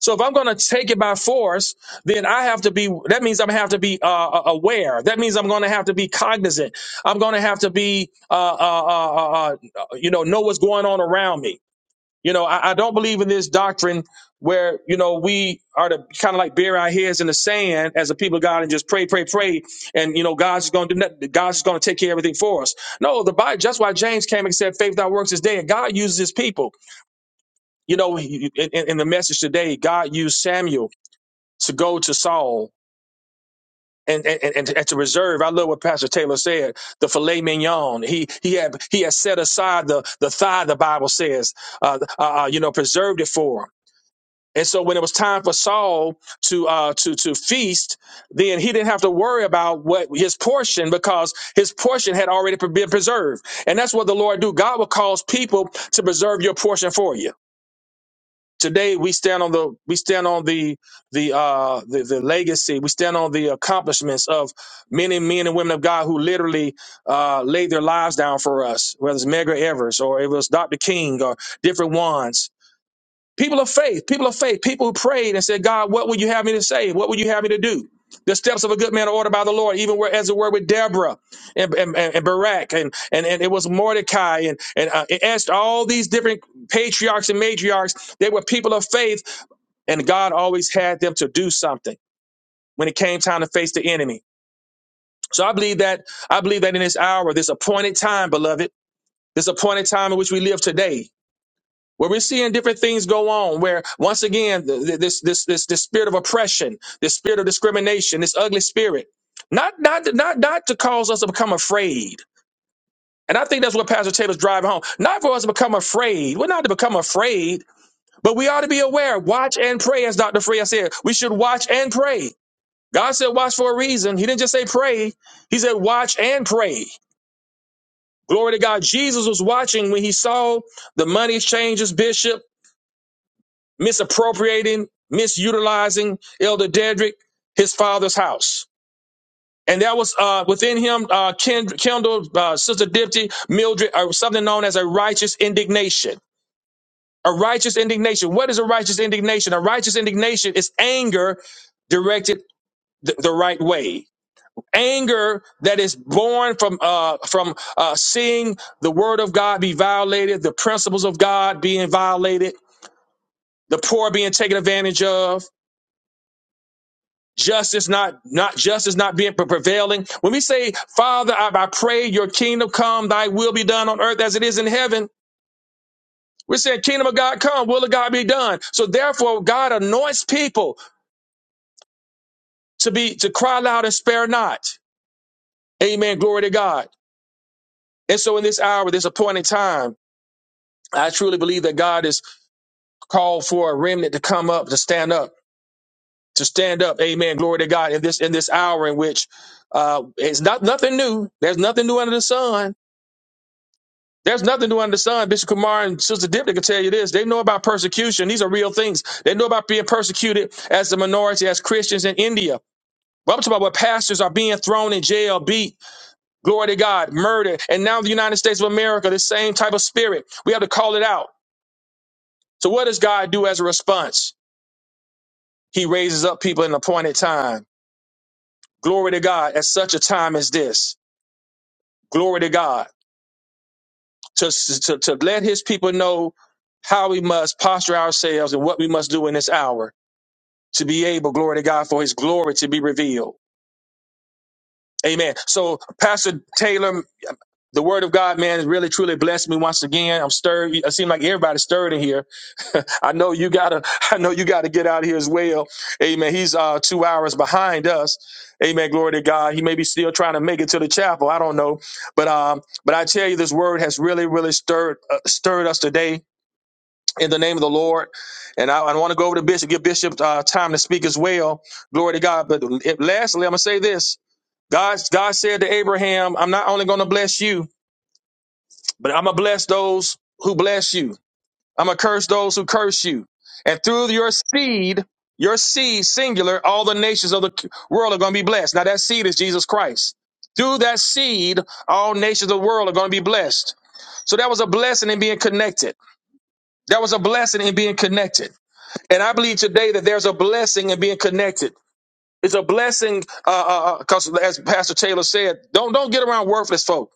[SPEAKER 1] So if I'm going to take it by force, then I have to be. That means I'm gonna have to be uh, uh, aware. That means I'm going to have to be cognizant. I'm going to have to be, uh, uh, uh, uh, uh, you know, know what's going on around me. You know, I, I don't believe in this doctrine where, you know, we are to kind of like bury our heads in the sand as a people of God and just pray, pray, pray. And, you know, God's just going to do nothing. God's just going to take care of everything for us. No, the Bible, that's why James came and said, faith without works is dead. God uses his people. You know, he- in, in in the message today, God used Samuel to go to Saul. And, and, and, and to reserve, I love what Pastor Taylor said. The filet mignon, he he had he had set aside the the thigh. The Bible says, uh, uh, uh, you know, preserved it for him. And so when it was time for Saul to uh, to to feast, then he didn't have to worry about what his portion because his portion had already been preserved. And that's what the Lord do. God will cause people to preserve your portion for you. Today we stand on the we stand on the the uh, the, the legacy. We stand on the accomplishments of many men and women of God who literally uh, laid their lives down for us. Whether it's Megar Evers or it was Dr. King or different ones People of faith, people of faith, people who prayed and said, God, what would you have me to say? What would you have me to do? The steps of a good man are ordered by the Lord, even where, as it were, with Deborah and, and, and Barak, and, and, and it was Mordecai and, and uh, Esther, all these different patriarchs and matriarchs. They were people of faith, and God always had them to do something when it came time to face the enemy. So I believe that I believe that in this hour, this appointed time, beloved, this appointed time in which we live today, where we're seeing different things go on where once again th- th- this this this this spirit of oppression this spirit of discrimination this ugly spirit not not not not to cause us to become afraid and i think that's what pastor taylor's driving home not for us to become afraid we're not to become afraid but we ought to be aware watch and pray as dr freya said we should watch and pray god said watch for a reason he didn't just say pray he said watch and pray glory to god jesus was watching when he saw the money changers bishop misappropriating, misutilizing Elder Dedrick, his father's house. And that was uh, within him, uh, Kend- Kendall, uh, Sister Dipty, Mildred, or something known as a righteous indignation. A righteous indignation. What is a righteous indignation? A righteous indignation is anger directed th- the right way. Anger that is born from uh, from uh, seeing the word of God be violated, the principles of God being violated, the poor being taken advantage of, justice not not justice not being pre- prevailing when we say father I, I pray your kingdom come thy will be done on earth as it is in heaven we're saying kingdom of god come will of god be done so therefore god anoints people to be to cry loud and spare not amen glory to god and so in this hour this appointed time i truly believe that god is called for a remnant to come up to stand up to stand up amen glory to god in this in this hour in which uh it's not nothing new there's nothing new under the sun There's nothing new under the sun. Bishop Kumar and Sister Dipta can tell you this. They know about persecution. These are real things. They know about being persecuted as a minority, as Christians in India. But I'm talking about what pastors are being thrown in jail, beat, glory to God, murdered. And now the United States of America, the same type of spirit. We have to call it out. So what does God do as a response? He raises up people in an appointed time. Glory to God at such a time as this. Glory to God. To, to, to let his people know how we must posture ourselves and what we must do in this hour to be able, glory to God, for his glory to be revealed. Amen. So, Pastor Taylor, the word of God, man, has really truly blessed me once again. I'm stirred. It seems like everybody's stirred in here. I know you gotta, I know you gotta get out of here as well. Amen. He's uh two hours behind us. Amen. Glory to God. He may be still trying to make it to the chapel. I don't know. But um, but I tell you, this word has really, really stirred uh, stirred us today in the name of the Lord. And I, I want to go over to Bishop, give Bishop uh, time to speak as well. Glory to God. But if, lastly, I'm going to say this God, God said to Abraham, I'm not only going to bless you, but I'm going to bless those who bless you, I'm going to curse those who curse you. And through your seed, your seed, singular, all the nations of the world are going to be blessed. Now, that seed is Jesus Christ. Through that seed, all nations of the world are going to be blessed. So that was a blessing in being connected. That was a blessing in being connected. And I believe today that there's a blessing in being connected. It's a blessing because, as Pastor Taylor said, don't don't get around worthless folk.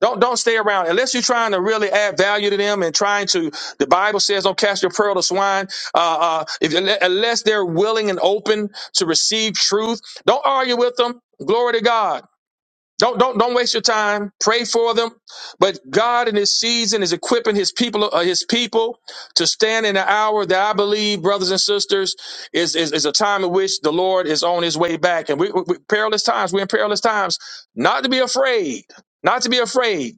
[SPEAKER 1] Don't don't stay around unless you're trying to really add value to them and trying to. The Bible says, "Don't cast your pearl to swine." Uh, uh, if unless they're willing and open to receive truth, don't argue with them. Glory to God. Don't don't don't waste your time. Pray for them. But God in His season is equipping His people, uh, His people, to stand in an hour that I believe, brothers and sisters, is is, is a time in which the Lord is on His way back, and we, we, we- perilous times. We're in perilous times. Not to be afraid, not to be afraid,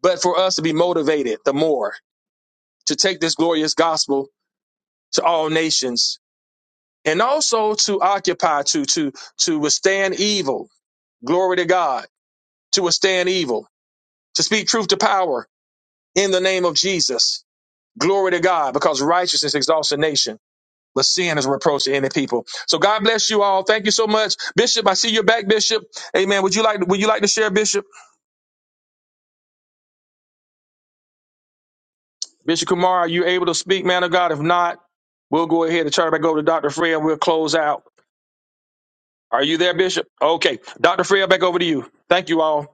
[SPEAKER 1] but for us to be motivated the more to take this glorious gospel to all nations, and also to occupy, to to to withstand evil. Glory to God to withstand evil to speak truth to power in the name of Jesus. Glory to God, because righteousness exalts a nation, but sin is a reproach to any people. So God bless you all. Thank you so much, Bishop. I see you're back, Bishop. Amen. Would you like Would you like to share, Bishop? Bishop Kumar, are you able to speak, man of God? If not, we'll go ahead and turn it back over to Doctor Fred. and We'll close out. Are you there, Bishop? Okay, Doctor Fred, back over to you. Thank you all.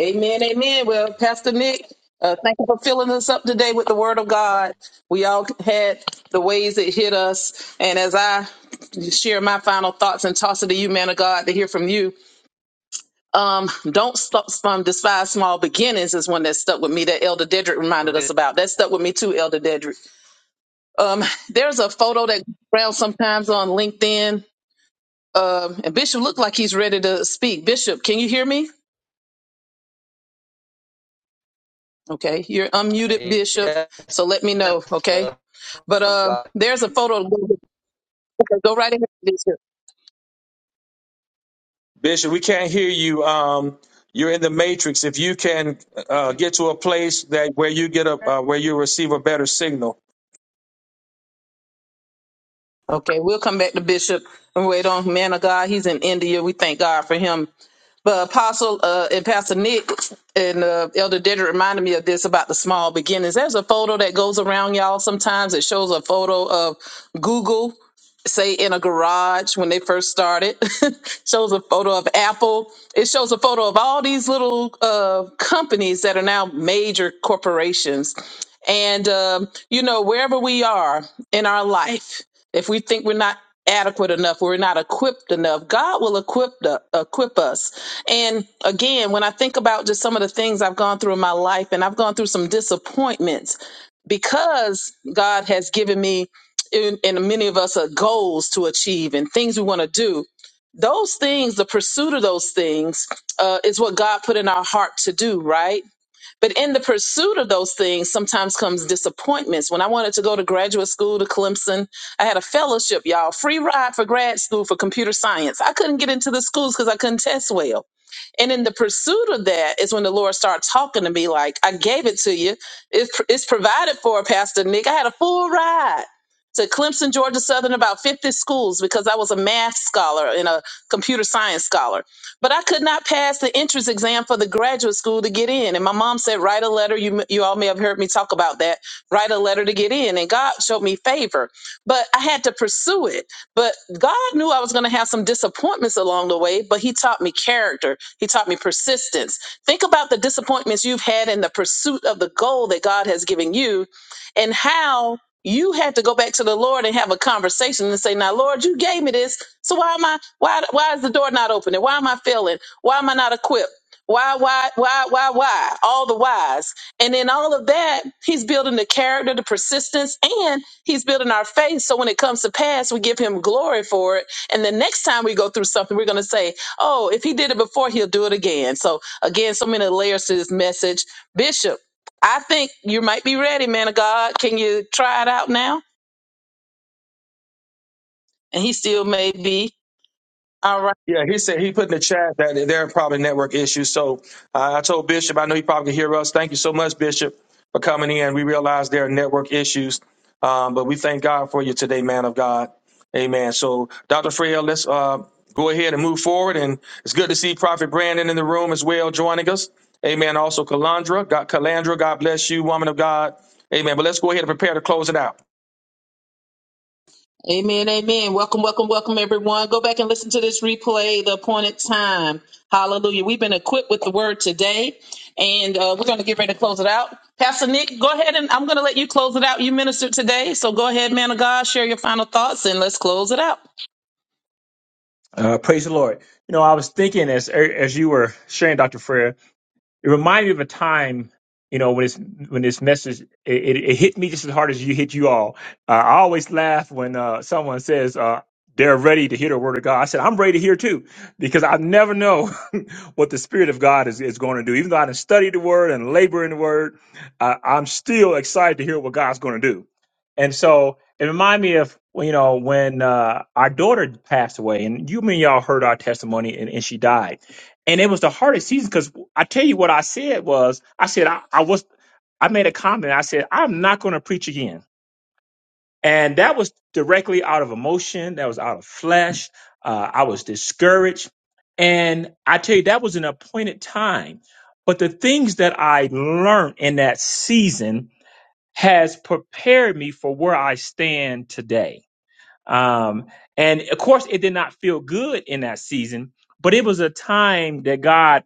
[SPEAKER 3] Amen, amen. Well, Pastor Nick, uh, thank you for filling us up today with the Word of God. We all had the ways it hit us, and as I share my final thoughts and toss it to you, man of God, to hear from you. Um, don't stop, um, despise small beginnings is one that stuck with me that Elder Dedrick reminded us
[SPEAKER 6] Praise
[SPEAKER 3] about. That stuck with me too, Elder Dedrick. Um, there's a photo that grounds sometimes on LinkedIn. Um, and Bishop looked like he's ready to speak. Bishop, can you hear me? Okay, you're unmuted, Bishop.
[SPEAKER 6] yes,
[SPEAKER 3] So let me
[SPEAKER 6] yes,
[SPEAKER 3] know. Okay,
[SPEAKER 6] uh,
[SPEAKER 3] but
[SPEAKER 6] of
[SPEAKER 3] uh,
[SPEAKER 6] God.
[SPEAKER 3] there's a photo. Go right ahead, Bishop.
[SPEAKER 1] Bishop, we can't hear you. Um, you're in the matrix. If you can uh, get to a place that where you get a uh, where you receive a better signal.
[SPEAKER 3] Okay, we'll come back to Bishop and wait on man of God. He's in India. We thank God for him. But Apostle uh, and Pastor Nick and uh, Elder Dedrick reminded me of this about the small beginnings. There's a photo that goes around, y'all. Sometimes it shows a photo of Google, say in a garage when they first started. shows a photo of Apple. It shows a photo of all these little uh, companies that are now major corporations. And um, you know, wherever we are in our life, if we think we're not adequate enough, we're not equipped enough, God will equip the, equip us. And again, when I think about just some of the things I've gone through in my life and I've gone through some disappointments because God has given me and, and many of us are goals to achieve and things we want to do. Those things, the pursuit of those things, uh, is what God put in our heart to do, right? But in the pursuit of those things, sometimes comes disappointments. When I wanted to go to graduate school to Clemson, I had a fellowship, y'all, free ride for grad school for computer science. I couldn't get into the schools because I couldn't test well. And in the pursuit of that is when the Lord started talking to me like, I gave it to you. It's it's provided for, Pastor Nick. I had a full ride to Clemson, Georgia Southern, about 50 schools because I was a math scholar and a computer science scholar but I could not pass the entrance exam for the graduate school to get in. And my mom said, write a letter. You, you all may have heard me talk about that. Write a letter to get in. And God showed me favor, but I had to pursue it. But God knew I was going to have some disappointments along the way, but He taught me character. He taught me persistence. Think about the disappointments you've had in the pursuit of the goal that God has given you and how you had to go back to the Lord and have a conversation and say, Now, Lord, you gave me this. So why am I why why is the door not opening? Why am I failing? Why am I not equipped? Why, why, why, why, why? All the whys. And in all of that, he's building the character, the persistence, and he's building our faith. So when it comes to pass, we give him glory for it. And the next time we go through something, we're going to say, oh, if he did it before, he'll do it again. So again, so many layers to this message. Bishop, I think you might be ready, man of God. Can you try it out now? And he still may be. All right.
[SPEAKER 1] Yeah, he said he put in the chat that there are probably network issues. So uh, I told Bishop, I know he probably can hear us. Thank you so much, Bishop, for coming in. We realize there are network issues, um, but we thank God for you today, man of God. Amen. So, Dr. Freyel, let's uh, go ahead and move forward. And it's good to see Prophet Brandon in the room as well, joining us. Amen. Also, Kalandra, God, Kalandra, God bless you, woman of God. Amen. But let's go ahead and prepare to close it out.
[SPEAKER 3] Amen, amen. Welcome, welcome, welcome, everyone. Go back and listen to this replay, the appointed time. Hallelujah. We've been equipped with the word today, and uh, we're going to get ready to close it out. Pastor Nick, go ahead and I'm going to let you close it out. You ministered today, so go ahead, man of God, share your final thoughts, and let's close it out.
[SPEAKER 2] Uh, praise the Lord. You know, I was thinking as as you were sharing, Dr. Freer, It reminded me of a time, you know, when this when this message it, it, it hit me just as hard as you hit you all. Uh, I always laugh when uh, someone says uh, they're ready to hear the word of God. I said I'm ready to hear too, because I never know what the Spirit of God is, is going to do. Even though I done studied the Word and labor in the Word, uh, I'm still excited to hear what God's going to do. And so it reminded me of well, you know when uh, our daughter passed away, and you mean y'all heard our testimony, and, and she died and it was the hardest season because I tell you what I said was I said I, I was I made a comment I said I'm not going to preach again and that was directly out of emotion that was out of flesh uh, I was discouraged and I tell you that was an appointed time but the things that I learned in that season has prepared me for where I stand today um, and of course, it did not feel good in that season, but it was a time that God,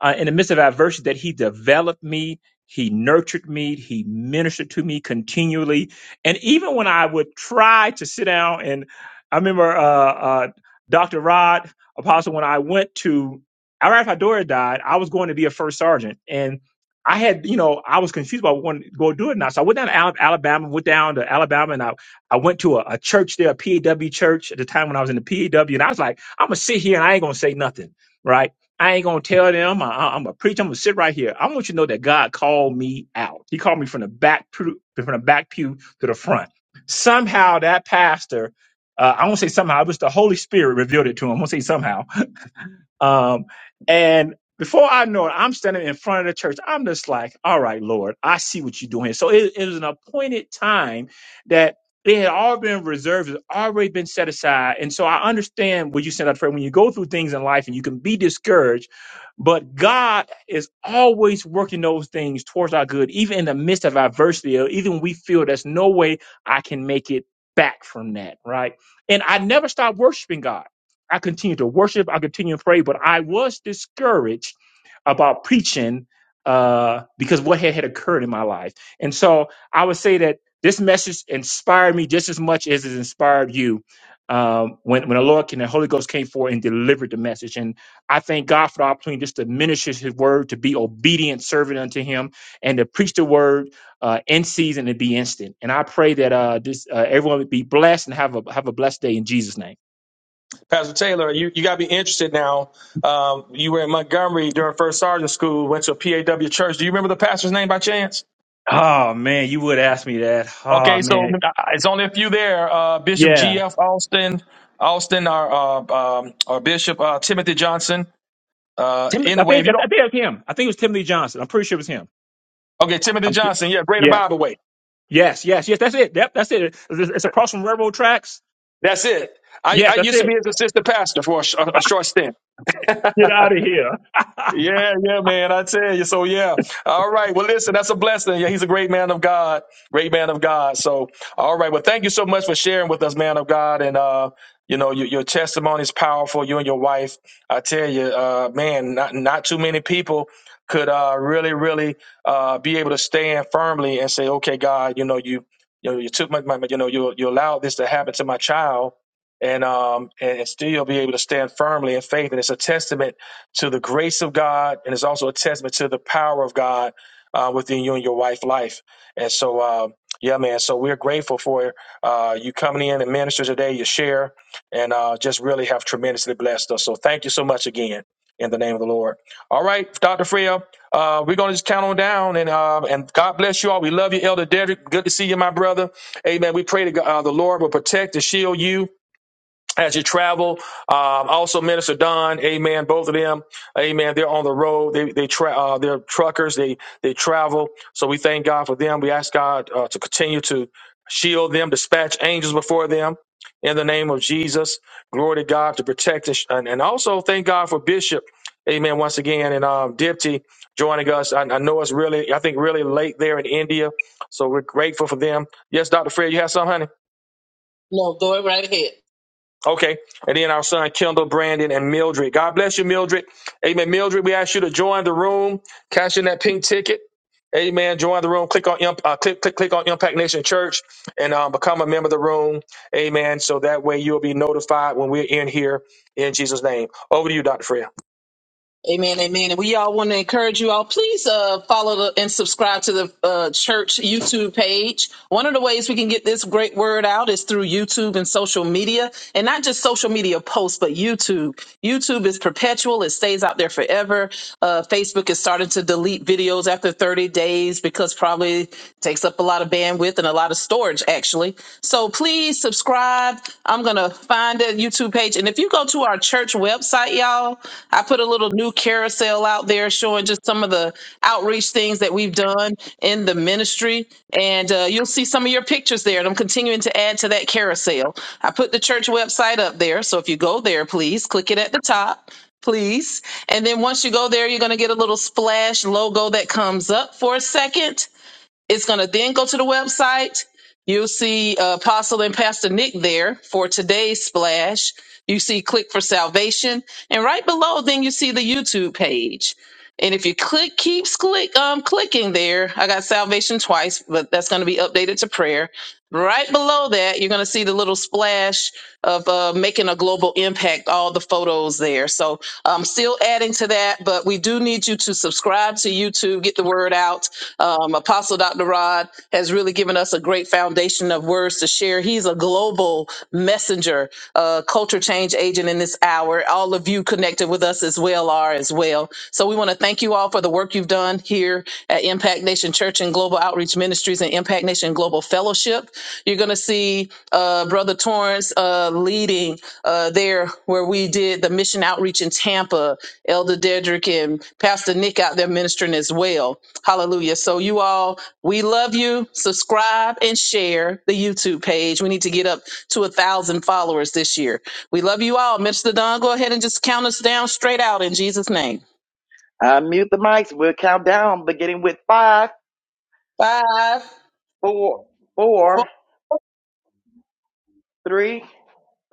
[SPEAKER 2] uh, in the midst of adversity, that He developed me, He nurtured me, He ministered to me continually. And even when I would try to sit down, and I remember uh, uh, Dr. Rod Apostle, when I went to, right after Dora died, I was going to be a first sergeant. And I had, you know, I was confused about when to go do it now. So I went down to Al- Alabama, went down to Alabama, and I I went to a, a church there, a PAW church at the time when I was in the PAW, and I was like, I'm gonna sit here and I ain't gonna say nothing, right? I ain't gonna tell them. I, am gonna preach. I'm gonna sit right here. I want you to know that God called me out. He called me from the back pew- from the back pew to the front. Somehow that pastor, uh, I won't say somehow. It was the Holy Spirit revealed it to him. I won't say somehow um, and before I know it, I'm standing in front of the church. I'm just like, all right, Lord, I see what you're doing here. So it, it was an appointed time that it had all been reserved, it's already been set aside. And so I understand what you said out prayer. When you go through things in life and you can be discouraged, but God is always working those things towards our good, even in the midst of adversity, or even when we feel there's no way I can make it back from that, right? And I never stopped worshiping God. I continued to worship. I continued to pray, but I was discouraged about preaching uh, because what had, had occurred in my life. And so I would say that this message inspired me just as much as it inspired you um, when, when the Lord and the Holy Ghost came forward and delivered the message. And I thank God for the opportunity just to minister his word, to be obedient servant unto him, and to preach the word uh, in season and be instant. And I pray that uh, this uh, everyone would be blessed and have a, have a blessed day in Jesus' name.
[SPEAKER 1] Pastor Taylor, you, you got to be interested now. Um, you were in Montgomery during First Sergeant School, went to a PAW church. Do you remember the pastor's name by chance?
[SPEAKER 2] Oh man, you would ask me that. Oh
[SPEAKER 1] Okay, so
[SPEAKER 2] man,
[SPEAKER 1] uh, it's only a few there. Uh, Bishop
[SPEAKER 2] yeah.
[SPEAKER 1] G.F. Austin, Austin, our, uh, um, our Bishop uh, Timothy Johnson. Uh,
[SPEAKER 2] Tim, I
[SPEAKER 1] anyway, if
[SPEAKER 2] think
[SPEAKER 1] you
[SPEAKER 2] I
[SPEAKER 1] don't,
[SPEAKER 2] think it was him. I think it was Timothy Johnson. I'm pretty sure it was him.
[SPEAKER 1] okay, Timothy
[SPEAKER 2] I'm sure.
[SPEAKER 1] Johnson, yeah, Greater
[SPEAKER 2] Yeah.
[SPEAKER 1] Bible Way.
[SPEAKER 2] Yes. Yes. Yes. That's it. Yep. That's it. It's it's across from railroad tracks.
[SPEAKER 1] That's it. I,
[SPEAKER 2] Yes.
[SPEAKER 1] I
[SPEAKER 2] That's
[SPEAKER 1] used to be
[SPEAKER 2] it.
[SPEAKER 1] his assistant pastor for a, sh- a short stint.
[SPEAKER 2] Get out of here.
[SPEAKER 1] Yeah, yeah, man. I tell you. So yeah. All right. Well, listen, that's a blessing. Yeah, he's a great man of God. Great man of God. So all right. Well, thank you so much for sharing with us, man of God. And uh, you know, your, your testimony is powerful. You and your wife. I tell you, uh, man, not not too many people could uh really, really uh be able to stand firmly and say, okay, God, you know, you you know, you took my, my you know, you you allowed this to happen to my child. And um and and still be able to stand firmly in faith, and it's a testament to the grace of God, and it's also a testament to the power of God uh, within you and your wife life. And so, uh, yeah, man. So we're grateful for uh, you coming in and minister today, your share, and uh, just really have tremendously blessed us. So thank you so much again in the name of the Lord. All right, Dr. Freya, uh, we're going to just count on down and uh, and God bless you all. We love you, Elder Dedrick. Good to see you, my brother. Amen. We pray that uh, the Lord will protect and shield you as you travel. Um, also, Minister Don, Amen. Both of them, Amen. They're on the road. They they tra- uh, they're truckers. They they travel. So we thank God for them. We ask God uh, to continue to shield them, dispatch angels before them. In the name of Jesus, glory to God to protect us, and, and also thank God for Bishop, Amen. Once again, and um, Dipty joining us. I, I know it's really, I think, really late there in India, so we're grateful for them. Yes, Doctor Fred, you have some, honey.
[SPEAKER 3] No, go right ahead.
[SPEAKER 1] Okay. And then our son Kendall, Brandon, and Mildred. God bless you, Mildred. Amen. Mildred, we ask you to join the room, cash in that pink ticket. Amen. Join the room. Click on imp- uh, click click click on Impact Nation Church and um, become a member of the room. Amen. So that way you'll be notified when we're in here. In Jesus' name. Over to you, Doctor Freya.
[SPEAKER 3] Amen, amen. And we all want to encourage you all. Please uh, follow the, and subscribe to the uh, church YouTube page. One of the ways we can get this great word out is through YouTube and social media, and not just social media posts, but YouTube. YouTube is perpetual; it stays out there forever. Uh, Facebook is starting to delete videos after 30 days because probably takes up a lot of bandwidth and a lot of out of storage, actually. So please subscribe. I'm going to find that YouTube page. And if you go to our church website, y'all, I put a little new carousel out there showing just some of the outreach things that we've done in the ministry. And uh, you'll see some of your pictures there. And I'm continuing to add to that carousel. I put the church website up there. So if you go there, please click it at the top. Please. And then once you go there, you're going to get a little splash logo that comes up for a second it's going to then go to the website. You'll see uh, Apostle and Pastor Nick there for today's splash. You see Click for Salvation. And right below, then you see the YouTube page. And if you click, keeps click, um, clicking there, I got salvation twice, but that's going to be updated to prayer. Right below that, you're going to see the little splash of uh, making a global impact, all the photos there. So I'm still adding to that, but we do need you to subscribe to YouTube, get the word out um, Apostle Dr. Rod has really given us a great foundation of words to share. He's a global messenger, uh, culture change agent in this hour. All of you connected with us as well are as well. So we want to thank you all for the work you've done here at Impact Nation Church. Church and Global Outreach Ministries and Impact Nation Global Fellowship. You're going to see uh, Brother Torrance uh, leading uh, there where we did the mission outreach in Tampa. Elder Dedrick and Pastor Nick out there ministering as well. Hallelujah. So, you all, we love you. Subscribe and share the YouTube page. We need to get up to a thousand followers this year. We love you all. Mr. Don, go ahead and just count us down straight out in Jesus' name.
[SPEAKER 4] I mute the mics. We'll count down, beginning with five,
[SPEAKER 3] Five,
[SPEAKER 4] four,
[SPEAKER 3] four,
[SPEAKER 4] four, three,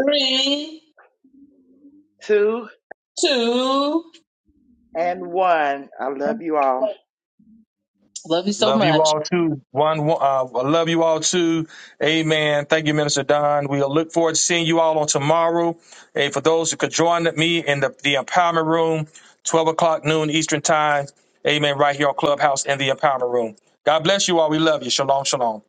[SPEAKER 3] three,
[SPEAKER 4] two,
[SPEAKER 3] two,
[SPEAKER 4] and one. I love you all.
[SPEAKER 3] Love you so
[SPEAKER 1] Love you
[SPEAKER 3] much.
[SPEAKER 1] all too. One, one- uh, I love you all too. Amen. Thank you, Minister Don. We'll look forward to seeing you all on tomorrow. And for those who could join me in the, the empowerment room, 12 o'clock noon Eastern time. Amen. Right here on Clubhouse in the empowerment room. God bless you all. We love you. Shalom, shalom.